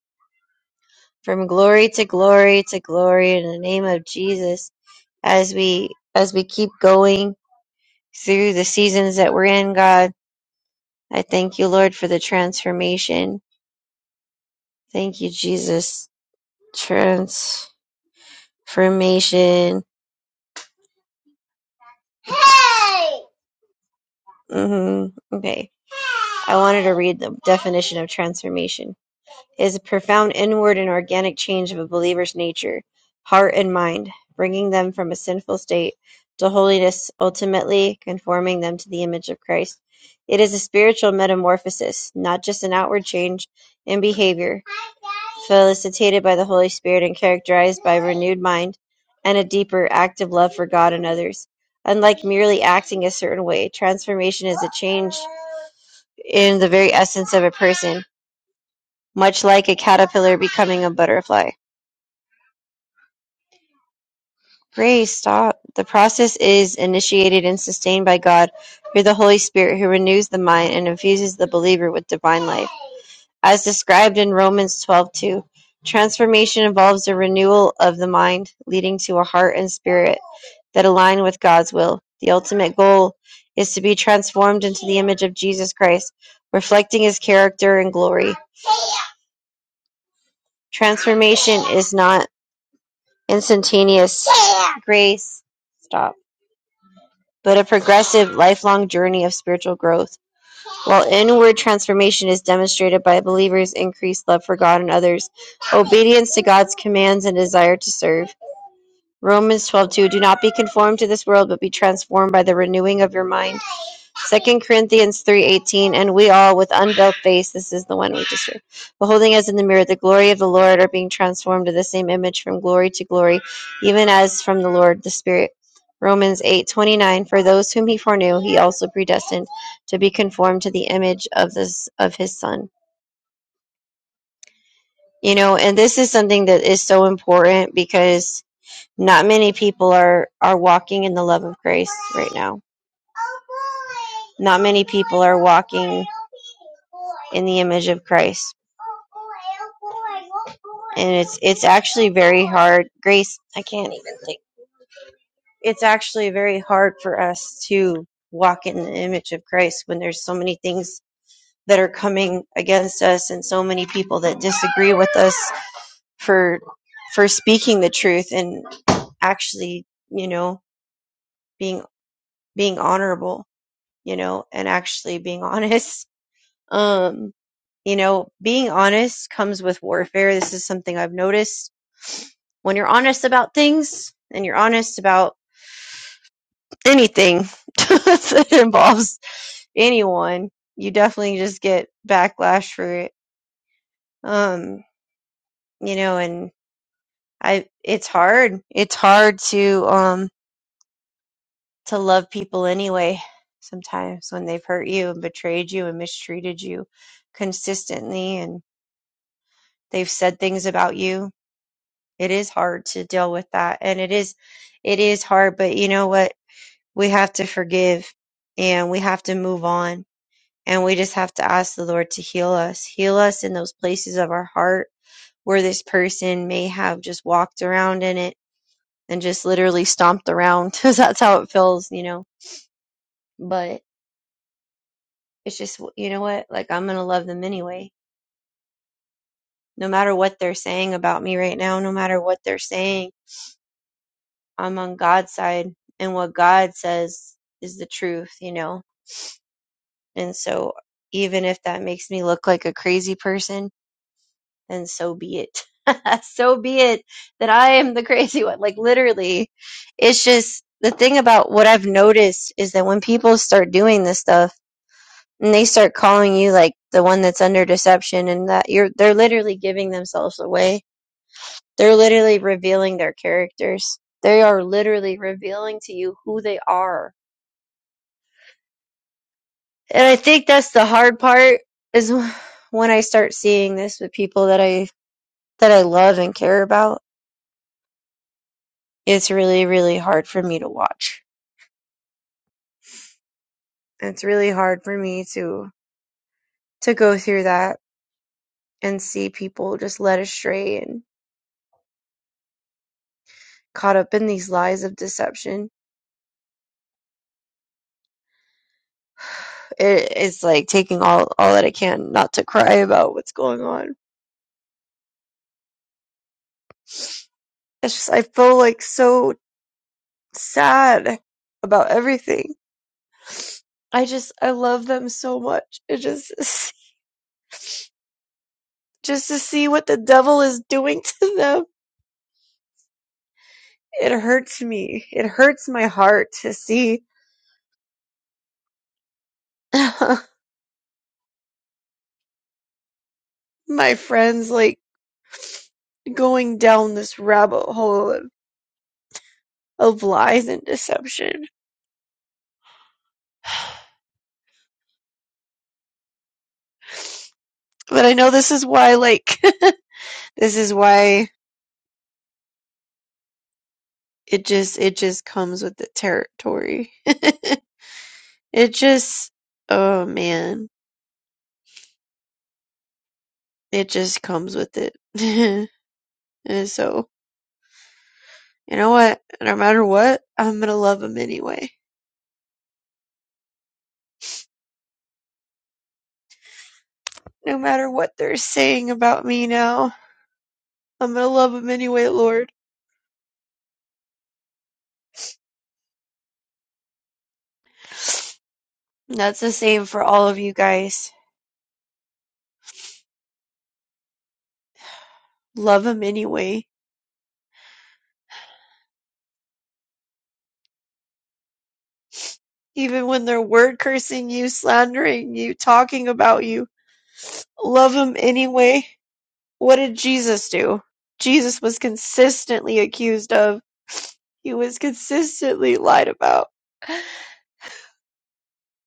S2: from glory to glory to glory in the name of Jesus. As we, as we keep going through the seasons that we're in, God, I thank you, Lord, for the transformation. Thank you, Jesus. Trans. Formation. hmm Okay. I wanted to read the definition of transformation. is a profound inward and organic change of a believer's nature, heart, and mind, bringing them from a sinful state to holiness, ultimately conforming them to the image of Christ. It is a spiritual metamorphosis, not just an outward change in behavior, felicitated by the Holy Spirit and characterized by a renewed mind and a deeper, active love for God and others. Unlike merely acting a certain way, transformation is a change in the very essence of a person much like a caterpillar becoming a butterfly. Grace, stop. The process is initiated and sustained by God through the Holy Spirit who renews the mind and infuses the believer with divine life. As described in Romans 12:2, transformation involves a renewal of the mind, leading to a heart and spirit that align with God's will. The ultimate goal is to be transformed into the image of Jesus Christ, reflecting his character and glory. Transformation is not instantaneous grace stop, but a progressive, lifelong journey of spiritual growth. While inward transformation is demonstrated by believers' increased love for God and others, obedience to God's commands and desire to serve. Romans 12:2 Do not be conformed to this world, but be transformed by the renewing of your mind Second Corinthians three eighteen, and we all with unveiled face, this is the one we just read, beholding as in the mirror the glory of the Lord, are being transformed to the same image from glory to glory, even as from the Lord the Spirit. Romans eight twenty nine, for those whom he foreknew, he also predestined to be conformed to the image of this of his Son. You know, and this is something that is so important because not many people are are walking in the love of grace right now Not many people are walking in the image of Christ. And it's it's actually very hard. Grace, I can't even think. It's actually very hard for us to walk in the image of Christ when there's so many things that are coming against us and so many people that disagree with us for for speaking the truth and actually, you know, being being honorable, you know, and actually being honest Um, you know, being honest comes with warfare. This is something I've noticed. When you're honest about things and you're honest about anything that involves anyone, you definitely just get backlash for it. Um, you know, and I it's hard. It's hard to um to love people anyway sometimes when they've hurt you and betrayed you and mistreated you consistently and they've said things about you It is hard to deal with that. And it is, it is hard, but you know what? We have to forgive and we have to move on. And we just have to ask the Lord to heal us, heal us in those places of our heart where this person may have just walked around in it and just literally stomped around because that's how it feels, you know. But it's just, you know what? Like, I'm going to love them anyway no matter what they're saying about me right now, no matter what they're saying, I'm on God's side, and what God says is the truth, you know? And so, even if that makes me look like a crazy person, then so be it. so be it that I am the crazy one. Like, literally, it's just the thing about what I've noticed is that when people start doing this stuff and they start calling you like the one that's under deception and that you're, they're literally giving themselves away. They're literally revealing their characters. They are literally revealing to you who they are And I think that's the hard part is when I start seeing this with people that I that I love and care about. It's really really hard for me to watch. It's really hard for me to to go through that and see people just led astray and caught up in these lies of deception. It, it's like taking all all that I can not to cry about what's going on. It's just I feel like so sad about everything. I just I love them so much. It just just to see what the devil is doing to them. It hurts me. It hurts my heart to see my friends like going down this rabbit hole of, of lies and deception. But I know this is why like this is why it just it just comes with the territory. It just oh man, it just comes with it. and so, you know what? No matter what, I'm going to love them anyway. No matter what they're saying about me now, I'm going to love him anyway, Lord. And that's the same for all of you guys. Love him anyway. Even when they're word cursing you, slandering you, talking about you, love him anyway. What did Jesus do? Jesus was consistently accused of, he was consistently lied about.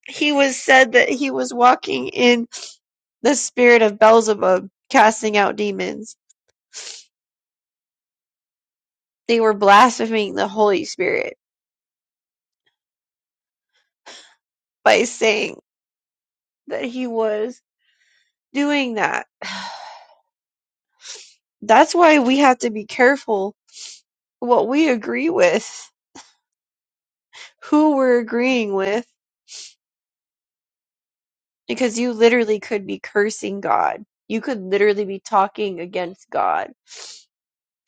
S2: He was said that he was walking in the spirit of Beelzebub, casting out demons They were blaspheming the Holy Spirit by saying that he was doing that. That's why we have to be careful what we agree with, who we're agreeing with, because you literally could be cursing God. You could literally be talking against God.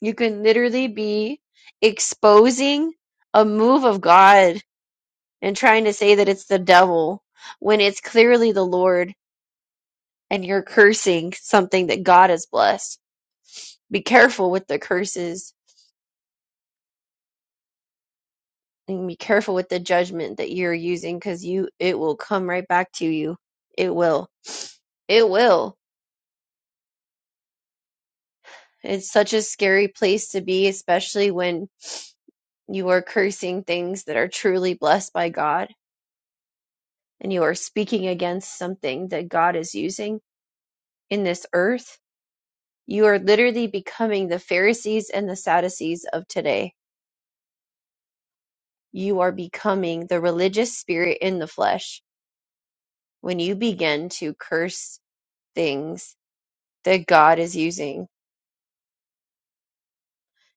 S2: You can literally be exposing a move of God and trying to say that it's the devil when it's clearly the Lord and you're cursing something that God has blessed Be careful with the curses and be careful with the judgment that you're using because you it will come right back to you. It will. It will. It's such a scary place to be, especially when you are cursing things that are truly blessed by God and you are speaking against something that God is using in this earth. You are literally becoming the Pharisees and the Sadducees of today. You are becoming the religious spirit in the flesh when you begin to curse things that God is using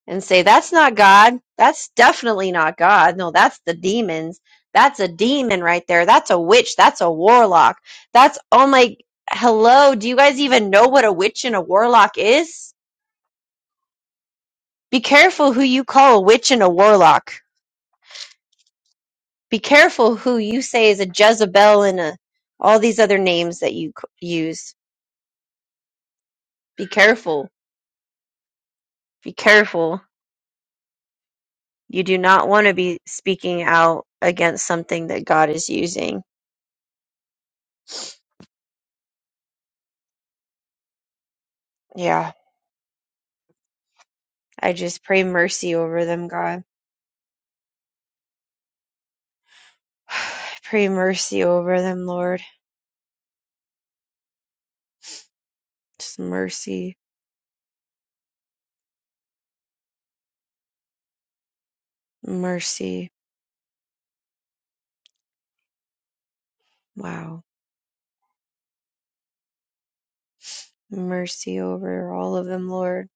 S2: and say, that's not God. That's definitely not God. No, that's the demons. That's a demon right there. That's a witch. That's a warlock. That's, oh my, hello. Do you guys even know what a witch and a warlock is? Be careful who you call a witch and a warlock. Be careful who you say is a Jezebel and a, all these other names that you c- use. Be careful. Be careful. You do not want to be speaking out against something that God is using. Yeah I just pray mercy over them, God. pray mercy over them, Lord. Just mercy, mercy. Wow. Mercy over all of them, Lord.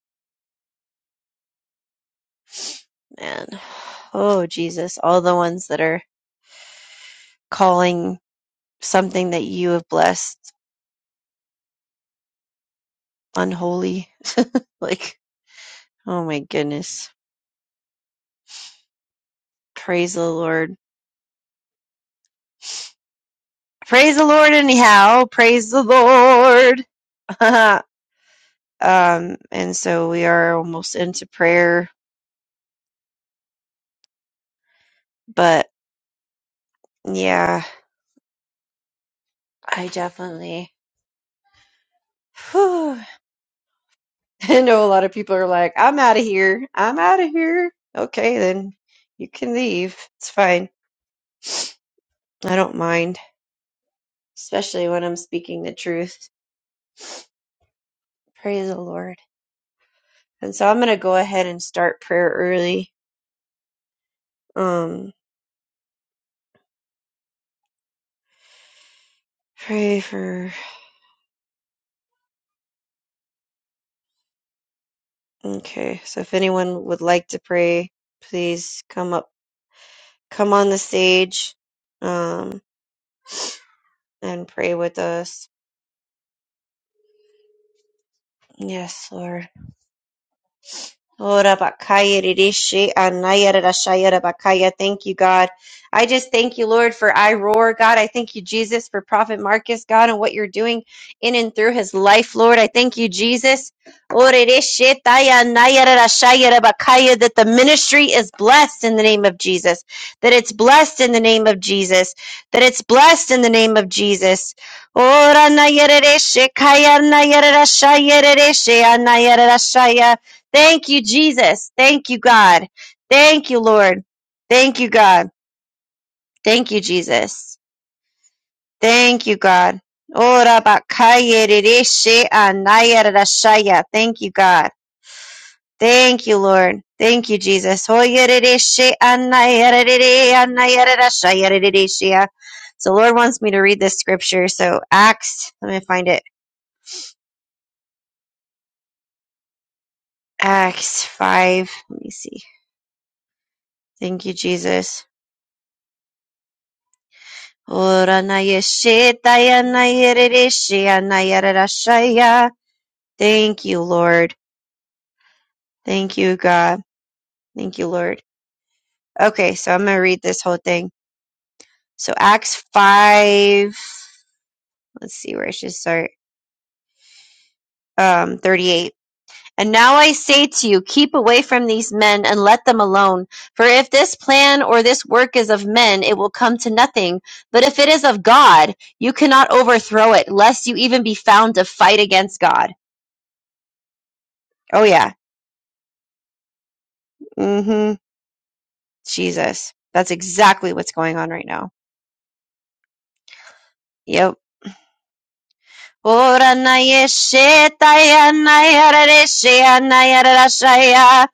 S2: Man. Oh, Jesus. All the ones that are calling something that you have blessed unholy. Like, oh my goodness. Praise the Lord. Praise the Lord, anyhow. Praise the Lord. um, and so we are almost into prayer, but yeah I definitely. Whew. I know a lot of people are like, I'm out of here. I'm out of here. Okay, then you can leave. It's fine. I don't mind, especially when I'm speaking the truth. Praise the Lord. And so I'm going to go ahead and start prayer early. Um, pray for. Okay, so if anyone would like to pray, please come up, come on the stage, um, and pray with us. Yes, Lord. Ora bakaya ridishi anaya radashaya rabakaya. Thank you, God. I just thank you, Lord, for I roar, God. I thank you, Jesus, for Prophet Marcus, God, and what you're doing in and through his life, Lord. I thank you, Jesus. Ora ridishi taya anaya radashaya rabakaya, That the ministry is blessed in the name of Jesus. That it's blessed in the name of Jesus. That it's blessed in the name of Jesus. Ora anaya ridishi kaya anaya radashaya ridishi anaya radashaya. Thank you, Jesus. Thank you, God. Thank you, Lord. Thank you, God. Thank you, Jesus. Thank you, God. Ora bakaya rereshe anaya rarashaya. Thank you, God. Thank you, Lord. Thank you, Jesus. Hoya rereshe anaya rerere anaya rarashaya rereshea. So, the Lord wants me to read this scripture. So, Acts, let me find it. Acts 5. Let me see. Thank you, Jesus. Thank you, Lord. Thank you, God. Thank you, Lord. Okay, so I'm gonna read this whole thing. So Acts five. Let's see where I should start. Um, thirty-eight. And now I say to you, keep away from these men and let them alone. For if this plan or this work is of men, it will come to nothing. But if it is of God, you cannot overthrow it, lest you even be found to fight against God. Oh yeah. Mm-hmm. Jesus. That's exactly what's going on right now. Yep. Ora na yeshe taya na yara reshe na yara rashaya.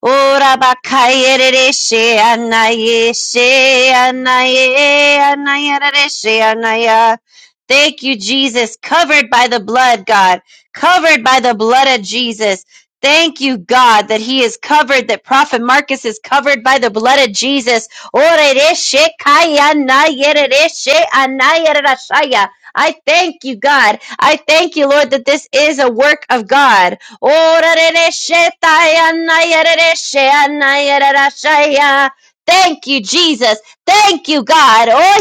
S2: Ora bakaye reshe anaye she anaye anaya reshe anaya. Thank you, Jesus. Covered by the blood, God. Covered by the blood of Jesus. Thank you, God, that he is covered, that Prophet Marcus is covered by the blood of Jesus. Ora reshe kaya anaye reshe anaya rashaya. I thank you, God. I thank you, Lord, that this is a work of God. Orereshetayanayerereshanayererashaya. Thank you, Jesus. Thank you, God. Oh,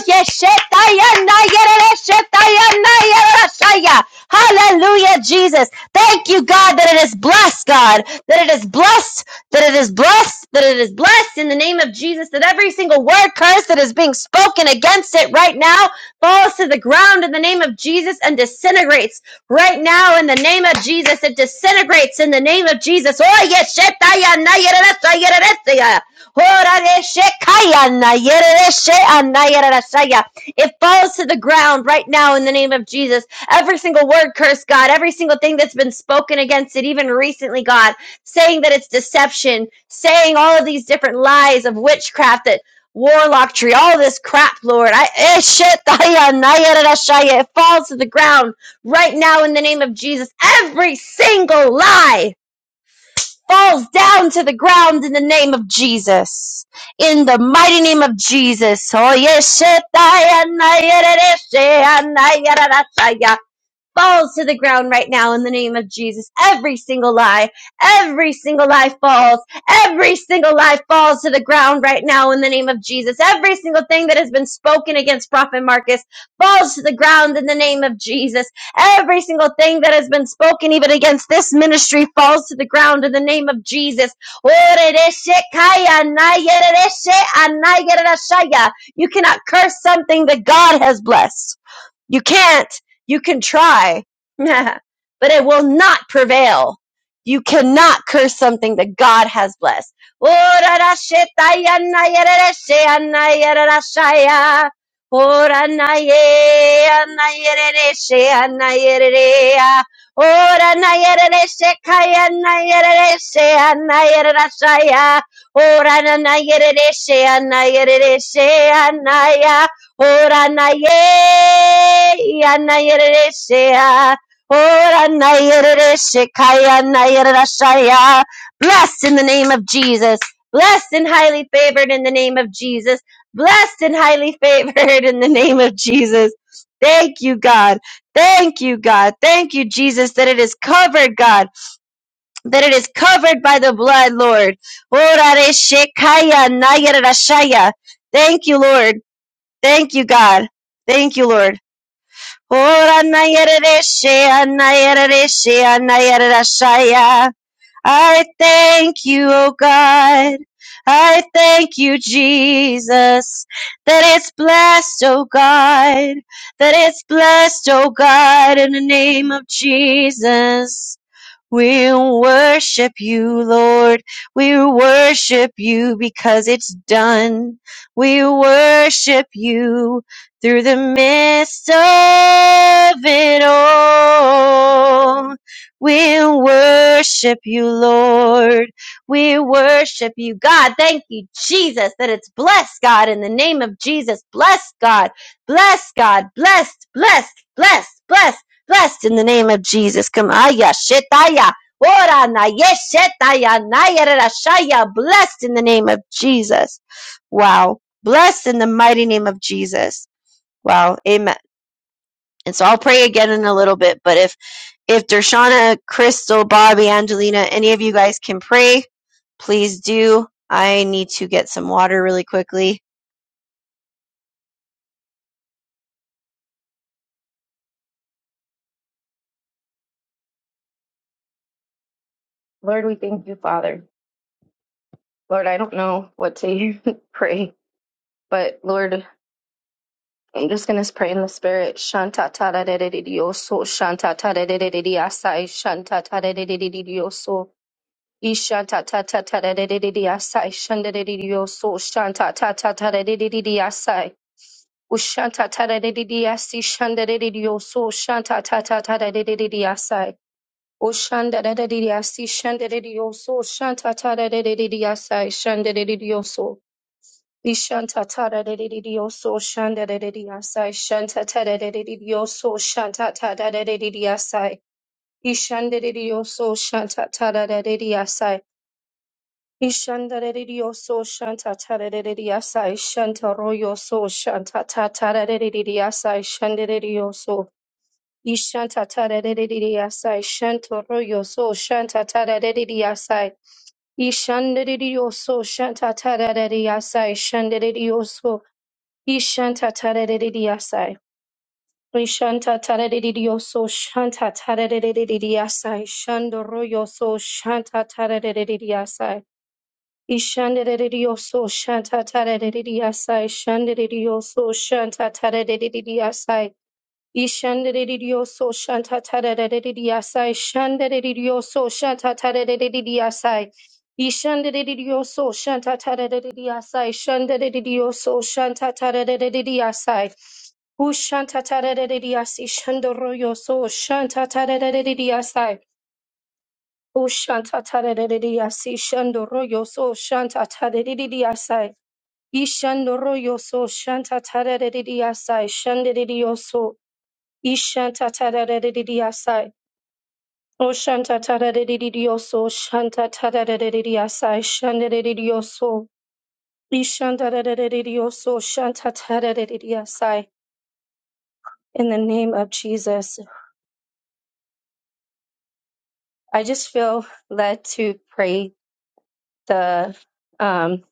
S2: Hallelujah, Jesus. Thank you, God, that it is blessed, God. That it is blessed, that it is blessed, that it is blessed in the name of Jesus. That every single word curse that is being spoken against it right now falls to the ground in the name of Jesus and disintegrates Right now, in the name of Jesus, it disintegrates in the name of Jesus. Oh, yes, shetaya na yereresa yereresa. Ora de shekaya na yereresa na yereresa. It falls to the ground right now in the name of Jesus. Every single word curse, God, every single thing that's been spoken against it, even recently, God, saying that it's deception, saying all of these different lies of witchcraft that warlock tree, all this crap, Lord. I eh, shit, it falls to the ground Right now, in the name of Jesus, every single lie falls down to the ground in the name of Jesus. In the mighty name of Jesus. Oh, yes, falls to the ground right now in the name of Jesus. Every single lie, every single lie falls, every single lie falls to the ground right now in the name of Jesus. Every single thing that has been spoken against Prophet Marcus falls to the ground in the name of Jesus. Every single thing that has been spoken even against this ministry falls to the ground in the name of Jesus. You cannot curse something that God has blessed. You can't. You can try, but it will not prevail. You cannot curse something that God has blessed. Oh, Ora na ye, ya Ora na ye re re se Blessed in the name of Jesus. Blessed and highly favored in the name of Jesus. Blessed and highly favored in the name of Jesus. Thank you, God. Thank you, God. Thank you, Jesus, that it is covered, God. That it is covered by the blood, Lord. Ora re she ka ya Thank you, Lord. Thank you, God. Thank you, Lord. Ora na yerereshe, ana yerereshe, ana yererashaya. I thank you, O God. I thank you, Jesus, that it's blessed, O God, that it's blessed, O God, in the name of Jesus. We worship you, Lord. We worship you because it's done. We worship you through the midst of it all. We worship you, Lord. We worship you, God. Thank you, Jesus, that it's blessed, God, in the name of Jesus. Blessed, God. Blessed, God. Blessed, blessed, blessed, blessed. Blessed in the name of Jesus. Come aya shetaya. Ora na yeshetaya na Blessed in the name of Jesus. Wow. Blessed in the mighty name of Jesus. Wow. Amen. And so I'll pray again in a little bit, but if if Dershana, Crystal, Bobby, Angelina, any of you guys can pray, please do. I need to get some water really quickly.
S3: Lord, we thank you, Father. Lord, I don't know what to pray, but Lord, I'm just gonna pray in the spirit. Shanta tada de de de de oso. Shanta tada de de de de asai. Shanta tada de de de de de oso. Ishanta tata tada de de de de asai. Shanta de de de oso. Shanta tata tada de de de de asai. Ushanta tada de de de asi. Shanta de de de oso. Shanta tata tada de de de de asai. Ushanta da da de de asi. Shanta de de de oso. Shanta tada de de de de asai. Shanta de de de Ishanta tara reririyo so shanda reririasai. Shanta tara reririyo so shanta tara reririasai. Ishanda reririyo so shanta tara reririasai. Ishanda reririyo so shanta tara reririasai. Shanta royo so shanta ta- tara reririasai. Shanda reririyo so. Ishanta tara reririasai. Shanta royo so shanta tara reririasai. Ishanda reririyo so shanta tara reririasai. Shanda reririyo so. Ishanta taraririasai. Ishanta taraririyoso shanta taraririasai. Shandoroyoso shanta taraririasai. Ishandaririyoso shanta taraririasai. Shandaririyoso shanta taraririasai. Ishandaririyoso shanta taraririasai. Shandaririyoso shanta taraririasai. Ishandaririyoso shanta taraririasai. Shandaririyoso shanta taraririasai. Ushantatarerediasi shandoroyoso shantatarerediasai. Ushantatarerediasi shandoroyoso shantatarerediasai. Ishandoroyoso shantatarerediasai shanderedioso. Ishantatarerediasai. Oshantatarerediaso shantatarerediasai shanderedioso. Ishantatarerediaso shantatarerediasai. In the name of Jesus. I just feel led to pray the um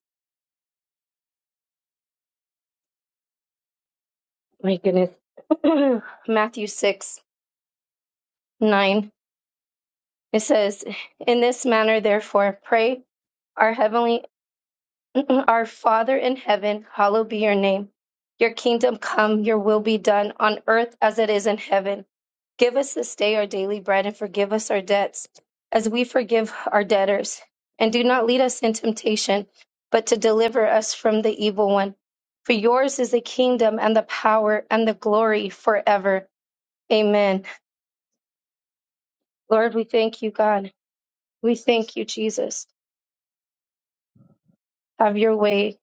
S3: my goodness Matthew six nine. It says, In this manner therefore pray, our heavenly Our Father in heaven, hallowed be your name. Your kingdom come, your will be done on earth as it is in heaven. Give us this day our daily bread and forgive us our debts as we forgive our debtors. And do not lead us in temptation, but to deliver us from the evil one. For yours is the kingdom and the power and the glory forever. Amen. Lord, we thank you, God. We thank you, Jesus. Have your way.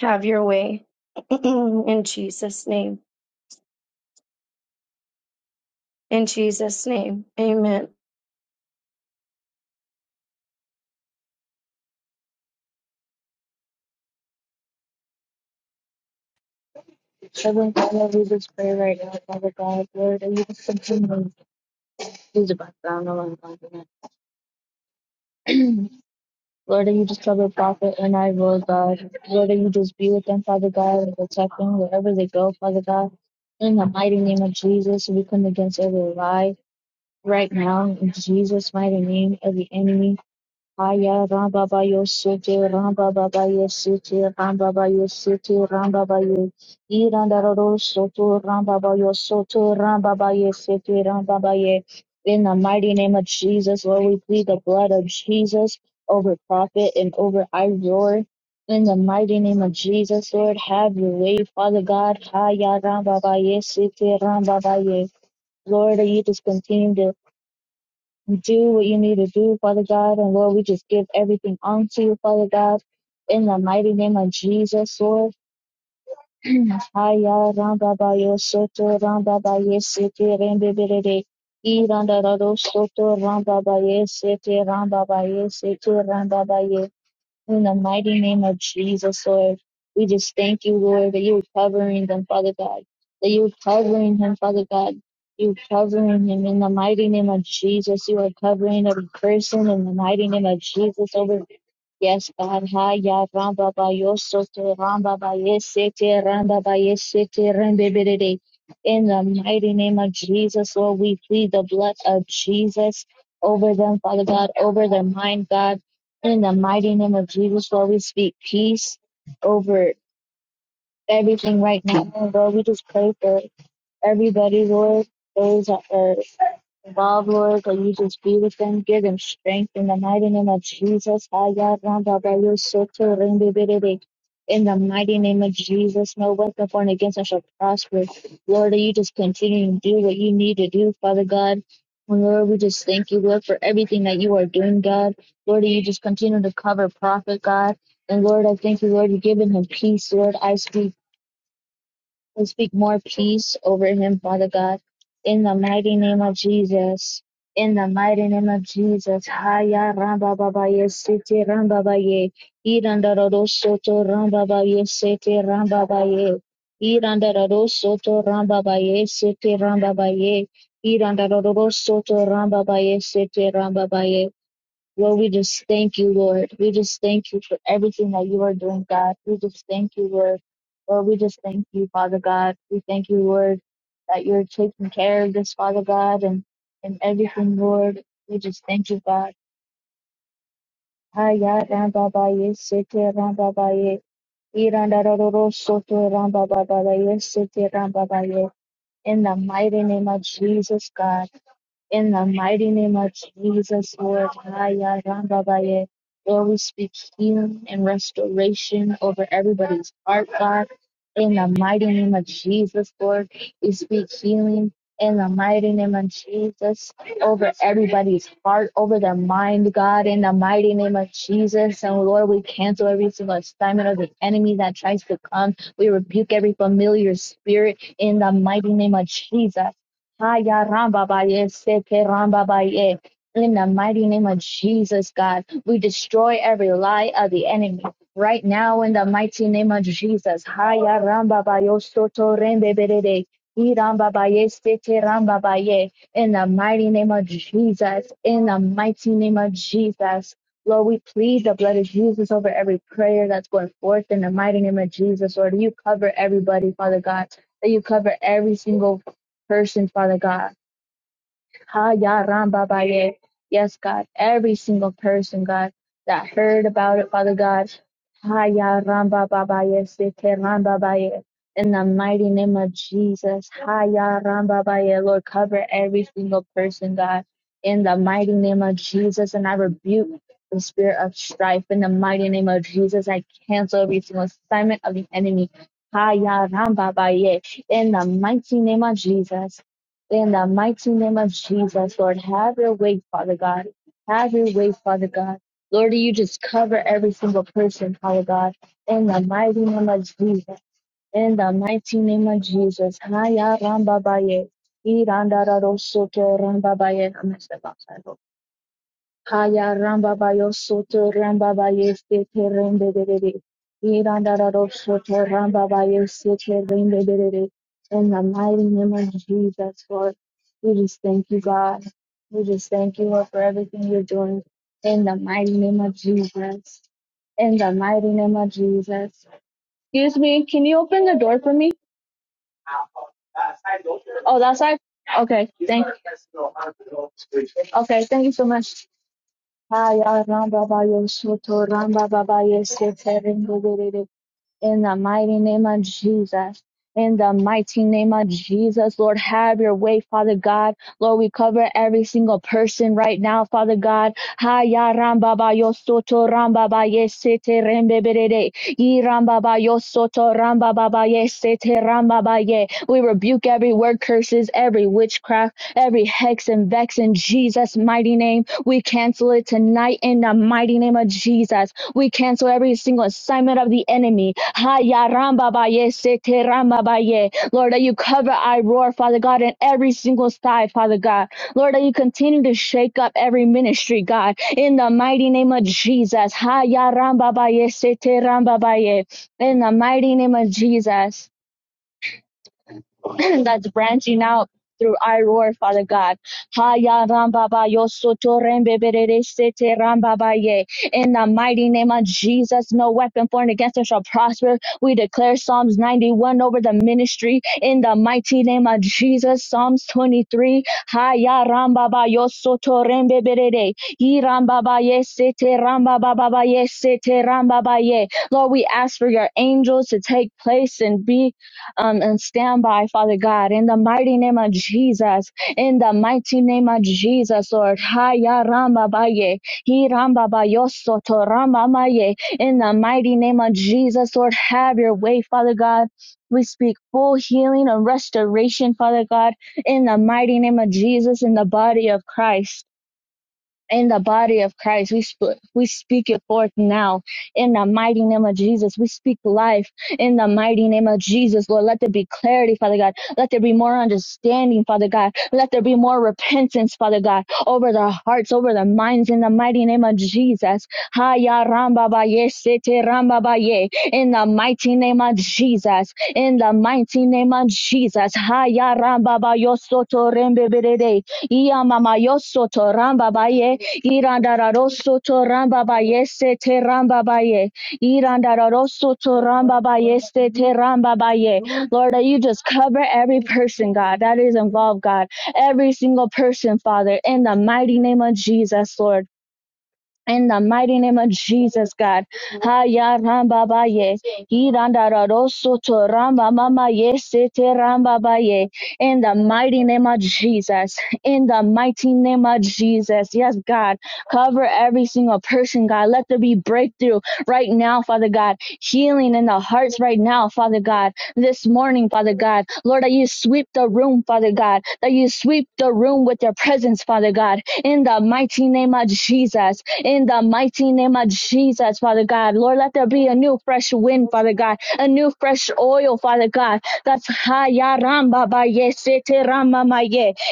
S3: Have your way. in Jesus' name. In Jesus' name, amen.
S7: Heavenly Father, we just pray right now, Father God, Lord, that you just continue to use the background of our continent. Lord, that you just cover Prophet and I, Lord God. Lord, that you just be with them, Father God, and protect them wherever they go, Father God. In the mighty name of Jesus, we come against every lie right now, in Jesus' mighty name, every enemy. Aya Ramba Bayo City, Ramba Bayo City, Ramba Bayo City, Ramba Bayo Irandaro Soto, Ramba Bayo Soto, Ramba Bayo City, Ramba Bayo. In the mighty name of Jesus, Lord, we plead the blood of Jesus over prophet and over I roar. In the mighty name of Jesus, Lord, have your way, Father God. Aya Ramba Bayo City, Ramba Bayo. Lord, you just continue to do what you need to do, Father God. And Lord, we just give everything unto you, Father God. In the mighty name of Jesus, Lord. Haya ramba ba yo soto ramba ba ye sete rembe berede. I randa rado soto ramba ba sete ramba ba sete ramba ba in the mighty name of Jesus, Lord, we just thank you, Lord, that you're covering them, Father God. That you're covering him, Father God. You're covering him in the mighty name of Jesus. You are covering every person in the mighty name of Jesus over Yes, God, hi, ya, ramba, ba, yo, soto, ramba, ba, yes, sete, ramba, ba, yes, sete, rembe, be, In the mighty name of Jesus, Lord, we plead the blood of Jesus over them, Father God, over their mind, God. In the mighty name of Jesus, Lord, we speak peace over everything right now. And Lord, we just pray for everybody, Lord, those that are Involve Lord that you just be with them, give them strength in the mighty name of Jesus. Haya ramba ba yo soto rembe berebe. In the mighty name of Jesus, no weapon formed against us shall prosper. Lord, that you just continue to do what you need to do, Father God. And Lord, we just thank you, Lord, for everything that you are doing, God. Lord, that you just continue to cover prophet, God. And Lord, I thank you, Lord, you're giving him peace, Lord. I speak we speak more peace over him, Father God, in the mighty name of Jesus. In the mighty name of Jesus. Haya ramba baba sete ramba ba Irandaro soto ramba ba sete ramba ba Irandaro soto ramba ba sete ramba ba Irandaro soto ramba ba sete ramba ba Lord, we just thank you, Lord. We just thank you for everything that you are doing, God. We just thank you, Lord. Lord, we just thank you, Father God. We thank you, Lord, that you're taking care of this, Father God, and, and everything, Lord. We just thank you, God. Haya ramba ba ye sete ramba ba ye. Iranda rororo soto ramba ba ba ba ye sete ramba ba ye. In the mighty name of Jesus, God. In the mighty name of Jesus, Lord, Haya Rambabaye, Lord, we speak healing and restoration over everybody's heart, God. In the mighty name of Jesus, Lord, we speak healing. In the mighty name of Jesus, over everybody's heart, over their mind, God, in the mighty name of Jesus. And Lord, we cancel every single assignment of the enemy that tries to come. We rebuke every familiar spirit in the mighty name of Jesus. Haya ramba baye, seke ramba In the mighty name of Jesus, God, we destroy every lie of the enemy. Right now, in the mighty name of Jesus, Haya ramba bayo soto rembe berede. I ramba baye, seke in the mighty name of Jesus, in the mighty name of Jesus. Lord, we plead the blood of Jesus over every prayer that's going forth in the mighty name of Jesus. Lord, you cover everybody, Father God, that you cover every single person, Father God. Ha ya ram ba ba ye. Yes, God. Every single person, God, that heard about it, Father God. Ha ya ram ba ba ba ye. Se te ram ba ba ye. In the mighty name of Jesus. Ha ya ram ba ba ye. Lord, cover every single person, God. In the mighty name of Jesus. And I rebuke the spirit of strife. In the mighty name of Jesus, I cancel every single assignment of the enemy. Ha ya ram ba ba ye in the mighty name of Jesus. In the mighty name of Jesus, Lord, have your way, Father God. Have your way, Father God. Lord, you just cover every single person, Father God. In the mighty name of Jesus. In the mighty name of Jesus. Haya Ramba Baye. Iranda Raro Soto Ramba Baye. Haya ramba bayo soto ramba baye sete rende derere. Iranda raro soto ramba bayo sete rende derere. In the mighty name of Jesus, Lord, we just thank you, God. We just thank you, Lord, for everything you're doing. In the mighty name of Jesus. In the mighty name of Jesus. Excuse me, can you open the door for me? Oh, that side? Okay, thank you. Okay, thank you so much. Haya Ramba Bayo Soto Ramba Baba Yes in the mighty name of Jesus. In the mighty name of Jesus, Lord, have your way, Father God. Lord, we cover every single person right now, Father God. Haya ramba ba yo soto ramba ba ye rembe berede. Yi ramba ba yo soto ramba ba ba ye ramba ba ye. We rebuke every word curses, every witchcraft, every hex and vex in Jesus' mighty name. We cancel it tonight in the mighty name of Jesus. We cancel every single assignment of the enemy. Ha ya ramba ba ye, se te ramba ba ye. Lord, that you cover I roar, Father God, in every single side, Father God. Lord, that you continue to shake up every ministry, God, in the mighty name of Jesus. Ha ya ramba ba ye, se te ramba ba ye. In the mighty name of Jesus. that's branching out through I roar, Father God. Haya rambaba yo rembebere sete rambaba In the mighty name of Jesus, no weapon formed against us shall prosper. We declare Psalms 91 over the ministry. In the mighty name of Jesus, Psalms 23. Haya rambaba yo soto rembebere de. Yi rambaba sete rambaba sete rambaba Lord, we ask for your angels to take place and be um, and stand by, Father God, in the mighty name of Jesus, in the mighty name of Jesus, Lord. Haya Ramba Baye, Hi Ramba Bayoso to Ramba Maye, in the mighty name of Jesus, Lord. Have your way, Father God. We speak full healing and restoration, Father God, in the mighty name of Jesus, in the body of Christ in the body of Christ. We sp- we speak it forth now in the mighty name of Jesus. We speak life in the mighty name of Jesus, Lord. Let there be clarity, Father God. Let there be more understanding, Father God. Let there be more repentance, Father God, over their hearts, over their minds, in the mighty name of Jesus. Haya ramba ba ye, sete ramba ba ye. In the mighty name of Jesus. In the mighty name of Jesus. Haya ramba ba yo soto rembe berede. Iya mama yo soto ramba ba ye. Irandararoso to rambaba yese te rambabaye. ye. Irandararoso to rambaba yese te rambabaye. Lord, that you just cover every person, God, that is involved, God. Every single person, Father, in the mighty name of Jesus, Lord. In the mighty name of Jesus, God. Haya ramba ba ye. Hiranda raroso to ramba mama ye sete ramba ba ye. In the mighty name of Jesus. In the mighty name of Jesus. Yes, God. Cover every single person, God. Let there be breakthrough right now, Father God. Healing in the hearts right now, Father God. This morning, Father God. Lord, that you sweep the room, Father God. That you sweep the room with your presence, Father God. In the mighty name of Jesus in the mighty name of Jesus, Father God. Lord, let there be a new fresh wind, Father God, a new fresh oil, Father God. That's Hayaramba ya ram ba ba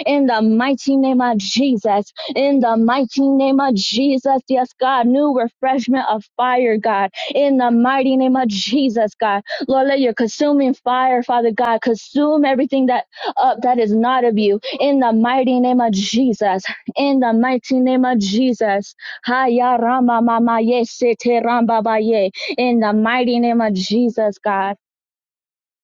S7: in the mighty name of Jesus, in the mighty name of Jesus, yes, God, new refreshment of fire, God, in the mighty name of Jesus, God. Lord, let your consuming fire, Father God, consume everything that up uh, that is not of you, in the mighty name of Jesus, in the mighty name of Jesus. Haya Rama Mama Ye Sete Ramba Ba Ye. In the mighty name of Jesus, God.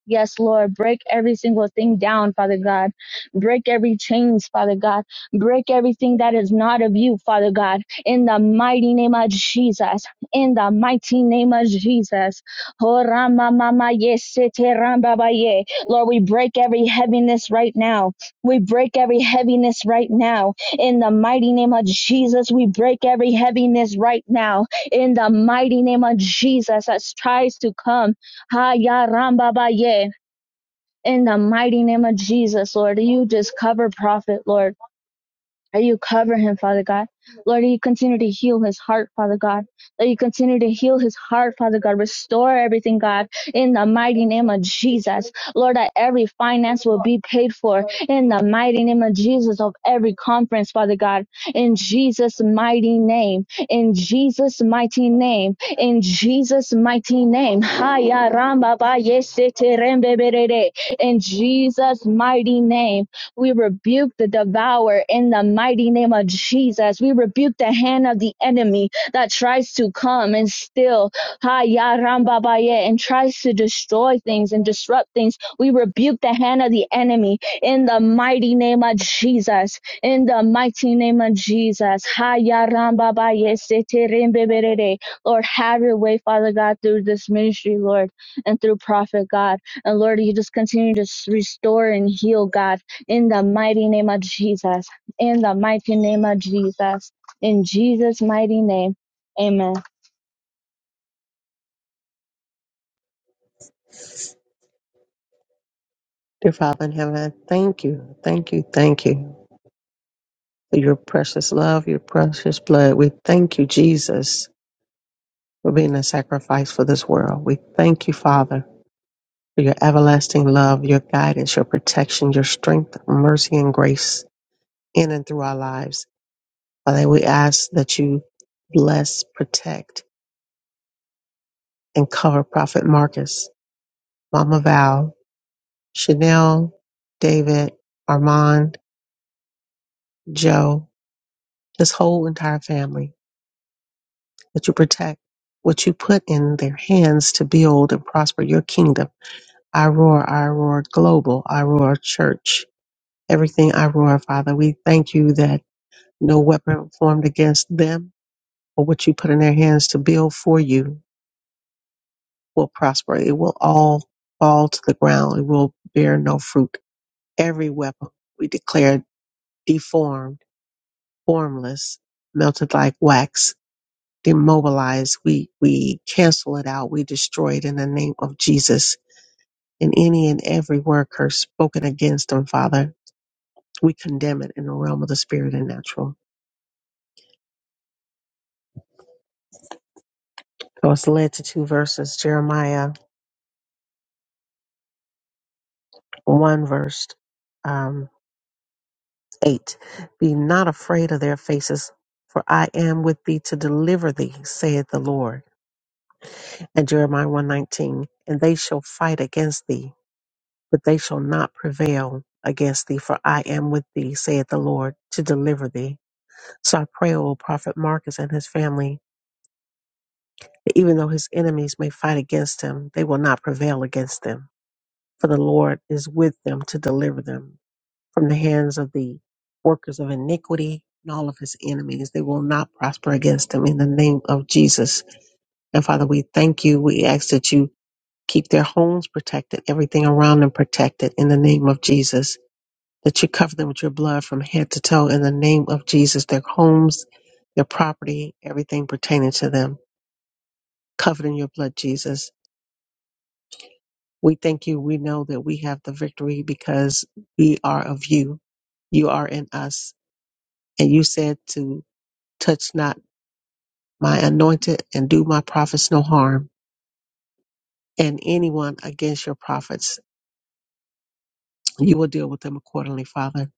S7: Yes, Lord, break every single thing down, Father God. Break every chains, Father God. Break everything that is not of you, Father God. In the mighty name of Jesus. In the mighty name of Jesus. Oh, Rama Mama Yesete Ramba Baye. Lord, we break every heaviness right now. We break every heaviness right now. In the mighty name of Jesus, we break every heaviness right now. In the mighty name of Jesus, that tries to come Ha Haya Rambabaye. In the mighty name of Jesus, Lord, you just cover prophet, Lord that you cover him, Father God. Lord, that you continue to heal his heart, Father God. That you continue to heal his heart, Father God. Restore everything, God, in the mighty name of Jesus. Lord, that every finance will be paid for in the mighty name of Jesus of every conference, Father God. In Jesus' mighty name. In Jesus' mighty name. In Jesus' mighty name. In Jesus' mighty name we rebuke the devourer in the mighty name of Jesus. We rebuke the hand of the enemy that tries to come and steal ha, ya, ram, and tries to destroy things and disrupt things. We rebuke the hand of the enemy in the mighty name of Jesus. In the mighty name of Jesus. Ha, ya, ram, se, te, rim, Lord, have your way, Father God, through this ministry, Lord, and through prophet God. And Lord, you just continue to restore and heal, God in the mighty name of Jesus. In the mighty name of Jesus. In Jesus' mighty name. Amen.
S4: Dear Father in heaven, I thank you, thank you, thank you for your precious love, your precious blood. We thank you, Jesus for being a sacrifice for this world. We thank you, Father, for your everlasting love, your guidance, your protection, your strength, mercy, and grace in and through our lives. Father, we ask that you bless, protect, and cover Prophet Marcus, Mama Val, Chanel, David, Armand, Joe, this whole entire family, that you protect what you put in their hands to build and prosper your kingdom. I roar, I roar global, I roar church everything I roar, Father. We thank you that no weapon formed against them or what you put in their hands to build for you will prosper. It will all fall to the ground. It will bear no fruit. Every weapon we declare deformed, formless, melted like wax, demobilized. We, we cancel it out. We destroy it in the name of Jesus. And any and every word curse spoken against them, Father, we condemn it in the realm of the spirit and natural. I was led to two verses, Jeremiah 1 verse um, 8. Be not afraid of their faces, for I am with thee to deliver thee, saith the Lord. And Jeremiah 119, and they shall fight against thee, but they shall not prevail against thee, for I am with thee, saith the Lord, to deliver thee. So I pray, O prophet Marcus and his family, that even though his enemies may fight against him, they will not prevail against them. For the Lord is with them to deliver them from the hands of the workers of iniquity and all of his enemies. They will not prosper against him in the name of Jesus. And Father, we thank you. We ask that you keep their homes protected, everything around them protected in the name of Jesus. That you cover them with your blood from head to toe in the name of Jesus. Their homes, their property, everything pertaining to them, covered in your blood, Jesus. We thank you. We know that we have the victory because we are of you. You are in us. And you said to touch not my anointed and do my prophets no harm and anyone against your prophets you will deal with them accordingly father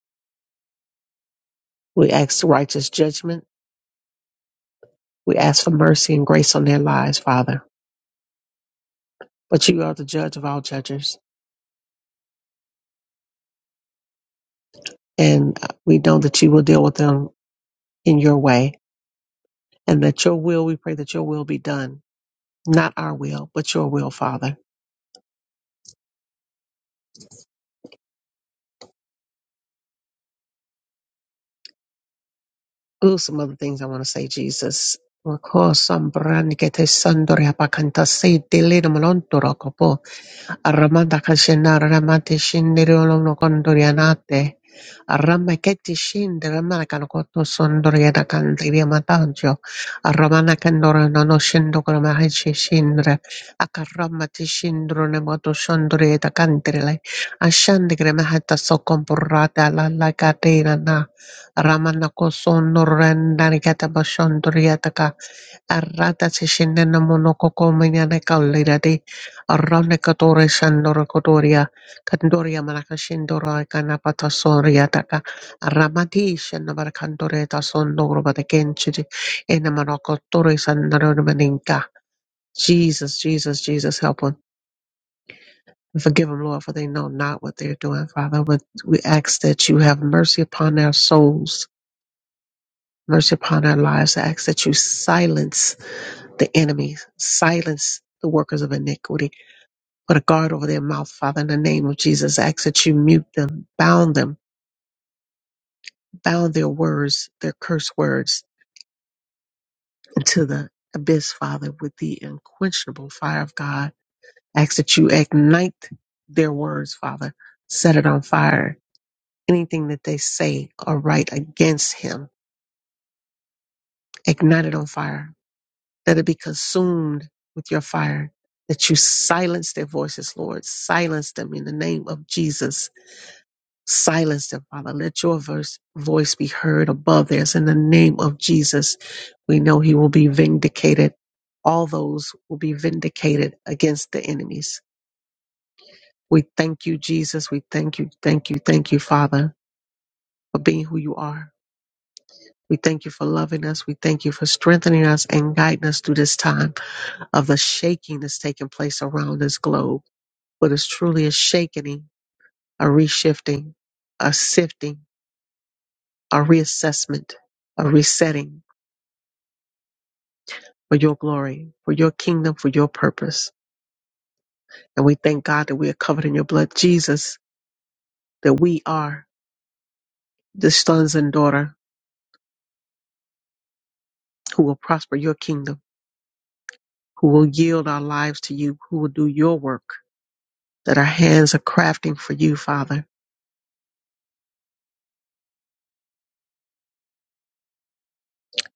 S4: we ask righteous judgment we ask for mercy and grace on their lives father but you are the judge of all judges and uh, we know that you will deal with them in your way and that your will we pray that your will be done not our will but your will father ooh some other things i want to say jesus Arramanda kashenda arramate shindere olono kondorianate. Arrama keti shindere malakano koto sondoriana kandriya matanjo. Arramana kandora nono shendo koloma heshi shindre. Akarrama ti shindro ne moto sondorieta kandrile. Ashandikre mahata sokompurrata alala katina na. Ramana kosondorendani kata bashondorieta Arrata se scendendo monokoko manyana kaulirate arrone katore sandoro kotoria kandoria malaka shindoro kana patasoria taka arramati shenabara kandore tasondo robata kenchiri ena manokotore sandoro maninka. Jesus, Jesus, Jesus, help them. And forgive them, Lord, for they know not what they're doing, Father. But we ask that you have mercy upon their souls, mercy upon their lives. I ask that you silence the enemy, silence the workers of iniquity, put a guard over their mouth, Father, in the name of Jesus. I ask that you mute them, bound them, bound their words, their curse words into the abyss, Father, with the unquenchable fire of God. I ask that you ignite their words, Father, set it on fire. Anything that they say or write against him, ignite it on fire Let it be consumed with your fire. That you silence their voices, Lord. Silence them in the name of Jesus. Silence them, Father. Let your verse, voice be heard above theirs in the name of Jesus. We know he will be vindicated. All those will be vindicated against the enemies. We thank you, Jesus. We thank you, thank you, thank you, Father, for being who you are. We thank you for loving us. We thank you for strengthening us and guiding us through this time. of the shaking that's taking place around this globe. But it's truly a shaking, a reshifting, a sifting, a reassessment, a resetting for your glory, for your kingdom, for your purpose. And we thank God that we are covered in your blood, Jesus, that we are the sons and daughter who will prosper your kingdom, who will yield our lives to you, who will do your work, that our hands are crafting for you, Father.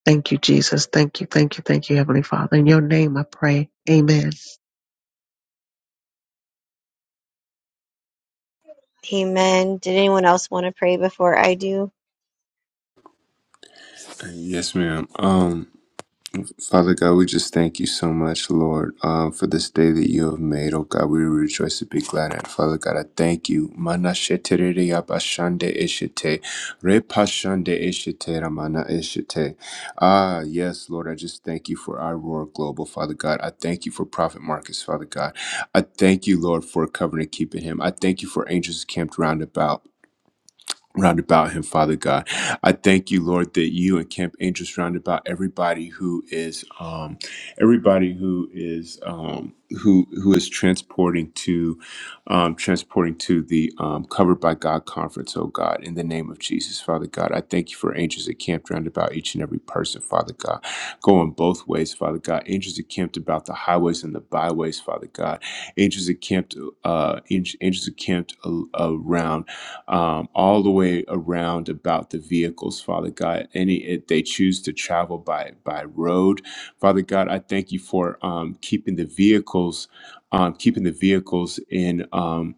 S4: Thank you, Jesus. Thank you, thank you, thank you, Heavenly Father. In your name I pray. Amen.
S2: Amen. Did anyone else want to pray before I do?
S5: Yes, ma'am. Um, Father God, we just thank you so much, Lord, um, for this day that you have made. Oh God, we rejoice and be glad in it. Father God, I thank you. Mana sheterere abashande eshete, repashande eshete, ramana eshete. Ah, yes, Lord, I just thank you for our Roar Global, Father God. I thank you for Prophet Marcus, Father God. I thank you, Lord, for covering and keeping him. I thank you for angels camped round about round about him, Father God. I thank you, Lord, that you and Camp Angels round about everybody who is um everybody who is um who who is transporting to um transporting to the um covered by God conference, oh God, in the name of Jesus, Father God. I thank you for angels that camped round about each and every person, Father God. Going both ways, Father God. Angels that camped about the highways and the byways, Father God. Angels that camped uh angels, angels that camped a- around um, all the way around about the vehicles, Father God. Any if they choose to travel by by road, Father God, I thank you for um, keeping the vehicles, um, keeping the vehicles in. Um,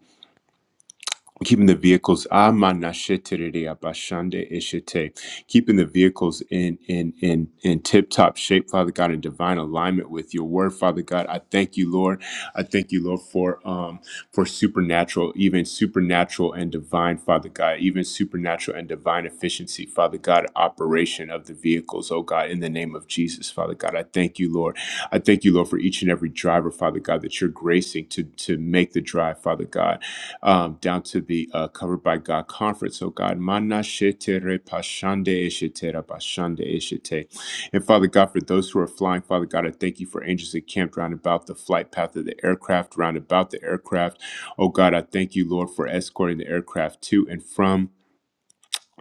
S5: keeping the vehicles amanashetere abashande eshete keeping the vehicles in in in in tip top shape father god in divine alignment with your word father god i thank you lord i thank you lord for um for supernatural even supernatural and divine father god even supernatural and divine efficiency father god operation of the vehicles oh god in the name of jesus father god i thank you lord i thank you lord for each and every driver father god that you're gracing to to make the drive father god um, down to the uh, Covered by God conference. So, God, mana shetere pashande eshetera bashande eshete. And Father God, for those who are flying, Father God, I thank you for angels that camped round about the flight path of the aircraft, round about the aircraft. Oh God, I thank you, Lord, for escorting the aircraft to and from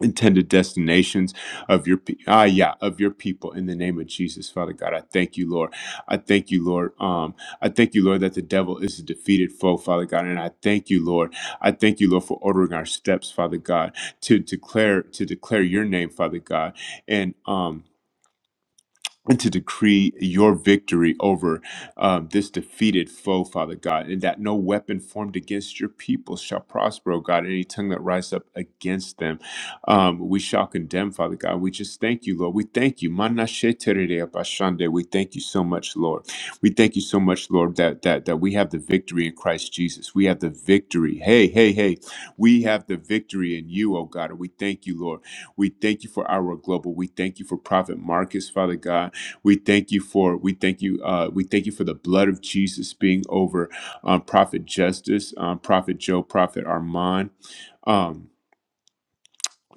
S5: intended destinations of your pe- ah yeah of your people in the name of Jesus Father God I thank you Lord I thank you Lord um I thank you Lord that the devil is a defeated foe Father God and I thank you Lord I thank you Lord for ordering our steps Father God to declare to declare your name Father God and um and to decree your victory over um, this defeated foe, Father God, and that no weapon formed against your people shall prosper, oh God. Any tongue that rises up against them, um, we shall condemn, Father God. We just thank you, Lord. We thank you. Manashe terere apashande. We thank you so much, Lord. We thank you so much, Lord, that that that we have the victory in Christ Jesus. We have the victory. Hey, hey, hey. We have the victory in you, oh God. And we thank you, Lord. We thank you for our global. We thank you for Prophet Marcus, Father God. We thank you for We thank you. Uh, we thank you for the blood of Jesus being over um, Prophet Justice, um, Prophet Joe, Prophet Armand. Um,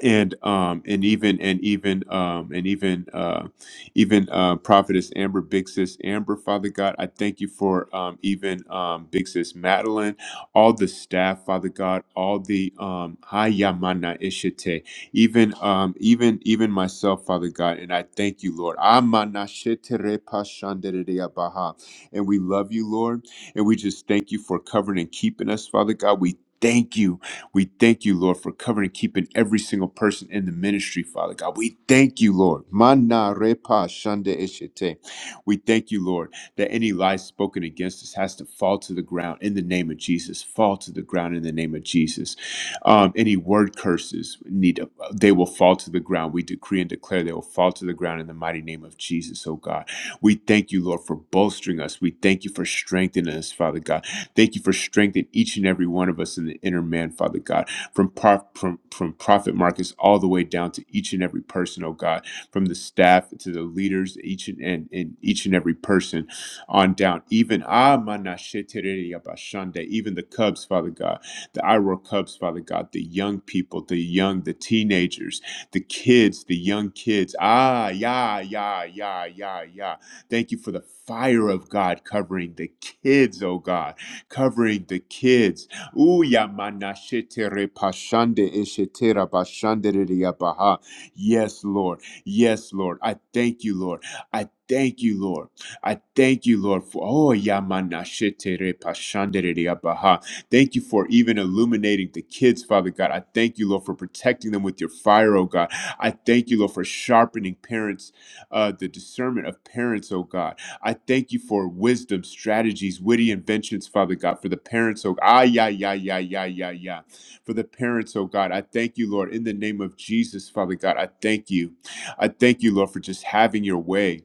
S5: and um and even and even um and even uh even uh prophetess amber big sis amber father god i thank you for um even um big sis madeline all the staff father god all the um hayamana ishite even um even even myself father god and i thank you lord Amana shetere pashandereya baha. and we love you lord and we just thank you for covering and keeping us father god we thank you we thank you, Lord, for covering and keeping every single person in the ministry, Father God. We thank you, Lord. Mana repa shanda eshete. We thank you, Lord, that any lie spoken against us has to fall to the ground in the name of Jesus. Fall to the ground in the name of Jesus. Um, any word curses need they will fall to the ground. We decree and declare they will fall to the ground in the mighty name of Jesus, oh God. We thank you, Lord, for bolstering us. We thank you for strengthening us, Father God. Thank you for strengthening each and every one of us in the inner man, Father God, from, prof- from, from Prophet Marcus all the way down to each and every person, oh God, from the staff to the leaders, each and, and, and each and every person on down. Even ah, mana shetere yabashande, even the Cubs, Father God, the Iroh Cubs, Father God, the young people, the young, the teenagers, the kids, the young kids. Ah, yeah, yeah, yeah, yeah, yeah. Thank you for the fire of God covering the kids, oh God covering the kids. Ooh, yamana shetere pashande eshetera bashandere yabaha. Yes, Lord. Yes, Lord. I thank you, Lord. I thank you, Lord. I thank you, Lord, for oh yamana shetere pashandere yabaha. Thank you for even illuminating the kids, Father God. I thank you, Lord, for protecting them with your fire, oh God. I thank you, Lord, for sharpening parents, uh, the discernment of parents, oh God. I thank you for wisdom, strategies, witty inventions, Father God, for the parents, oh ah, yeah, yeah, yeah, yeah, yeah, yeah. For the parents, oh God, I thank you, Lord, in the name of Jesus, Father God, I thank you. I thank you, Lord, for just having your way.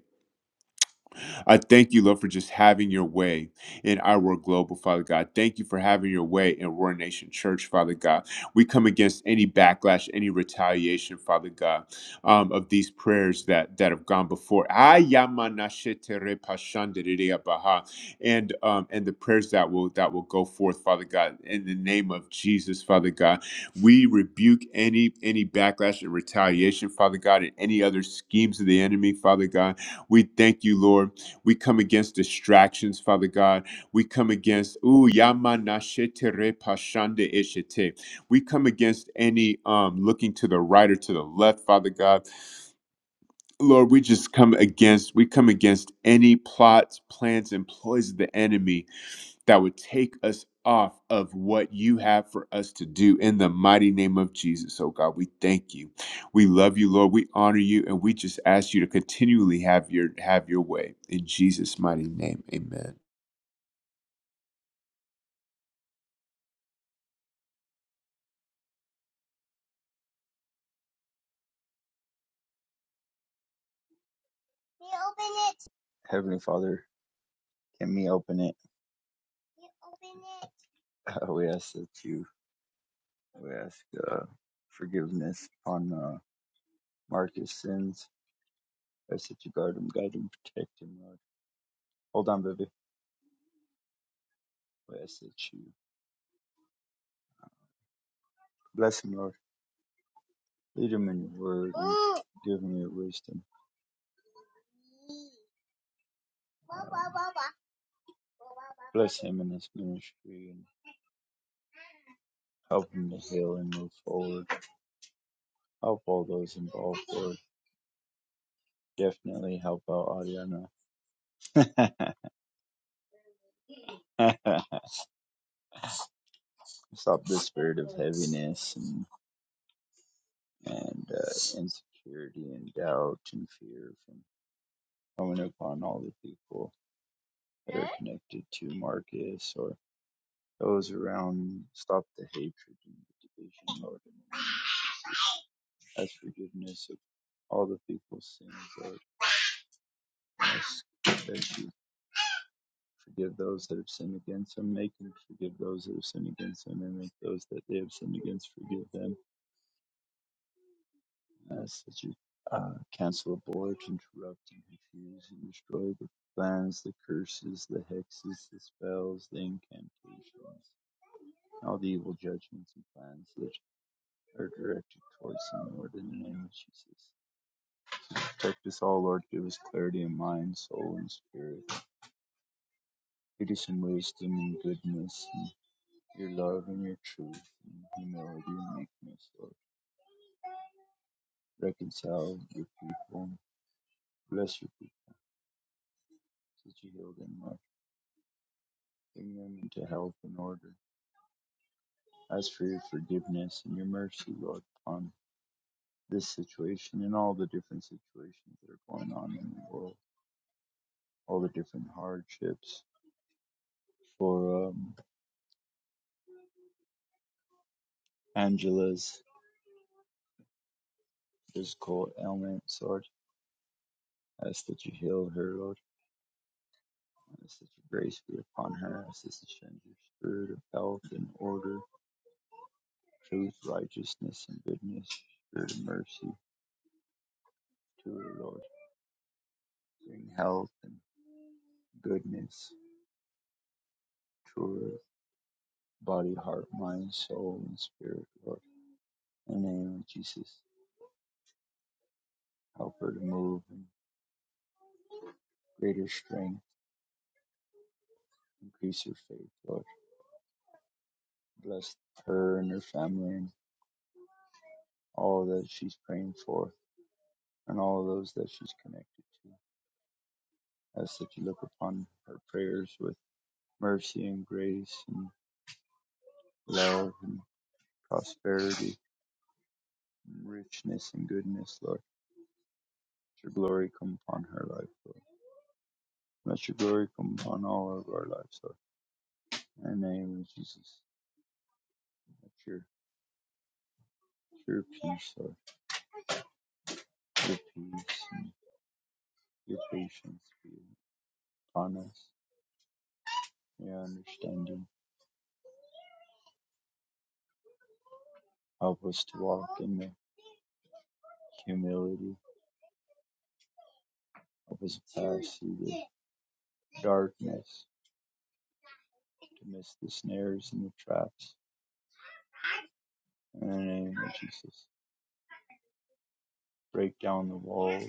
S5: I thank you, Lord, for just having your way in our global, Father God. Thank you for having your way in Roar Nation Church, Father God. We come against any backlash, any retaliation, Father God, um, of these prayers that that have gone before. Ayamanashetere pashandiriabaha. And um, and the prayers that will that will go forth, Father God, in the name of Jesus, Father God. We rebuke any any backlash and retaliation, Father God, and any other schemes of the enemy, Father God. We thank you, Lord we come against distractions, Father God. We come against ooh yama yamanashetere pashande eshete. We come against any um looking to the right or to the left, Father God. Lord, we just come against we come against any plots, plans, and ploys of the enemy that would take us off of what you have for us to do in the mighty name of Jesus. Oh God, we thank you. We love you, Lord. We honor you and we just ask you to continually have your have your way in Jesus mighty name. Amen.
S6: Heavenly Father, can we open it? Uh, we ask that you we ask uh, forgiveness upon uh, Marcus' sins. I ask that you guard him, guide him, protect him, Lord. Hold on, baby. We ask that you bless him, Lord. Lead him in your word and give him your wisdom. Bless him in his ministry and help him to heal and move forward. Help all those involved, Lord. Definitely help out Ariana. Stop the spirit of heaviness and, and uh, insecurity and doubt and fear from coming upon all the people that are connected to Marcus or those around. Stop the hatred and the division, Lord. as forgiveness of all the people's sins, Lord. ask that you forgive those that have sinned against him, make him forgive those that have sinned against him, and make those that they have sinned against forgive them. ask that you uh, cancel, abort, interrupt, and confuse, and destroy the plans, the curses, the hexes, the spells, the incantations, all the evil judgments and plans that are directed towards him, Lord, in the name of Jesus. Protect us all, Lord. Give us clarity of mind, soul, and spirit. It is in wisdom and goodness, in your love and your truth, in humility and meekness, Lord. Reconcile your people, bless your people, that you heal them, Lord. Bring them into health and order. Ask for your forgiveness and your mercy, Lord, upon this situation and all the different situations that are going on in the world, all the different hardships. For um, Angela's physical ailments, Lord, ask that you heal her, Lord Let such grace be upon her as this ascends your spirit of health and order, truth, righteousness, and goodness, spirit of mercy to her, Lord. Bring health and goodness to her body, heart, mind, soul, and spirit, Lord. In the name of Jesus, help her to move in greater strength, increase her faith, Lord. Bless her and her family and all that she's praying for and all those that she's connected to. As that you look upon her prayers with mercy and grace and love and prosperity and richness and goodness, Lord. Let your glory come upon her life, Lord. Let your glory come upon all of our lives, Lord. In the name of Jesus, let your, your peace, Lord, your peace and your patience be upon us, your understanding. Help us to walk in the humility. Help us to pass through the darkness to miss the snares and the traps. In the name of Jesus. break down the walls,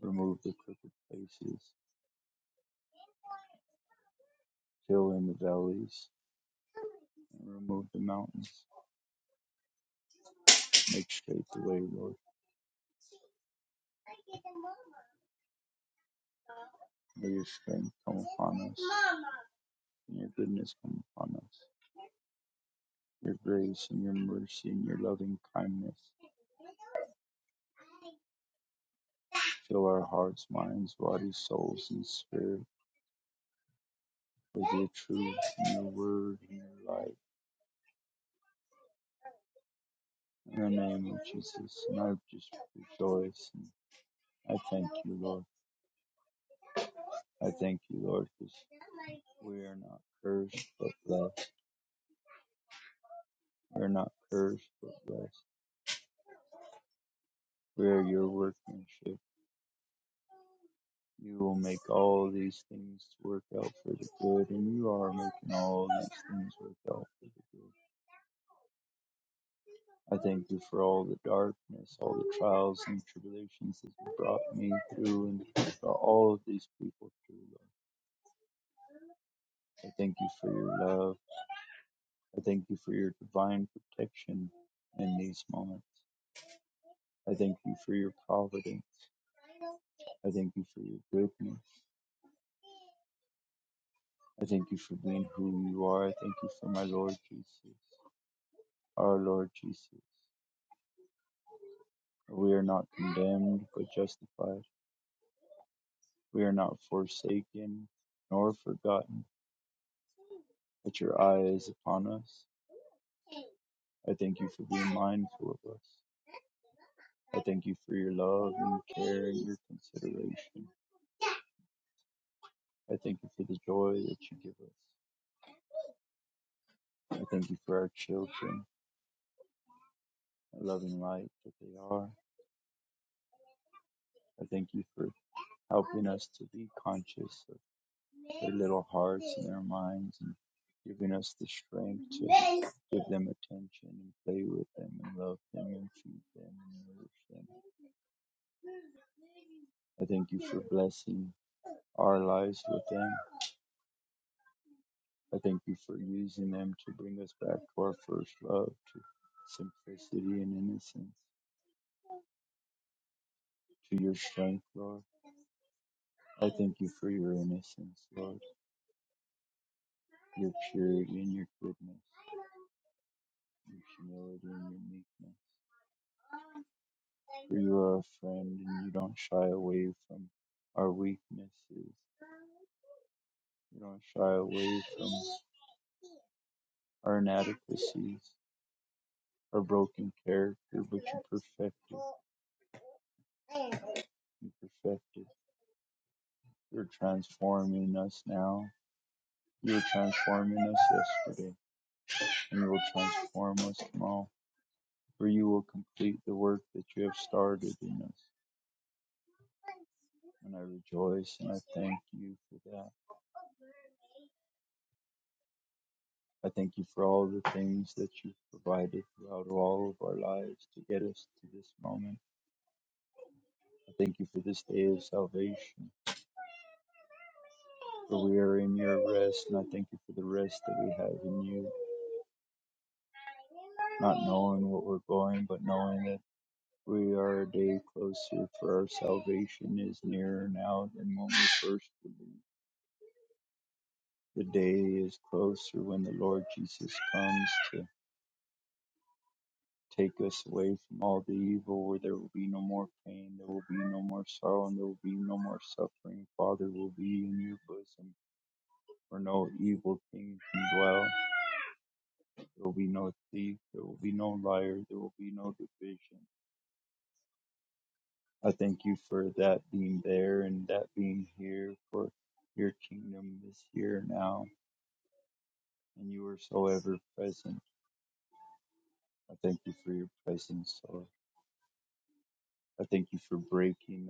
S6: remove the crooked places, fill in the valleys, and remove the mountains. Make straight the way, Lord. May your strength come upon us, and your goodness come upon us. Your grace and your mercy and your loving kindness fill our hearts, minds, bodies, souls, and spirit with your truth and your word and your light. In the name of Jesus, and I just rejoice and I thank you, Lord. I thank you, Lord, because we are not cursed but blessed. We are not cursed but blessed. We are your workmanship. You will make all these things work out for the good, and you are making all these things work out for the good. I thank you for all the darkness, all the trials and tribulations that you brought me through and brought all of these people through, Lord. I thank you for your love. I thank you for your divine protection in these moments. I thank you for your providence. I thank you for your goodness. I thank you for being who you are. I thank you for my Lord Jesus, our Lord Jesus. We are not condemned, but justified. We are not forsaken nor forgotten, but your eye is upon us. I thank you for being mindful of us. I thank you for your love and your care and your consideration. I thank you for the joy that you give us. I thank you for our children, our loving light that they are. I thank you for helping us to be conscious of their little hearts and their minds and giving us the strength to give them attention and play with them and love them and feed them and nourish them. I thank you for blessing our lives with them. I thank you for using them to bring us back to our first love, to simplicity and innocence, to your strength, Lord. I thank you for your innocence, Lord, your purity and your goodness. your humility and your meekness. For you are a friend and you don't shy away from our weaknesses. You don't shy away from our inadequacies, our broken character, but you perfect it. You perfect it. You're transforming us now. You're transforming us yesterday, and you will transform us tomorrow. For you will complete the work that you have started in us. And I rejoice and I thank you for that. I thank you for all the things that you've provided throughout all of our lives to get us to this moment. I thank you for this day of salvation, for we are in your rest, and I thank you for the rest that we have in you, not knowing what we're going, but knowing that we are a day closer, for our salvation is nearer now than when we first believed. The day is closer when the Lord Jesus comes to. Take us away from all the evil where there will be no more pain, there will be no more sorrow, and there will be no more suffering. Father will be in your bosom where no evil thing can dwell. There will be no thief, there will be no liar, there will be no division. I thank you for that being there and that being here for your kingdom this year now, and you are so ever present. I thank you for your presence, Lord. I thank you for breaking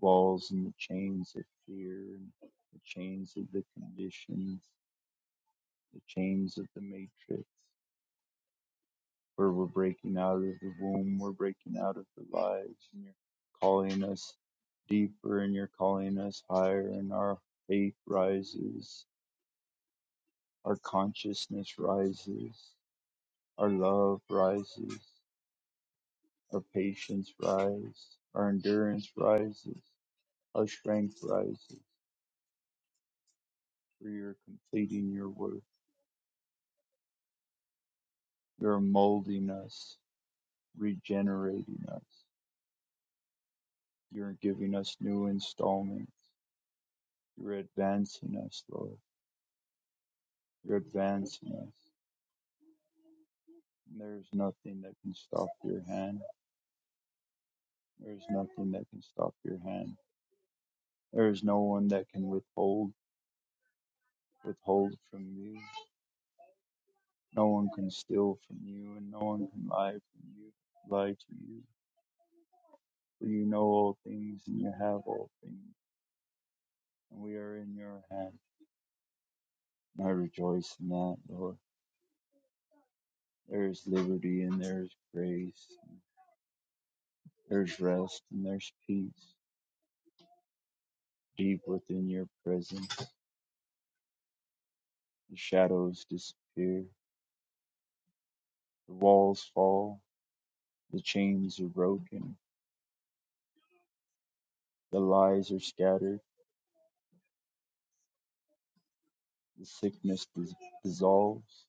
S6: walls and the chains of fear and the chains of the conditions, the chains of the matrix, where we're breaking out of the womb, we're breaking out of the lives, and you're calling us deeper and you're calling us higher, and our faith rises, our consciousness rises, our love rises, our patience rises, our endurance rises, our strength rises, for you're completing your work You're molding us, regenerating us. You're giving us new installments. You're advancing us, Lord. You're advancing us. There's nothing that can stop your hand. There's nothing that can stop your hand. There is no one that can withhold withhold from you. No one can steal from you, and no one can lie from you, lie to you. For you know all things, and you have all things, and we are in your hand. And I rejoice in that, Lord. There's liberty and there's grace. There's rest and there's peace deep within your presence. The shadows disappear. The walls fall. The chains are broken. The lies are scattered. The sickness dis- dissolves.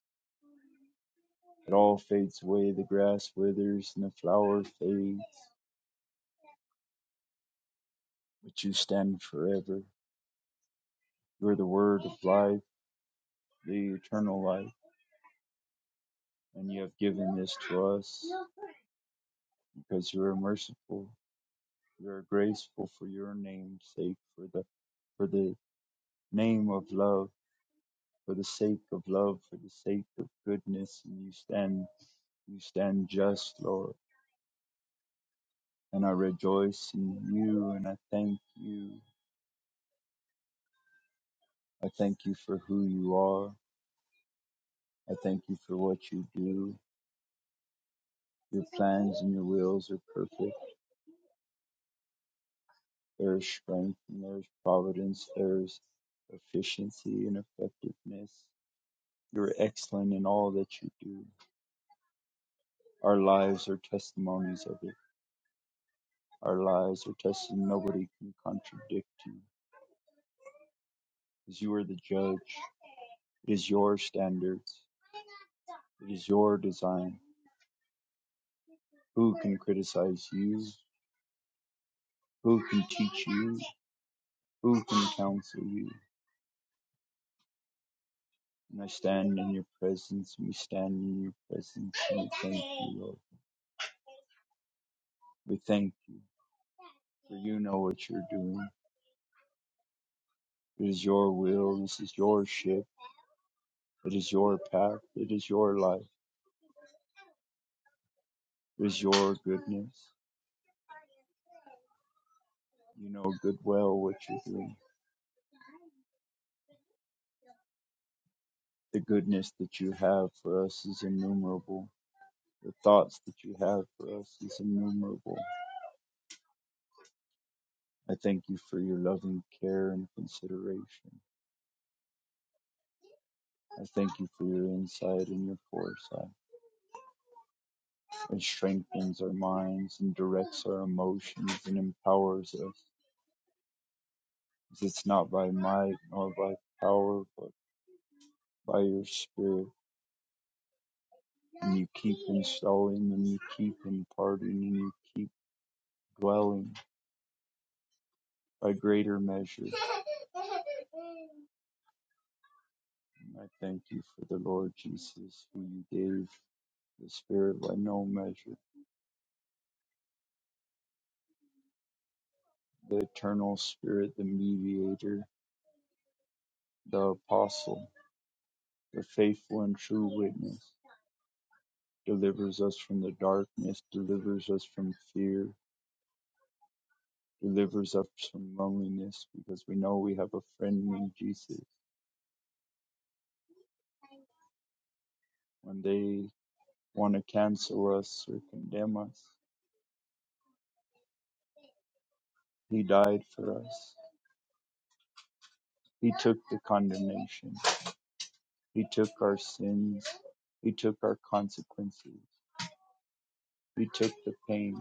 S6: It all fades away. The grass withers and the flower fades. But you stand forever. You're the word of life, the eternal life. And you have given this to us because you are merciful. We are grateful for your name's sake, for the for the name of love, for the sake of love, for the sake of goodness, and you stand you stand just, Lord. And I rejoice in you and I thank you. I thank you for who you are. I thank you for what you do. Your plans and your wills are perfect. There is strength and there is providence. There is efficiency and effectiveness. You're excellent in all that you do. Our lives are testimonies of it. Our lives are testimony. Nobody can contradict you because you are the judge. It is your standards. It is your design. Who can criticize you? Who can teach you? Who can counsel you? And I stand in your presence, and we stand in your presence, and we thank you, Lord. We thank you, for you know what you're doing. It is your will, this is your ship, it is your path, it is your life. is your goodness. You know good well what you do. The goodness that you have for us is innumerable. The thoughts that you have for us is innumerable. I thank you for your loving care and consideration. I thank you for your insight and your foresight. It strengthens our minds and directs our emotions and empowers us. It's not by might nor by power, but by your spirit. and you keep installing and you keep imparting and you keep dwelling by greater measure. And I thank you for the Lord Jesus who you gave the Spirit by no measure, the eternal Spirit, the mediator, the apostle, the faithful and true witness, delivers us from the darkness, delivers us from fear, delivers us from loneliness because we know we have a friend named Jesus. When they want to cancel us or condemn us. He died for us. He took the condemnation. He took our sins. He took our consequences. He took the pain.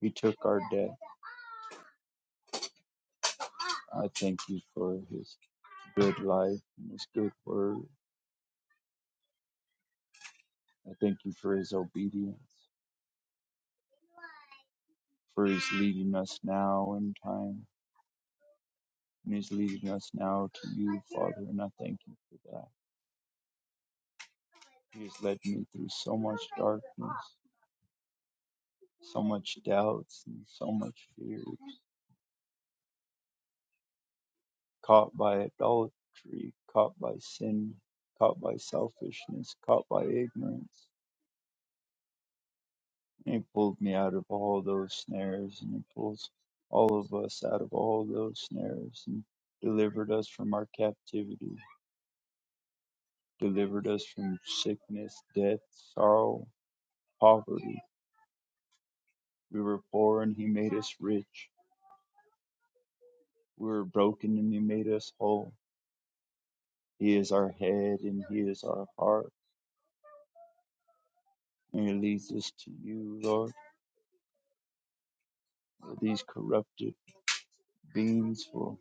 S6: He took our death. I thank you for his good life and his good word. I thank you for his obedience, for his leading us now in time. And he's leading us now to you, Father, and I thank you for that. He has led me through so much darkness. so much doubts and so much fear, caught by adultery, caught by sin, caught by selfishness, caught by ignorance. And he pulled me out of all those snares, and he pulls all of us out of all those snares, and delivered us from our captivity, delivered us from sickness, death, sorrow, poverty. We were poor, and he made us rich. We were broken, and he made us whole. He is our head, and he is our heart. and release this to you, Lord. With these corrupted beings for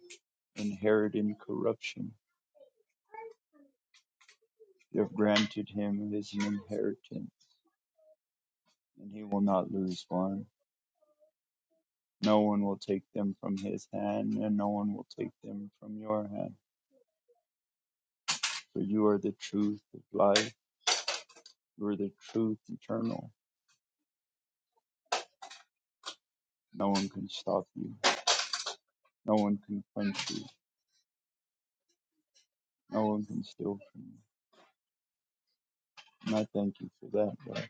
S6: inheriting corruption, you have granted him his inheritance, and he will not lose one. No one will take them from his hand, and no one will take them from your hand. For you are the truth of life, you are the truth eternal. No one can stop you, no one can quench you, no one can steal from you. And I thank you for that, Lord.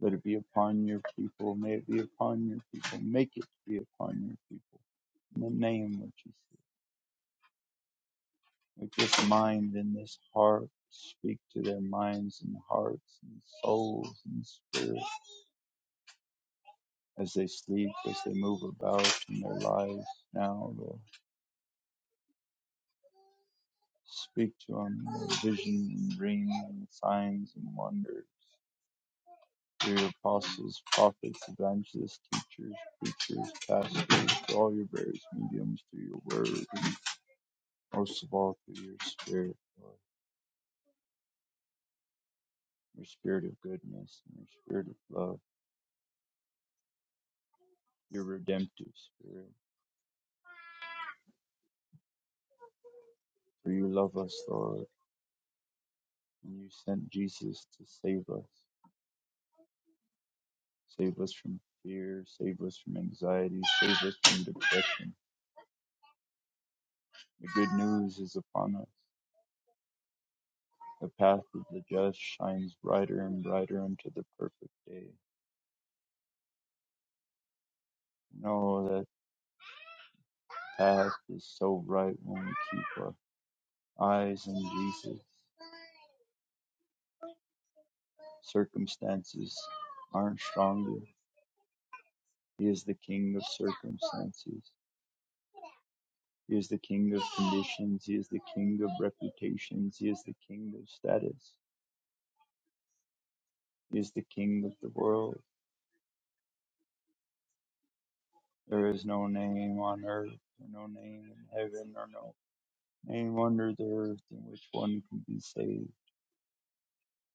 S6: Let it be upon your people. May it be upon your people. Make it be upon your people. In the name of Jesus. With this mind and this heart, speak to their minds and hearts and souls and spirits as they sleep, as they move about in their lives now. Lord. Speak to them in their visions and dreams and signs and wonders. Through your apostles, prophets, evangelists, teachers, preachers, pastors, through all your various mediums, through your word and Most of all, through your spirit, Lord, your spirit of goodness and your spirit of love, your redemptive spirit. For you love us, Lord, and you sent Jesus to save us. Save us from fear, save us from anxiety, save us from depression. The good news is upon us. The path of the just shines brighter and brighter unto the perfect day. No, that path is so right when we keep our eyes on Jesus. Circumstances aren't stronger. He is the king of circumstances. He is the king of conditions. He is the king of reputations. He is the king of status. He is the king of the world. There is no name on earth, or no name in heaven, or no name under the earth in which one can be saved,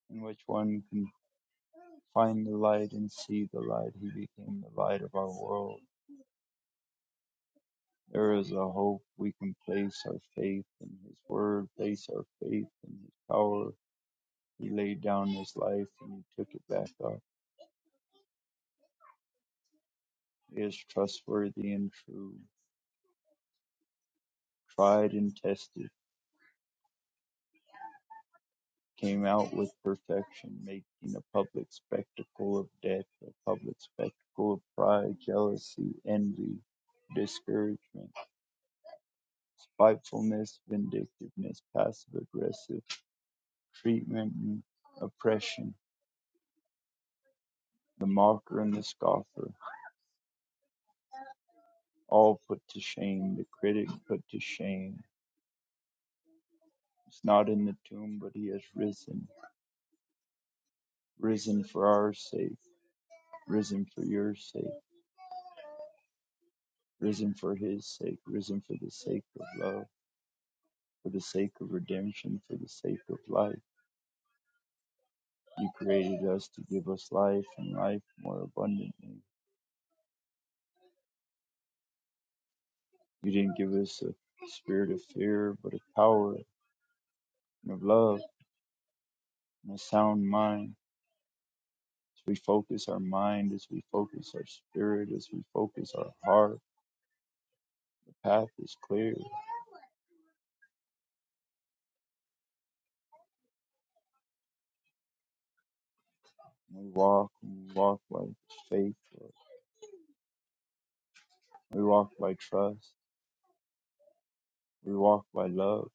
S6: in which one can find the light and see the light. He became the light of our world. There is a hope we can place our faith in His Word, place our faith in His power, He laid down his life and he took it back up. He is trustworthy and true, tried and tested, came out with perfection, making a public spectacle of death, a public spectacle of pride, jealousy, envy, discouragement, spitefulness, vindictiveness, passive aggressive treatment, and oppression. The mocker and the scoffer, all put to shame, the critic put to shame. He's not in the tomb, but he has risen risen for our sake, risen for your sake, risen for his sake, risen for the sake of love, for the sake of redemption, for the sake of life. You created us to give us life and life more abundantly. You didn't give us a spirit of fear, but of power and of love and a sound mind. As we focus our mind, as we focus our spirit, as we focus our heart, the path is clear. We walk, and we walk by faith, Lord. We walk by trust. We walk by love.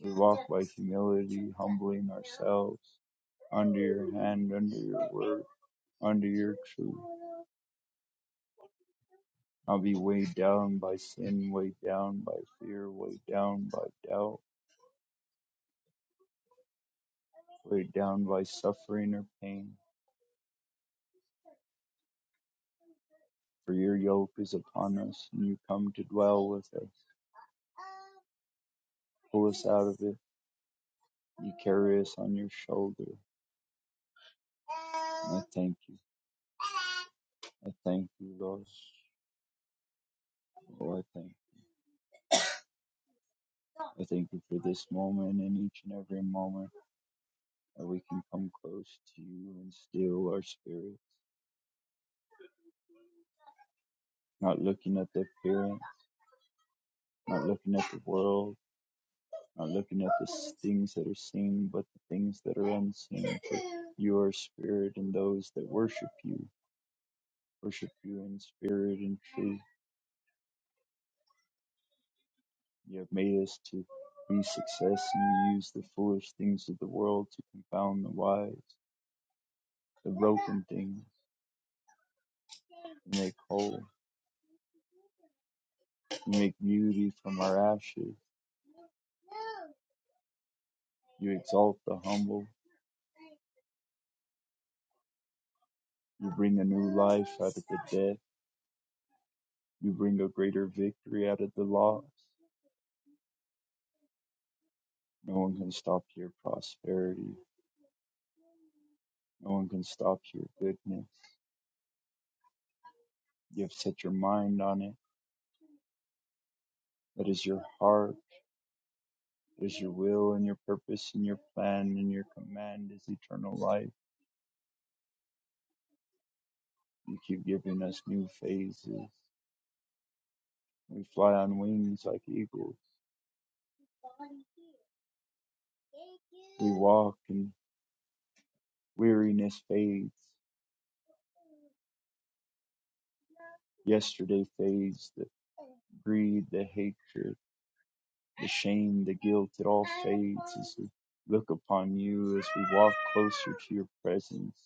S6: We walk by humility, humbling ourselves under your hand, under your word, under your truth. Not be weighed down by sin, weighed down by fear, weighed down by doubt, weighed down by suffering or pain. For your yoke is upon us, and you come to dwell with us. Pull us out of it. You carry us on your shoulder. And I thank you. I thank you, Lord. Oh, I thank you. I thank you for this moment and each and every moment that we can come close to you and still our spirit, not looking at the appearance, not looking at the world, not looking at the s- things that are seen, but the things that are unseen. For you are spirit, and those that worship you worship you in spirit and truth. You have made us to be success, and you use the foolish things of the world to confound the wise, the broken things, to make whole, to make beauty from our ashes You exalt the humble. You bring a new life out of the dead. You bring a greater victory out of the loss. No one can stop your prosperity. No one can stop your goodness. You have set your mind on it. That is your heart. That is your will and your purpose and your plan and your command is eternal life. You keep giving us new phases. We fly on wings like eagles. We walk and weariness fades. Yesterday fades. The greed, the hatred, the shame, the guilt, it all fades as we look upon you, as we walk closer to your presence.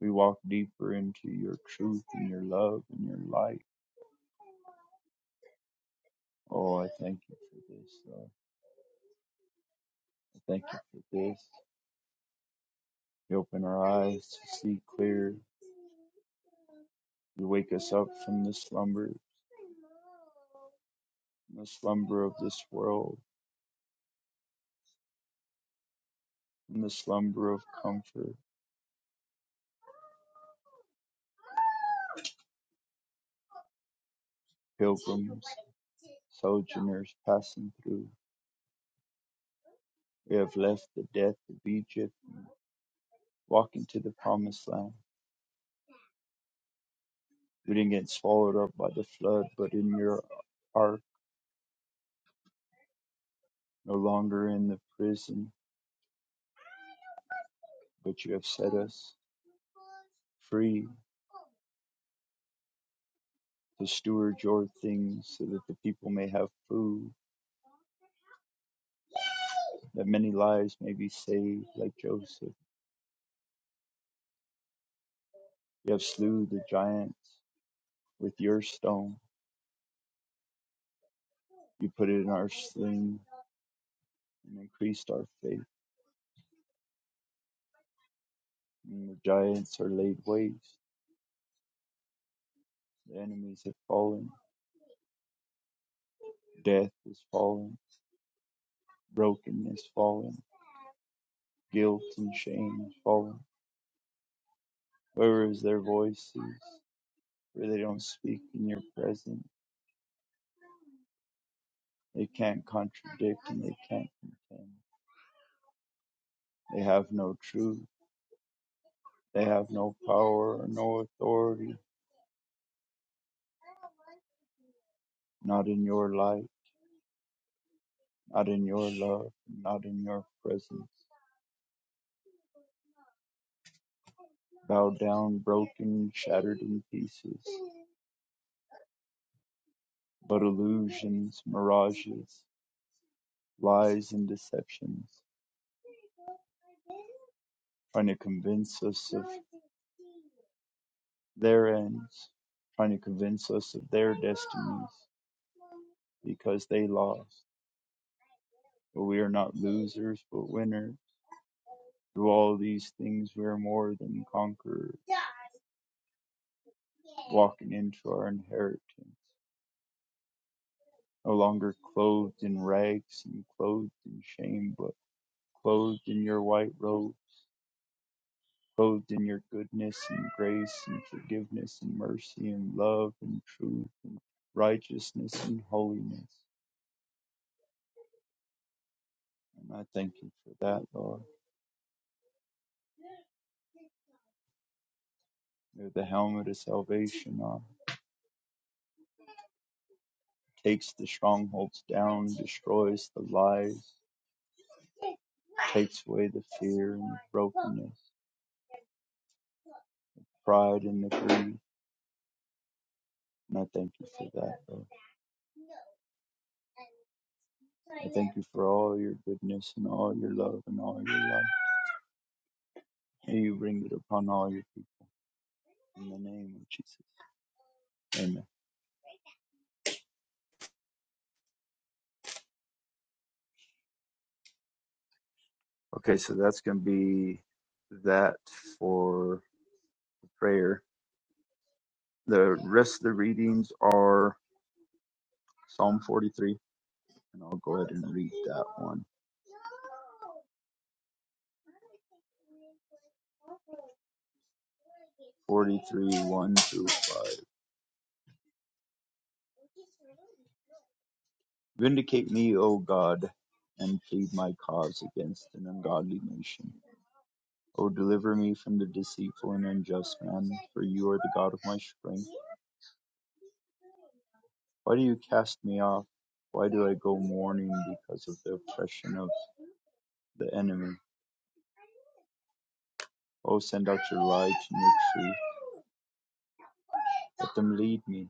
S6: We walk deeper into your truth and your love and your light. Oh, I thank you for this, Lord. I thank you for this. You open our eyes to see clear. You wake us up from the slumber, from the slumber of this world, from the slumber of comfort, pilgrims, sojourners passing through. We have left the death of Egypt, walking to the promised land. We didn't get swallowed up by the flood, but in your ark, no longer in the prison, but you have set us free to steward your things so that the people may have food, that many lives may be saved, like Joseph. You have slew the giants with your stone. You put it in our sling and increased our faith. And the giants are laid waste. The enemies have fallen. Death is fallen brokenness fallen, guilt and shame fallen. Whereas their voices, where they don't speak in your presence, they can't contradict and they can't contend. They have no truth. They have no power or no authority. Not in your light, not in your love, not in your presence. Bow down, broken, shattered in pieces. But illusions, mirages, lies, and deceptions, trying to convince us of their ends, trying to convince us of their destinies because they lost. But we are not losers, but winners. Through all these things, we are more than conquerors, walking into our inheritance, no longer clothed in rags and clothed in shame, but clothed in your white robe, clothed in your goodness and grace and forgiveness and mercy and love and truth, righteousness and holiness. And I thank you for that, Lord. with the helmet of salvation on, takes the strongholds down, destroys the lies, takes away the fear and the brokenness, pride and the greed. And I thank you for that, Lord. I thank you for all your goodness and all your love and all your life. May you bring it upon all your people in the name of Jesus. Amen. Okay, so that's going to be that for prayer. The rest of the readings are Psalm 43, and I'll go ahead and read that one. 43, 1 through 5. Vindicate me, O God, and plead my cause against an ungodly nation. O deliver me from the deceitful and unjust man, for you are the God of my strength. Why do you cast me off? Why do I go mourning because of the oppression of the enemy? O send out your light and your truth. Let them lead me.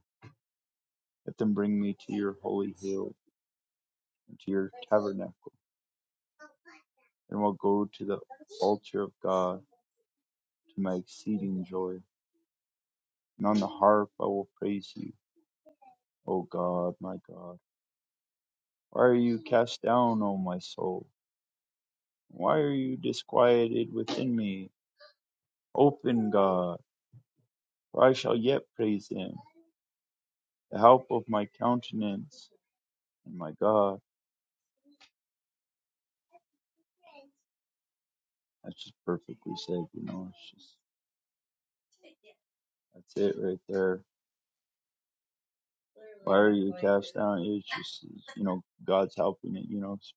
S6: Let them bring me to your holy hill and to your tabernacle. and will go to the altar of God to my exceeding joy. And on the harp I will praise you, O God, my God. Why are you cast down, O my soul? Why are you disquieted within me? Open, God, for I shall yet praise him, the help of my countenance and my God. That's just perfectly said, you know, it's just, that's it right there. Why are you cast down? It's just, you know, God's helping it, you know, it's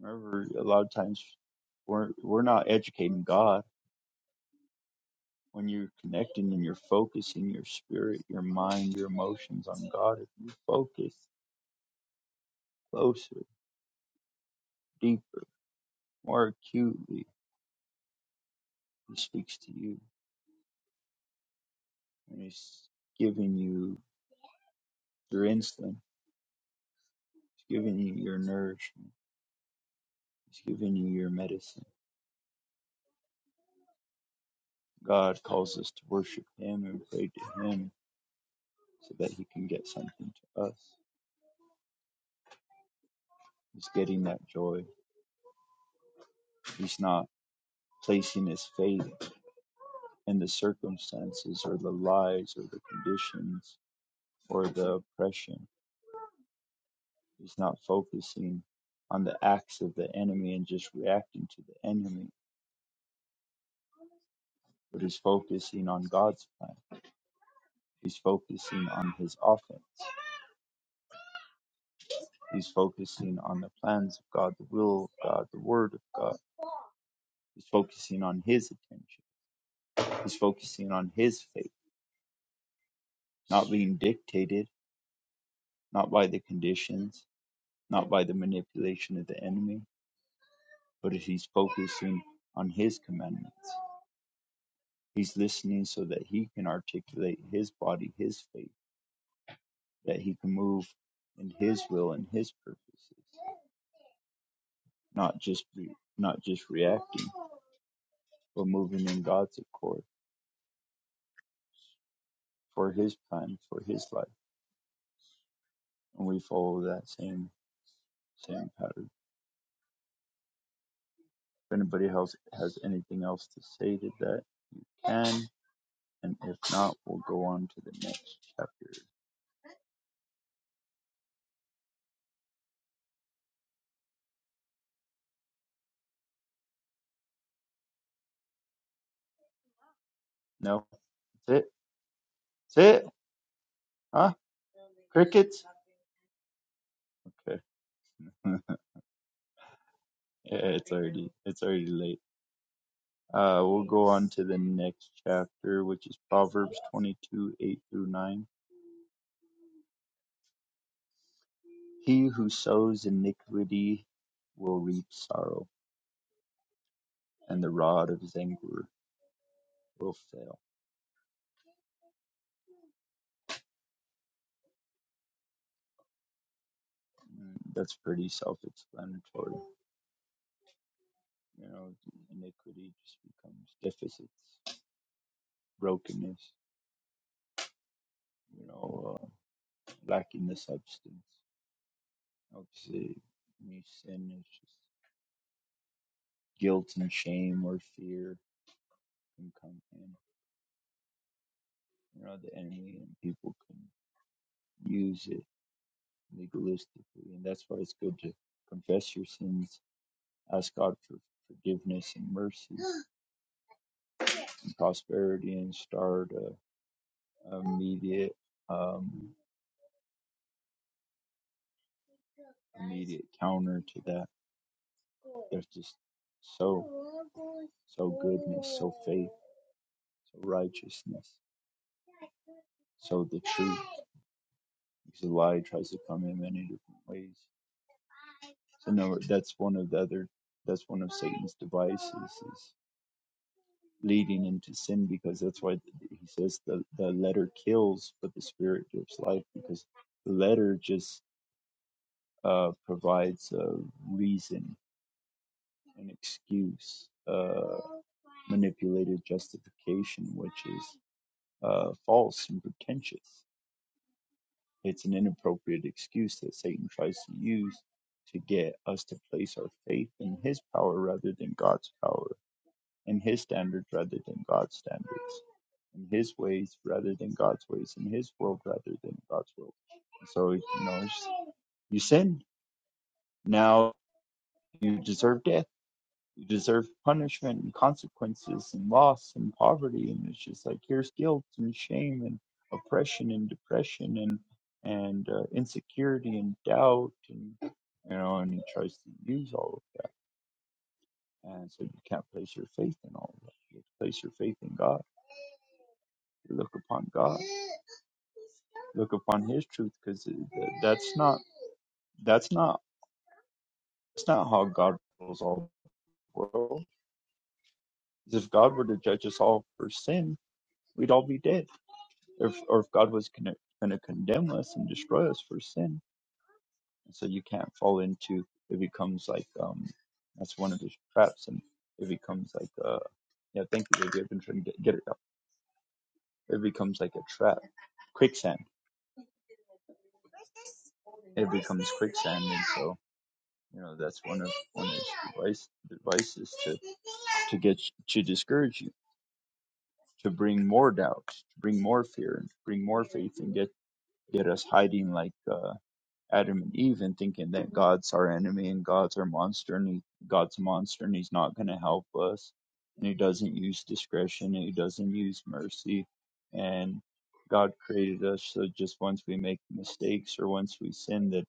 S6: Remember, a lot of times we're we're not educating God. When you're connecting and you're focusing your spirit, your mind, your emotions on God, if you focus closer, deeper, more acutely, He speaks to you and He's giving you your insulin. He's giving you your nourishment. He's giving you your medicine. God calls us to worship Him and pray to Him so that He can get something to us. He's getting that joy. He's not placing His faith and the circumstances or the lies or the conditions or the oppression. He's not focusing on the acts of the enemy and just reacting to the enemy, but he's focusing on God's plan. He's focusing on his offense. He's focusing on the plans of God, the will of God, the word of God. He's focusing on his attention. He's focusing on his faith, not being dictated, not by the conditions, not by the manipulation of the enemy, but he's focusing on his commandments. He's listening so that he can articulate his body, his faith, that he can move in his will and his purposes, not just re- not just reacting, but moving in God's accord for his plan, for his life. And we follow that same same pattern. If anybody else has anything else to say to that, can and if not, we'll go on to the next chapter. No, that's it. That's it. Huh? Crickets? Okay. yeah, it's already it's already late. Uh, we'll go on to the next chapter, which is Proverbs twenty-two eight through nine. He who sows iniquity will reap sorrow, and the rod of his anger will fail. Mm, That's pretty self-explanatory. You know, iniquity just becomes deficits, brokenness. You know, uh, lacking the substance. Obviously, when you sin is just guilt and shame or fear can come in. You know, the enemy and people can use it legalistically. And that's why it's good to confess your sins, ask God for forgiveness and mercy and prosperity, and start a, a immediate, um, immediate counter to that. There's just so, so goodness, so faith so righteousness, so the truth. Because the lie tries to come in many different ways. So no, that's one of the other. That's one of Satan's devices is leading into sin because that's why he says the the letter kills, but the spirit gives life because the letter just uh, provides a reason, an excuse, uh, manipulated justification, which is uh, false and pretentious. It's an inappropriate excuse that Satan tries to use to get us to place our faith in his power rather than God's power, in his standards rather than God's standards, in his ways rather than God's ways, in his world rather than God's world. so, you know, it's, you sin, now you deserve death you deserve punishment and consequences and loss and poverty and it's just like here's guilt and shame and oppression and depression and and uh, insecurity and doubt and you know and he tries to use all of that and so you can't place your faith in all of that you have to place your faith in god you look upon god look upon his truth because that's not that's not that's not how god rules all the world 'Cause if god were to judge us all for sin we'd all be dead. Or if, or if God was going to condemn us and destroy us for sin. And so you can't fall into it becomes like um that's one of the traps and it becomes like uh yeah thank you baby I've been trying to get, get it out it becomes like a trap quicksand it becomes quicksand and so you know that's one of one of his device, devices to to get to discourage you to bring more doubt to bring more fear and bring more faith and get get us hiding like uh, Adam and Eve and thinking that God's our enemy and God's our monster and he, God's a monster and he's not going to help us and he doesn't use discretion and he doesn't use mercy and God created us so just once we make mistakes or once we sin that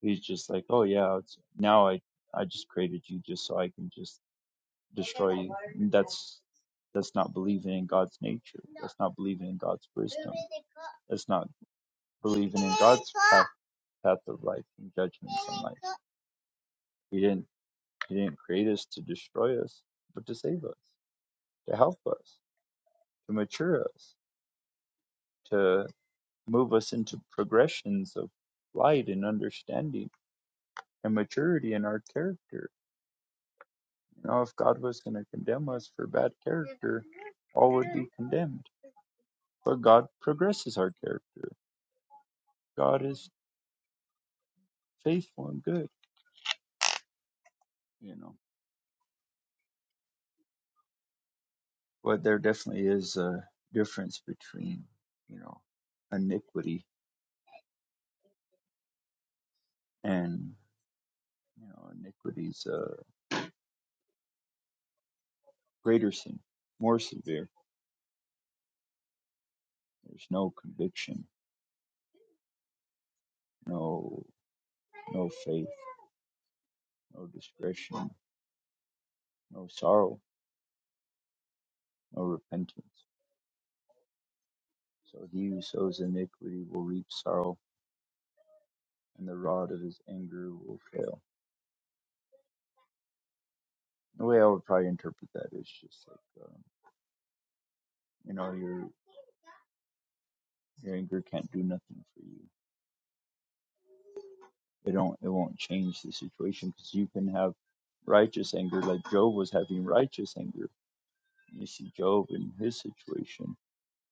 S6: he's just like oh yeah it's, now I I just created you just so I can just destroy you And that's that's not believing in God's nature that's not believing in God's wisdom that's not believing in God's power path of life and judgment and life. He didn't He didn't create us to destroy us, but to save us, to help us, to mature us, to move us into progressions of light and understanding and maturity in our character. You know, if God was going to condemn us for bad character, all would be condemned. But God progresses our character. God is faithful and good. You know, but there definitely is a difference between you know iniquity and You know, iniquity's a greater sin, more severe. There's no conviction, no no faith, no discretion, no sorrow, no repentance. So he who sows iniquity will reap sorrow, and the rod of his anger will fail. The way I would probably interpret that is just like, um, you know, your your anger can't do nothing for you. It don't. It won't change the situation because you can have righteous anger, like Job was having righteous anger. You see Job in his situation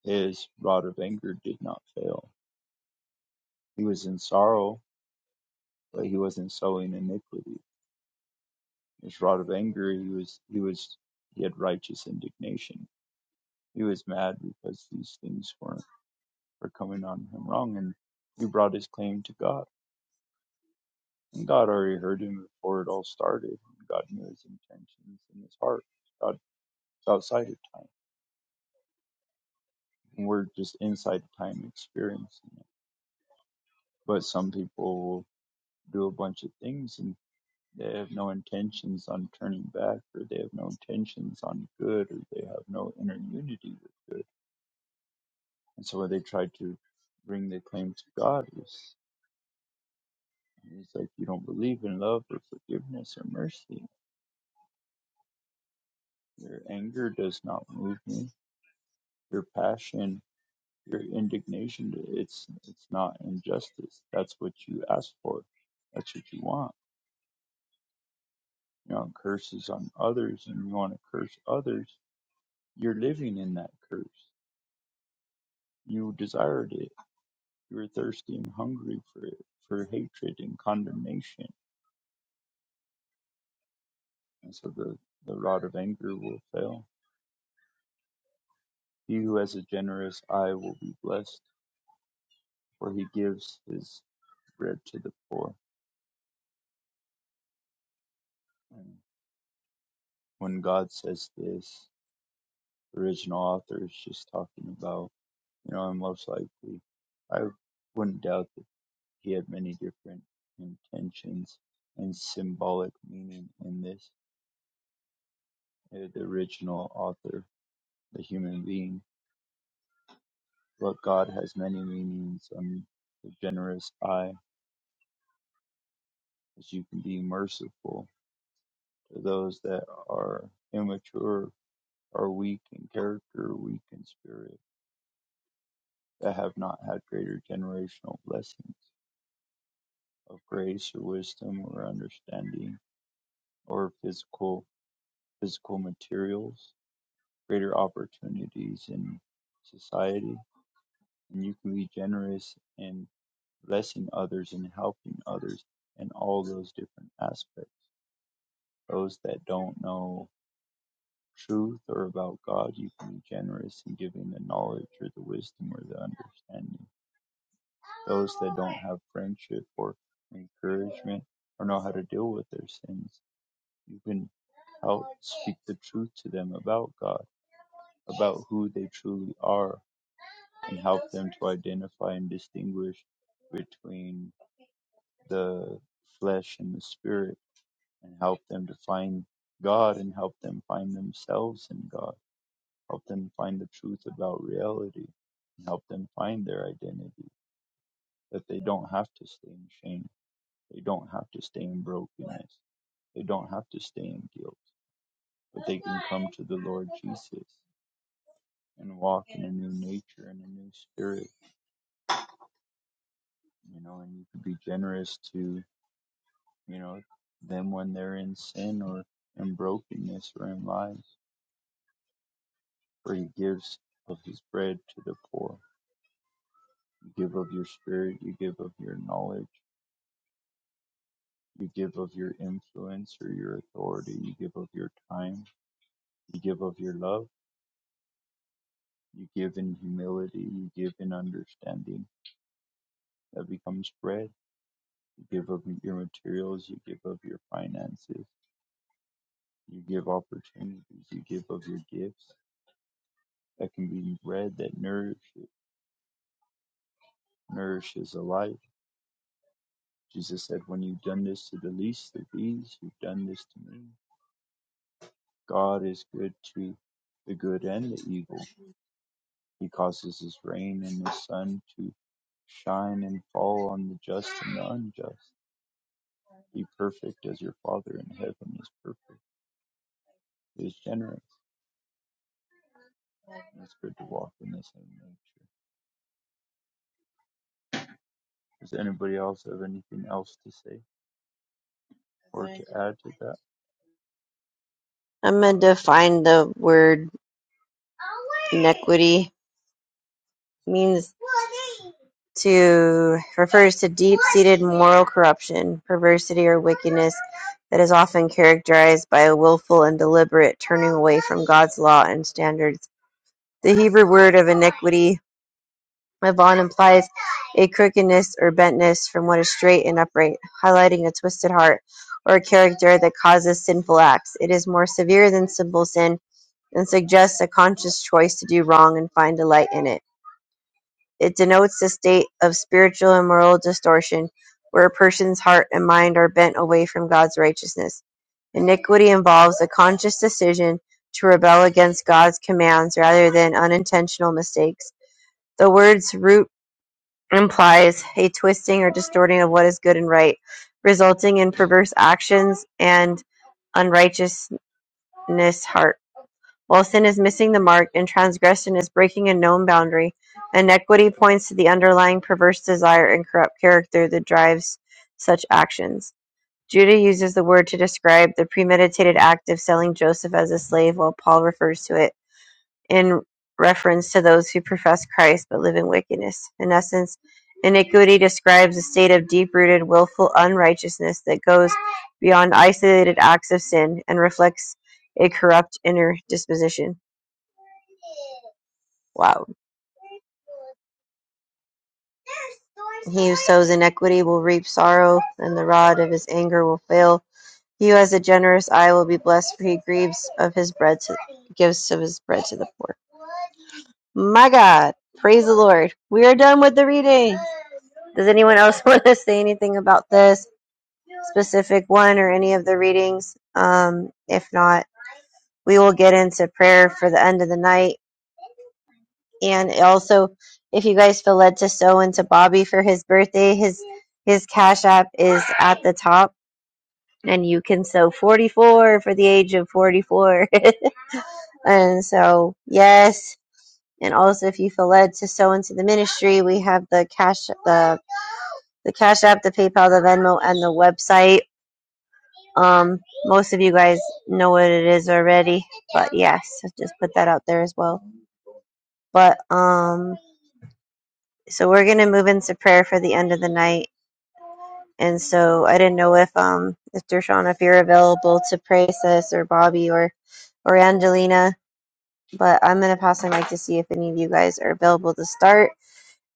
S6: His rod of anger did not fail. He was in sorrow, but he wasn't sowing iniquity. His rod of anger, he was, he was, he had righteous indignation. He was mad because these things weren't were coming on him wrong, and he brought his claim to God. And God already heard him before it all started. And God knew his intentions in his heart. God is outside of time, and we're just inside of time experiencing it. But some people will do a bunch of things and. They have no intentions on turning back, or they have no intentions on good, or they have no inner unity with good. And so when they try to bring the claim to God, it it's like, you don't believe in love or forgiveness or mercy. Your anger does not move me. Your passion, your indignation, it's it's not injustice. That's what you ask for. That's what you want. You want curses on others, and you want to curse others. You're living in that curse. You desired it You were thirsty and hungry for for hatred and condemnation, and so the the rod of anger will fail. He who has a generous eye will be blessed, for he gives his bread to the poor. And when God says this, the original author is just talking about, you know, and most likely, I wouldn't doubt that he had many different intentions and symbolic meaning in this. Uh, The original author, the human being, But God has many meanings and the generous eye, as you can be merciful to those that are immature, are weak in character, weak in spirit, that have not had greater generational blessings of grace or wisdom or understanding or physical physical materials, greater opportunities in society. And you can be generous in blessing others and helping others in all those different aspects Those that don't know truth or about God, you can be generous in giving the knowledge or the wisdom or the understanding. Those that don't have friendship or encouragement or know how to deal with their sins, you can help speak the truth to them about God, about who they truly are, and help them to identify and distinguish between the flesh and the spirit and help them to find God and help them find themselves in God. Help them find the truth about reality and help them find their identity. That they don't have to stay in shame. They don't have to stay in brokenness. They don't have to stay in guilt. But they can come to the Lord Jesus and walk in a new nature and a new spirit. You know, and you can be generous to, you know, them when they're in sin or in brokenness or in lies, for he gives of his bread to the poor You give of your spirit, you give of your knowledge, you give of your influence or your authority, you give of your time, you give of your love, you give in humility, you give in understanding that becomes bread, you give of your materials, you give of your finances, you give opportunities, you give of your gifts that can be bread that nourishes, nourishes a life. Jesus said, When you've done this to the least of these, you've done this to me. God is good to the good and the evil. He causes his rain and his sun to shine and fall on the just and the unjust. Be perfect as your Father in heaven is perfect. He is generous, and it's good to walk in the same nature. Does anybody else have anything else to say or to add to that?
S2: I'm going to define the word inequity. means to refers to deep-seated moral corruption, perversity, or wickedness that is often characterized by a willful and deliberate turning away from God's law and standards. The Hebrew word of iniquity, avon, implies a crookedness or bentness from what is straight and upright, highlighting a twisted heart or a character that causes sinful acts. It is more severe than simple sin and suggests a conscious choice to do wrong and find delight in it. It denotes the state of spiritual and moral distortion, where a person's heart and mind are bent away from God's righteousness. Iniquity involves a conscious decision to rebel against God's commands rather than unintentional mistakes. The word's root implies a twisting or distorting of what is good and right, resulting in perverse actions and unrighteousness heart. While sin is missing the mark and transgression is breaking a known boundary, inequity points to the underlying perverse desire and corrupt character that drives such actions. Judah uses the word to describe the premeditated act of selling Joseph as a slave, while Paul refers to it in reference to those who profess Christ but live in wickedness. In essence, iniquity describes a state of deep rooted, willful unrighteousness that goes beyond isolated acts of sin and reflects a corrupt inner disposition. Wow. He who sows iniquity will reap sorrow, and the rod of his anger will fail. He who has a generous eye will be blessed, for he grieves of his bread to gives of his bread to the poor. My God, praise the Lord. We are done with the reading. Does anyone else want to say anything about this specific one or any of the readings? Um, if not, we will get into prayer for the end of the night. and also if you guys feel led to sew into Bobby for his birthday, his his cash app is at the top and you can sew 44 for the age of 44. and so, yes, and also if you feel led to sew into the ministry, we have the cash the the cash app, the PayPal, the Venmo and the website. Um most of you guys know what it is already, but yes, I just put that out there as well. But um so we're going to move into prayer for the end of the night And so I didn't know if um if Dershawn if you're available to pray sis or Bobby or or Angelina, but I'm gonna pass the mic to see if any of you guys are available to start.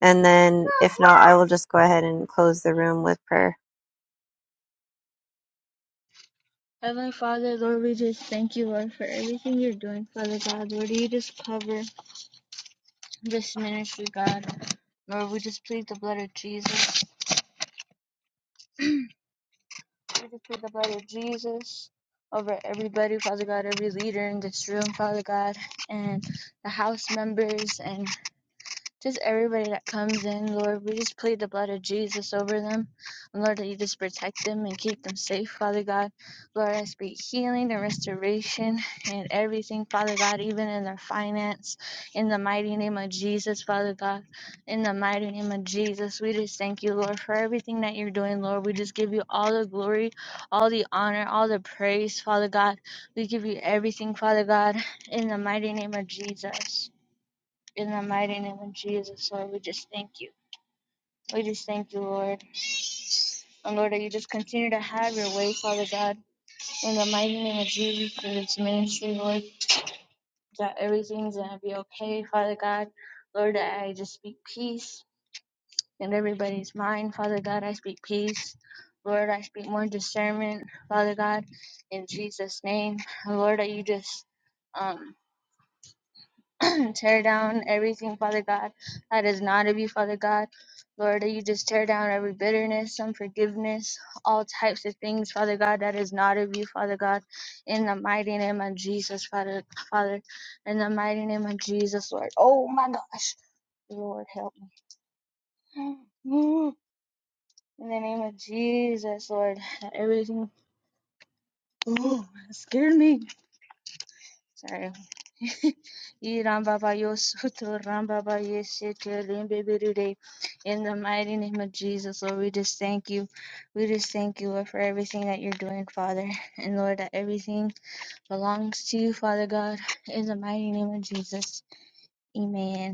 S2: And then if not, I will just go ahead and close the room with prayer.
S7: Heavenly Father, Lord, we just thank you, Lord, for everything you're doing, Father God. Lord, you just cover this ministry, God. Lord, we just plead the blood of Jesus. We just plead the blood of Jesus over everybody, Father God, every leader in this room, Father God, and the house members, and. Just everybody that comes in, Lord, we just plead the blood of Jesus over them. And Lord, that you just protect them and keep them safe, Father God. Lord, I speak healing and restoration and everything, Father God, even in their finance. In the mighty name of Jesus, Father God. In the mighty name of Jesus, we just thank you, Lord, for everything that you're doing, Lord. We just give you all the glory, all the honor, all the praise, Father God. We give you everything, Father God, in the mighty name of Jesus. In the mighty name of Jesus, Lord, we just thank you. We just thank you, Lord. And Lord, that you just continue to have your way, Father God. In the mighty name of Jesus, Lord, we just thank you. We just thank you, Lord, for everything that you're doing, Father. And Lord, that everything belongs to you, Father God. In the mighty name of Jesus. Amen.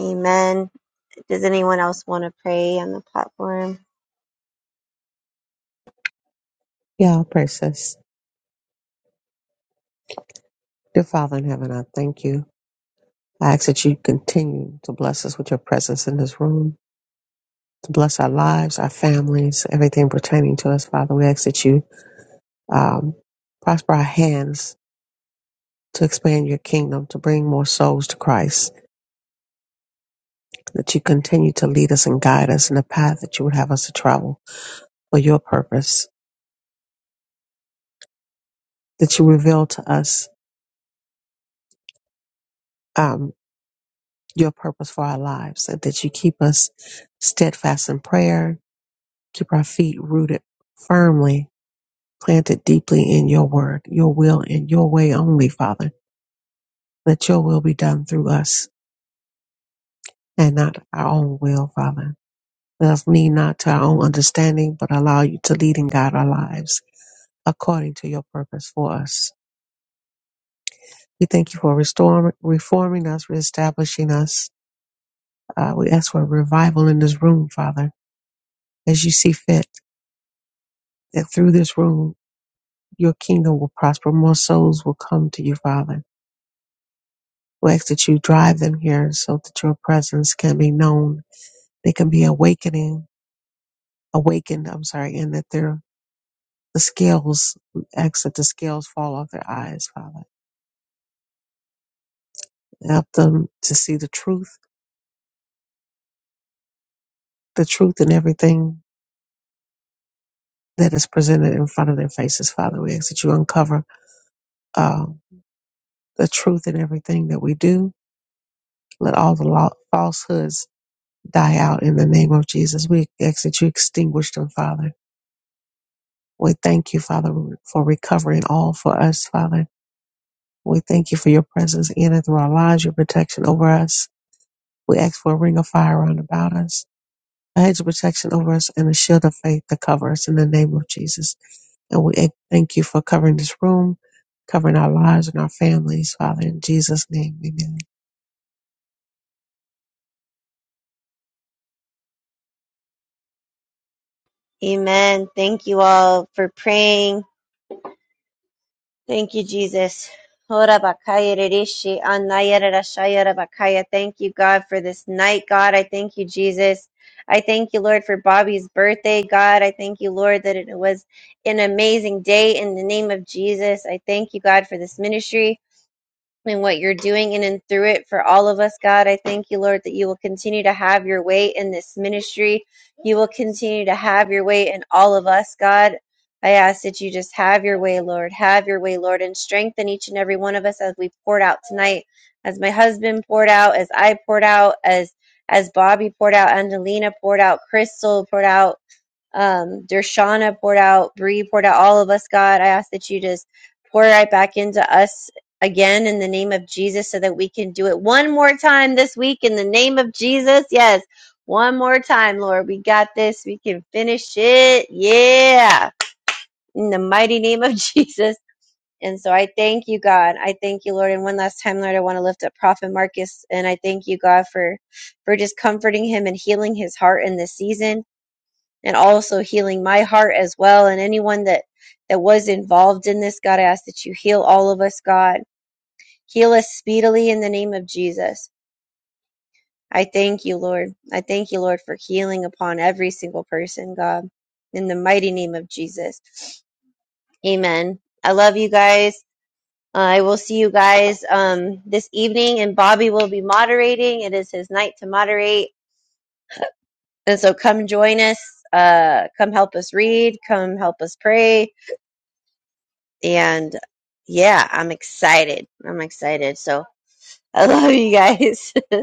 S2: Amen. Does anyone else want to pray on the platform?
S4: Yeah, I'll pray, sis. Dear Father in heaven, I thank you. I ask that you continue to bless us with your presence in this room, to bless our lives, our families, everything pertaining to us, Father. We ask that you um, prosper our hands to expand your kingdom, to bring more souls to Christ, that you continue to lead us and guide us in the path that you would have us to travel for your purpose, that you reveal to us um, your purpose for our lives, and that you keep us steadfast in prayer, Keep our feet rooted firmly, planted deeply in your word, your will, and your way only, Father. Let your will be done through us and not our own will, Father. Let us lean not to our own understanding, but allow you to lead and guide our lives according to your purpose for us. We thank you for restoring, reforming us, reestablishing us. Uh, we ask for a revival in this room, Father, as you see fit, that through this room, your kingdom will prosper. More souls will come to you, Father We ask that you drive them here so that your presence can be known. They can be awakening, awakened, I'm sorry, and that their the scales, we ask that the scales fall off their eyes, Father. Help them to see the truth, the truth in everything that is presented in front of their faces, Father. We ask that you uncover uh, the truth in everything that we do. Let all the lo- falsehoods die out in the name of Jesus. We ask that you extinguish them, Father. We thank you, Father, for recovering all for us, Father We thank you for your presence in and through our lives, your protection over us. We ask for a ring of fire round about us, a hedge of protection over us, and a shield of faith to cover us in the name of Jesus. And we ac- thank you for covering this room, covering our lives and our families, Father, in Jesus' name. Amen.
S2: Amen. Thank you all for praying. Thank you, Jesus. Ora bakaya rereshi, anaya rerashaya rabakaya. Thank you, God, for this night, God. I thank you, Jesus. I thank you, Lord, for Bobby's birthday, God. I thank you, Lord, that it was an amazing day in the name of Jesus. I thank you, God, for this ministry and what you're doing in and through it for all of us, God. I thank you, Lord, that you will continue to have your way in this ministry. You will continue to have your way in all of us, God. I ask that you just have your way, Lord. Have your way, Lord, and strengthen each and every one of us as we poured out tonight, as my husband poured out, as I poured out, as as Bobby poured out, Angelina poured out, Crystal poured out, um, Dershana poured out, Bree poured out, all of us, God. I ask that you just pour right back into us again in the name of Jesus so that we can do it one more time this week in the name of Jesus. Yes, one more time, Lord. We got this. We can finish it. Yeah, in the mighty name of Jesus. And so I thank you, God. I thank you, Lord. And one last time, Lord, I want to lift up Prophet Marcus. And I thank you, God, for for just comforting him and healing his heart in this season and also healing my heart as well and anyone that that was involved in this god i ask that you heal all of us god heal us speedily in the name of jesus i thank you lord i thank you lord for healing upon every single person god in the mighty name of jesus amen i love you guys uh, I will see you guys um, this evening, and Bobby will be moderating. It is his night to moderate, and so come join us. Uh, come help us read. Come help us pray and yeah, I'm excited. I'm excited. So I love you guys.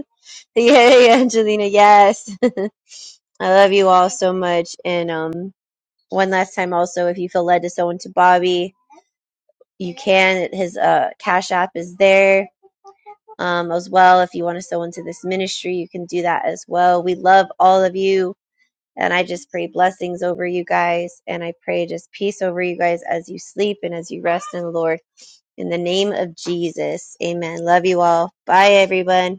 S2: Yay, Angelina. Yes. I love you all so much. And um one last time also if you feel led to sow into Bobby, you can. His uh cash app is there. Um as well. If you want to sow into this ministry, you can do that as well. We love all of you. And I just pray blessings over you guys. And I pray just peace over you guys as you sleep and as you rest in the Lord. In the name of Jesus. Amen. Love you all. Bye, everyone.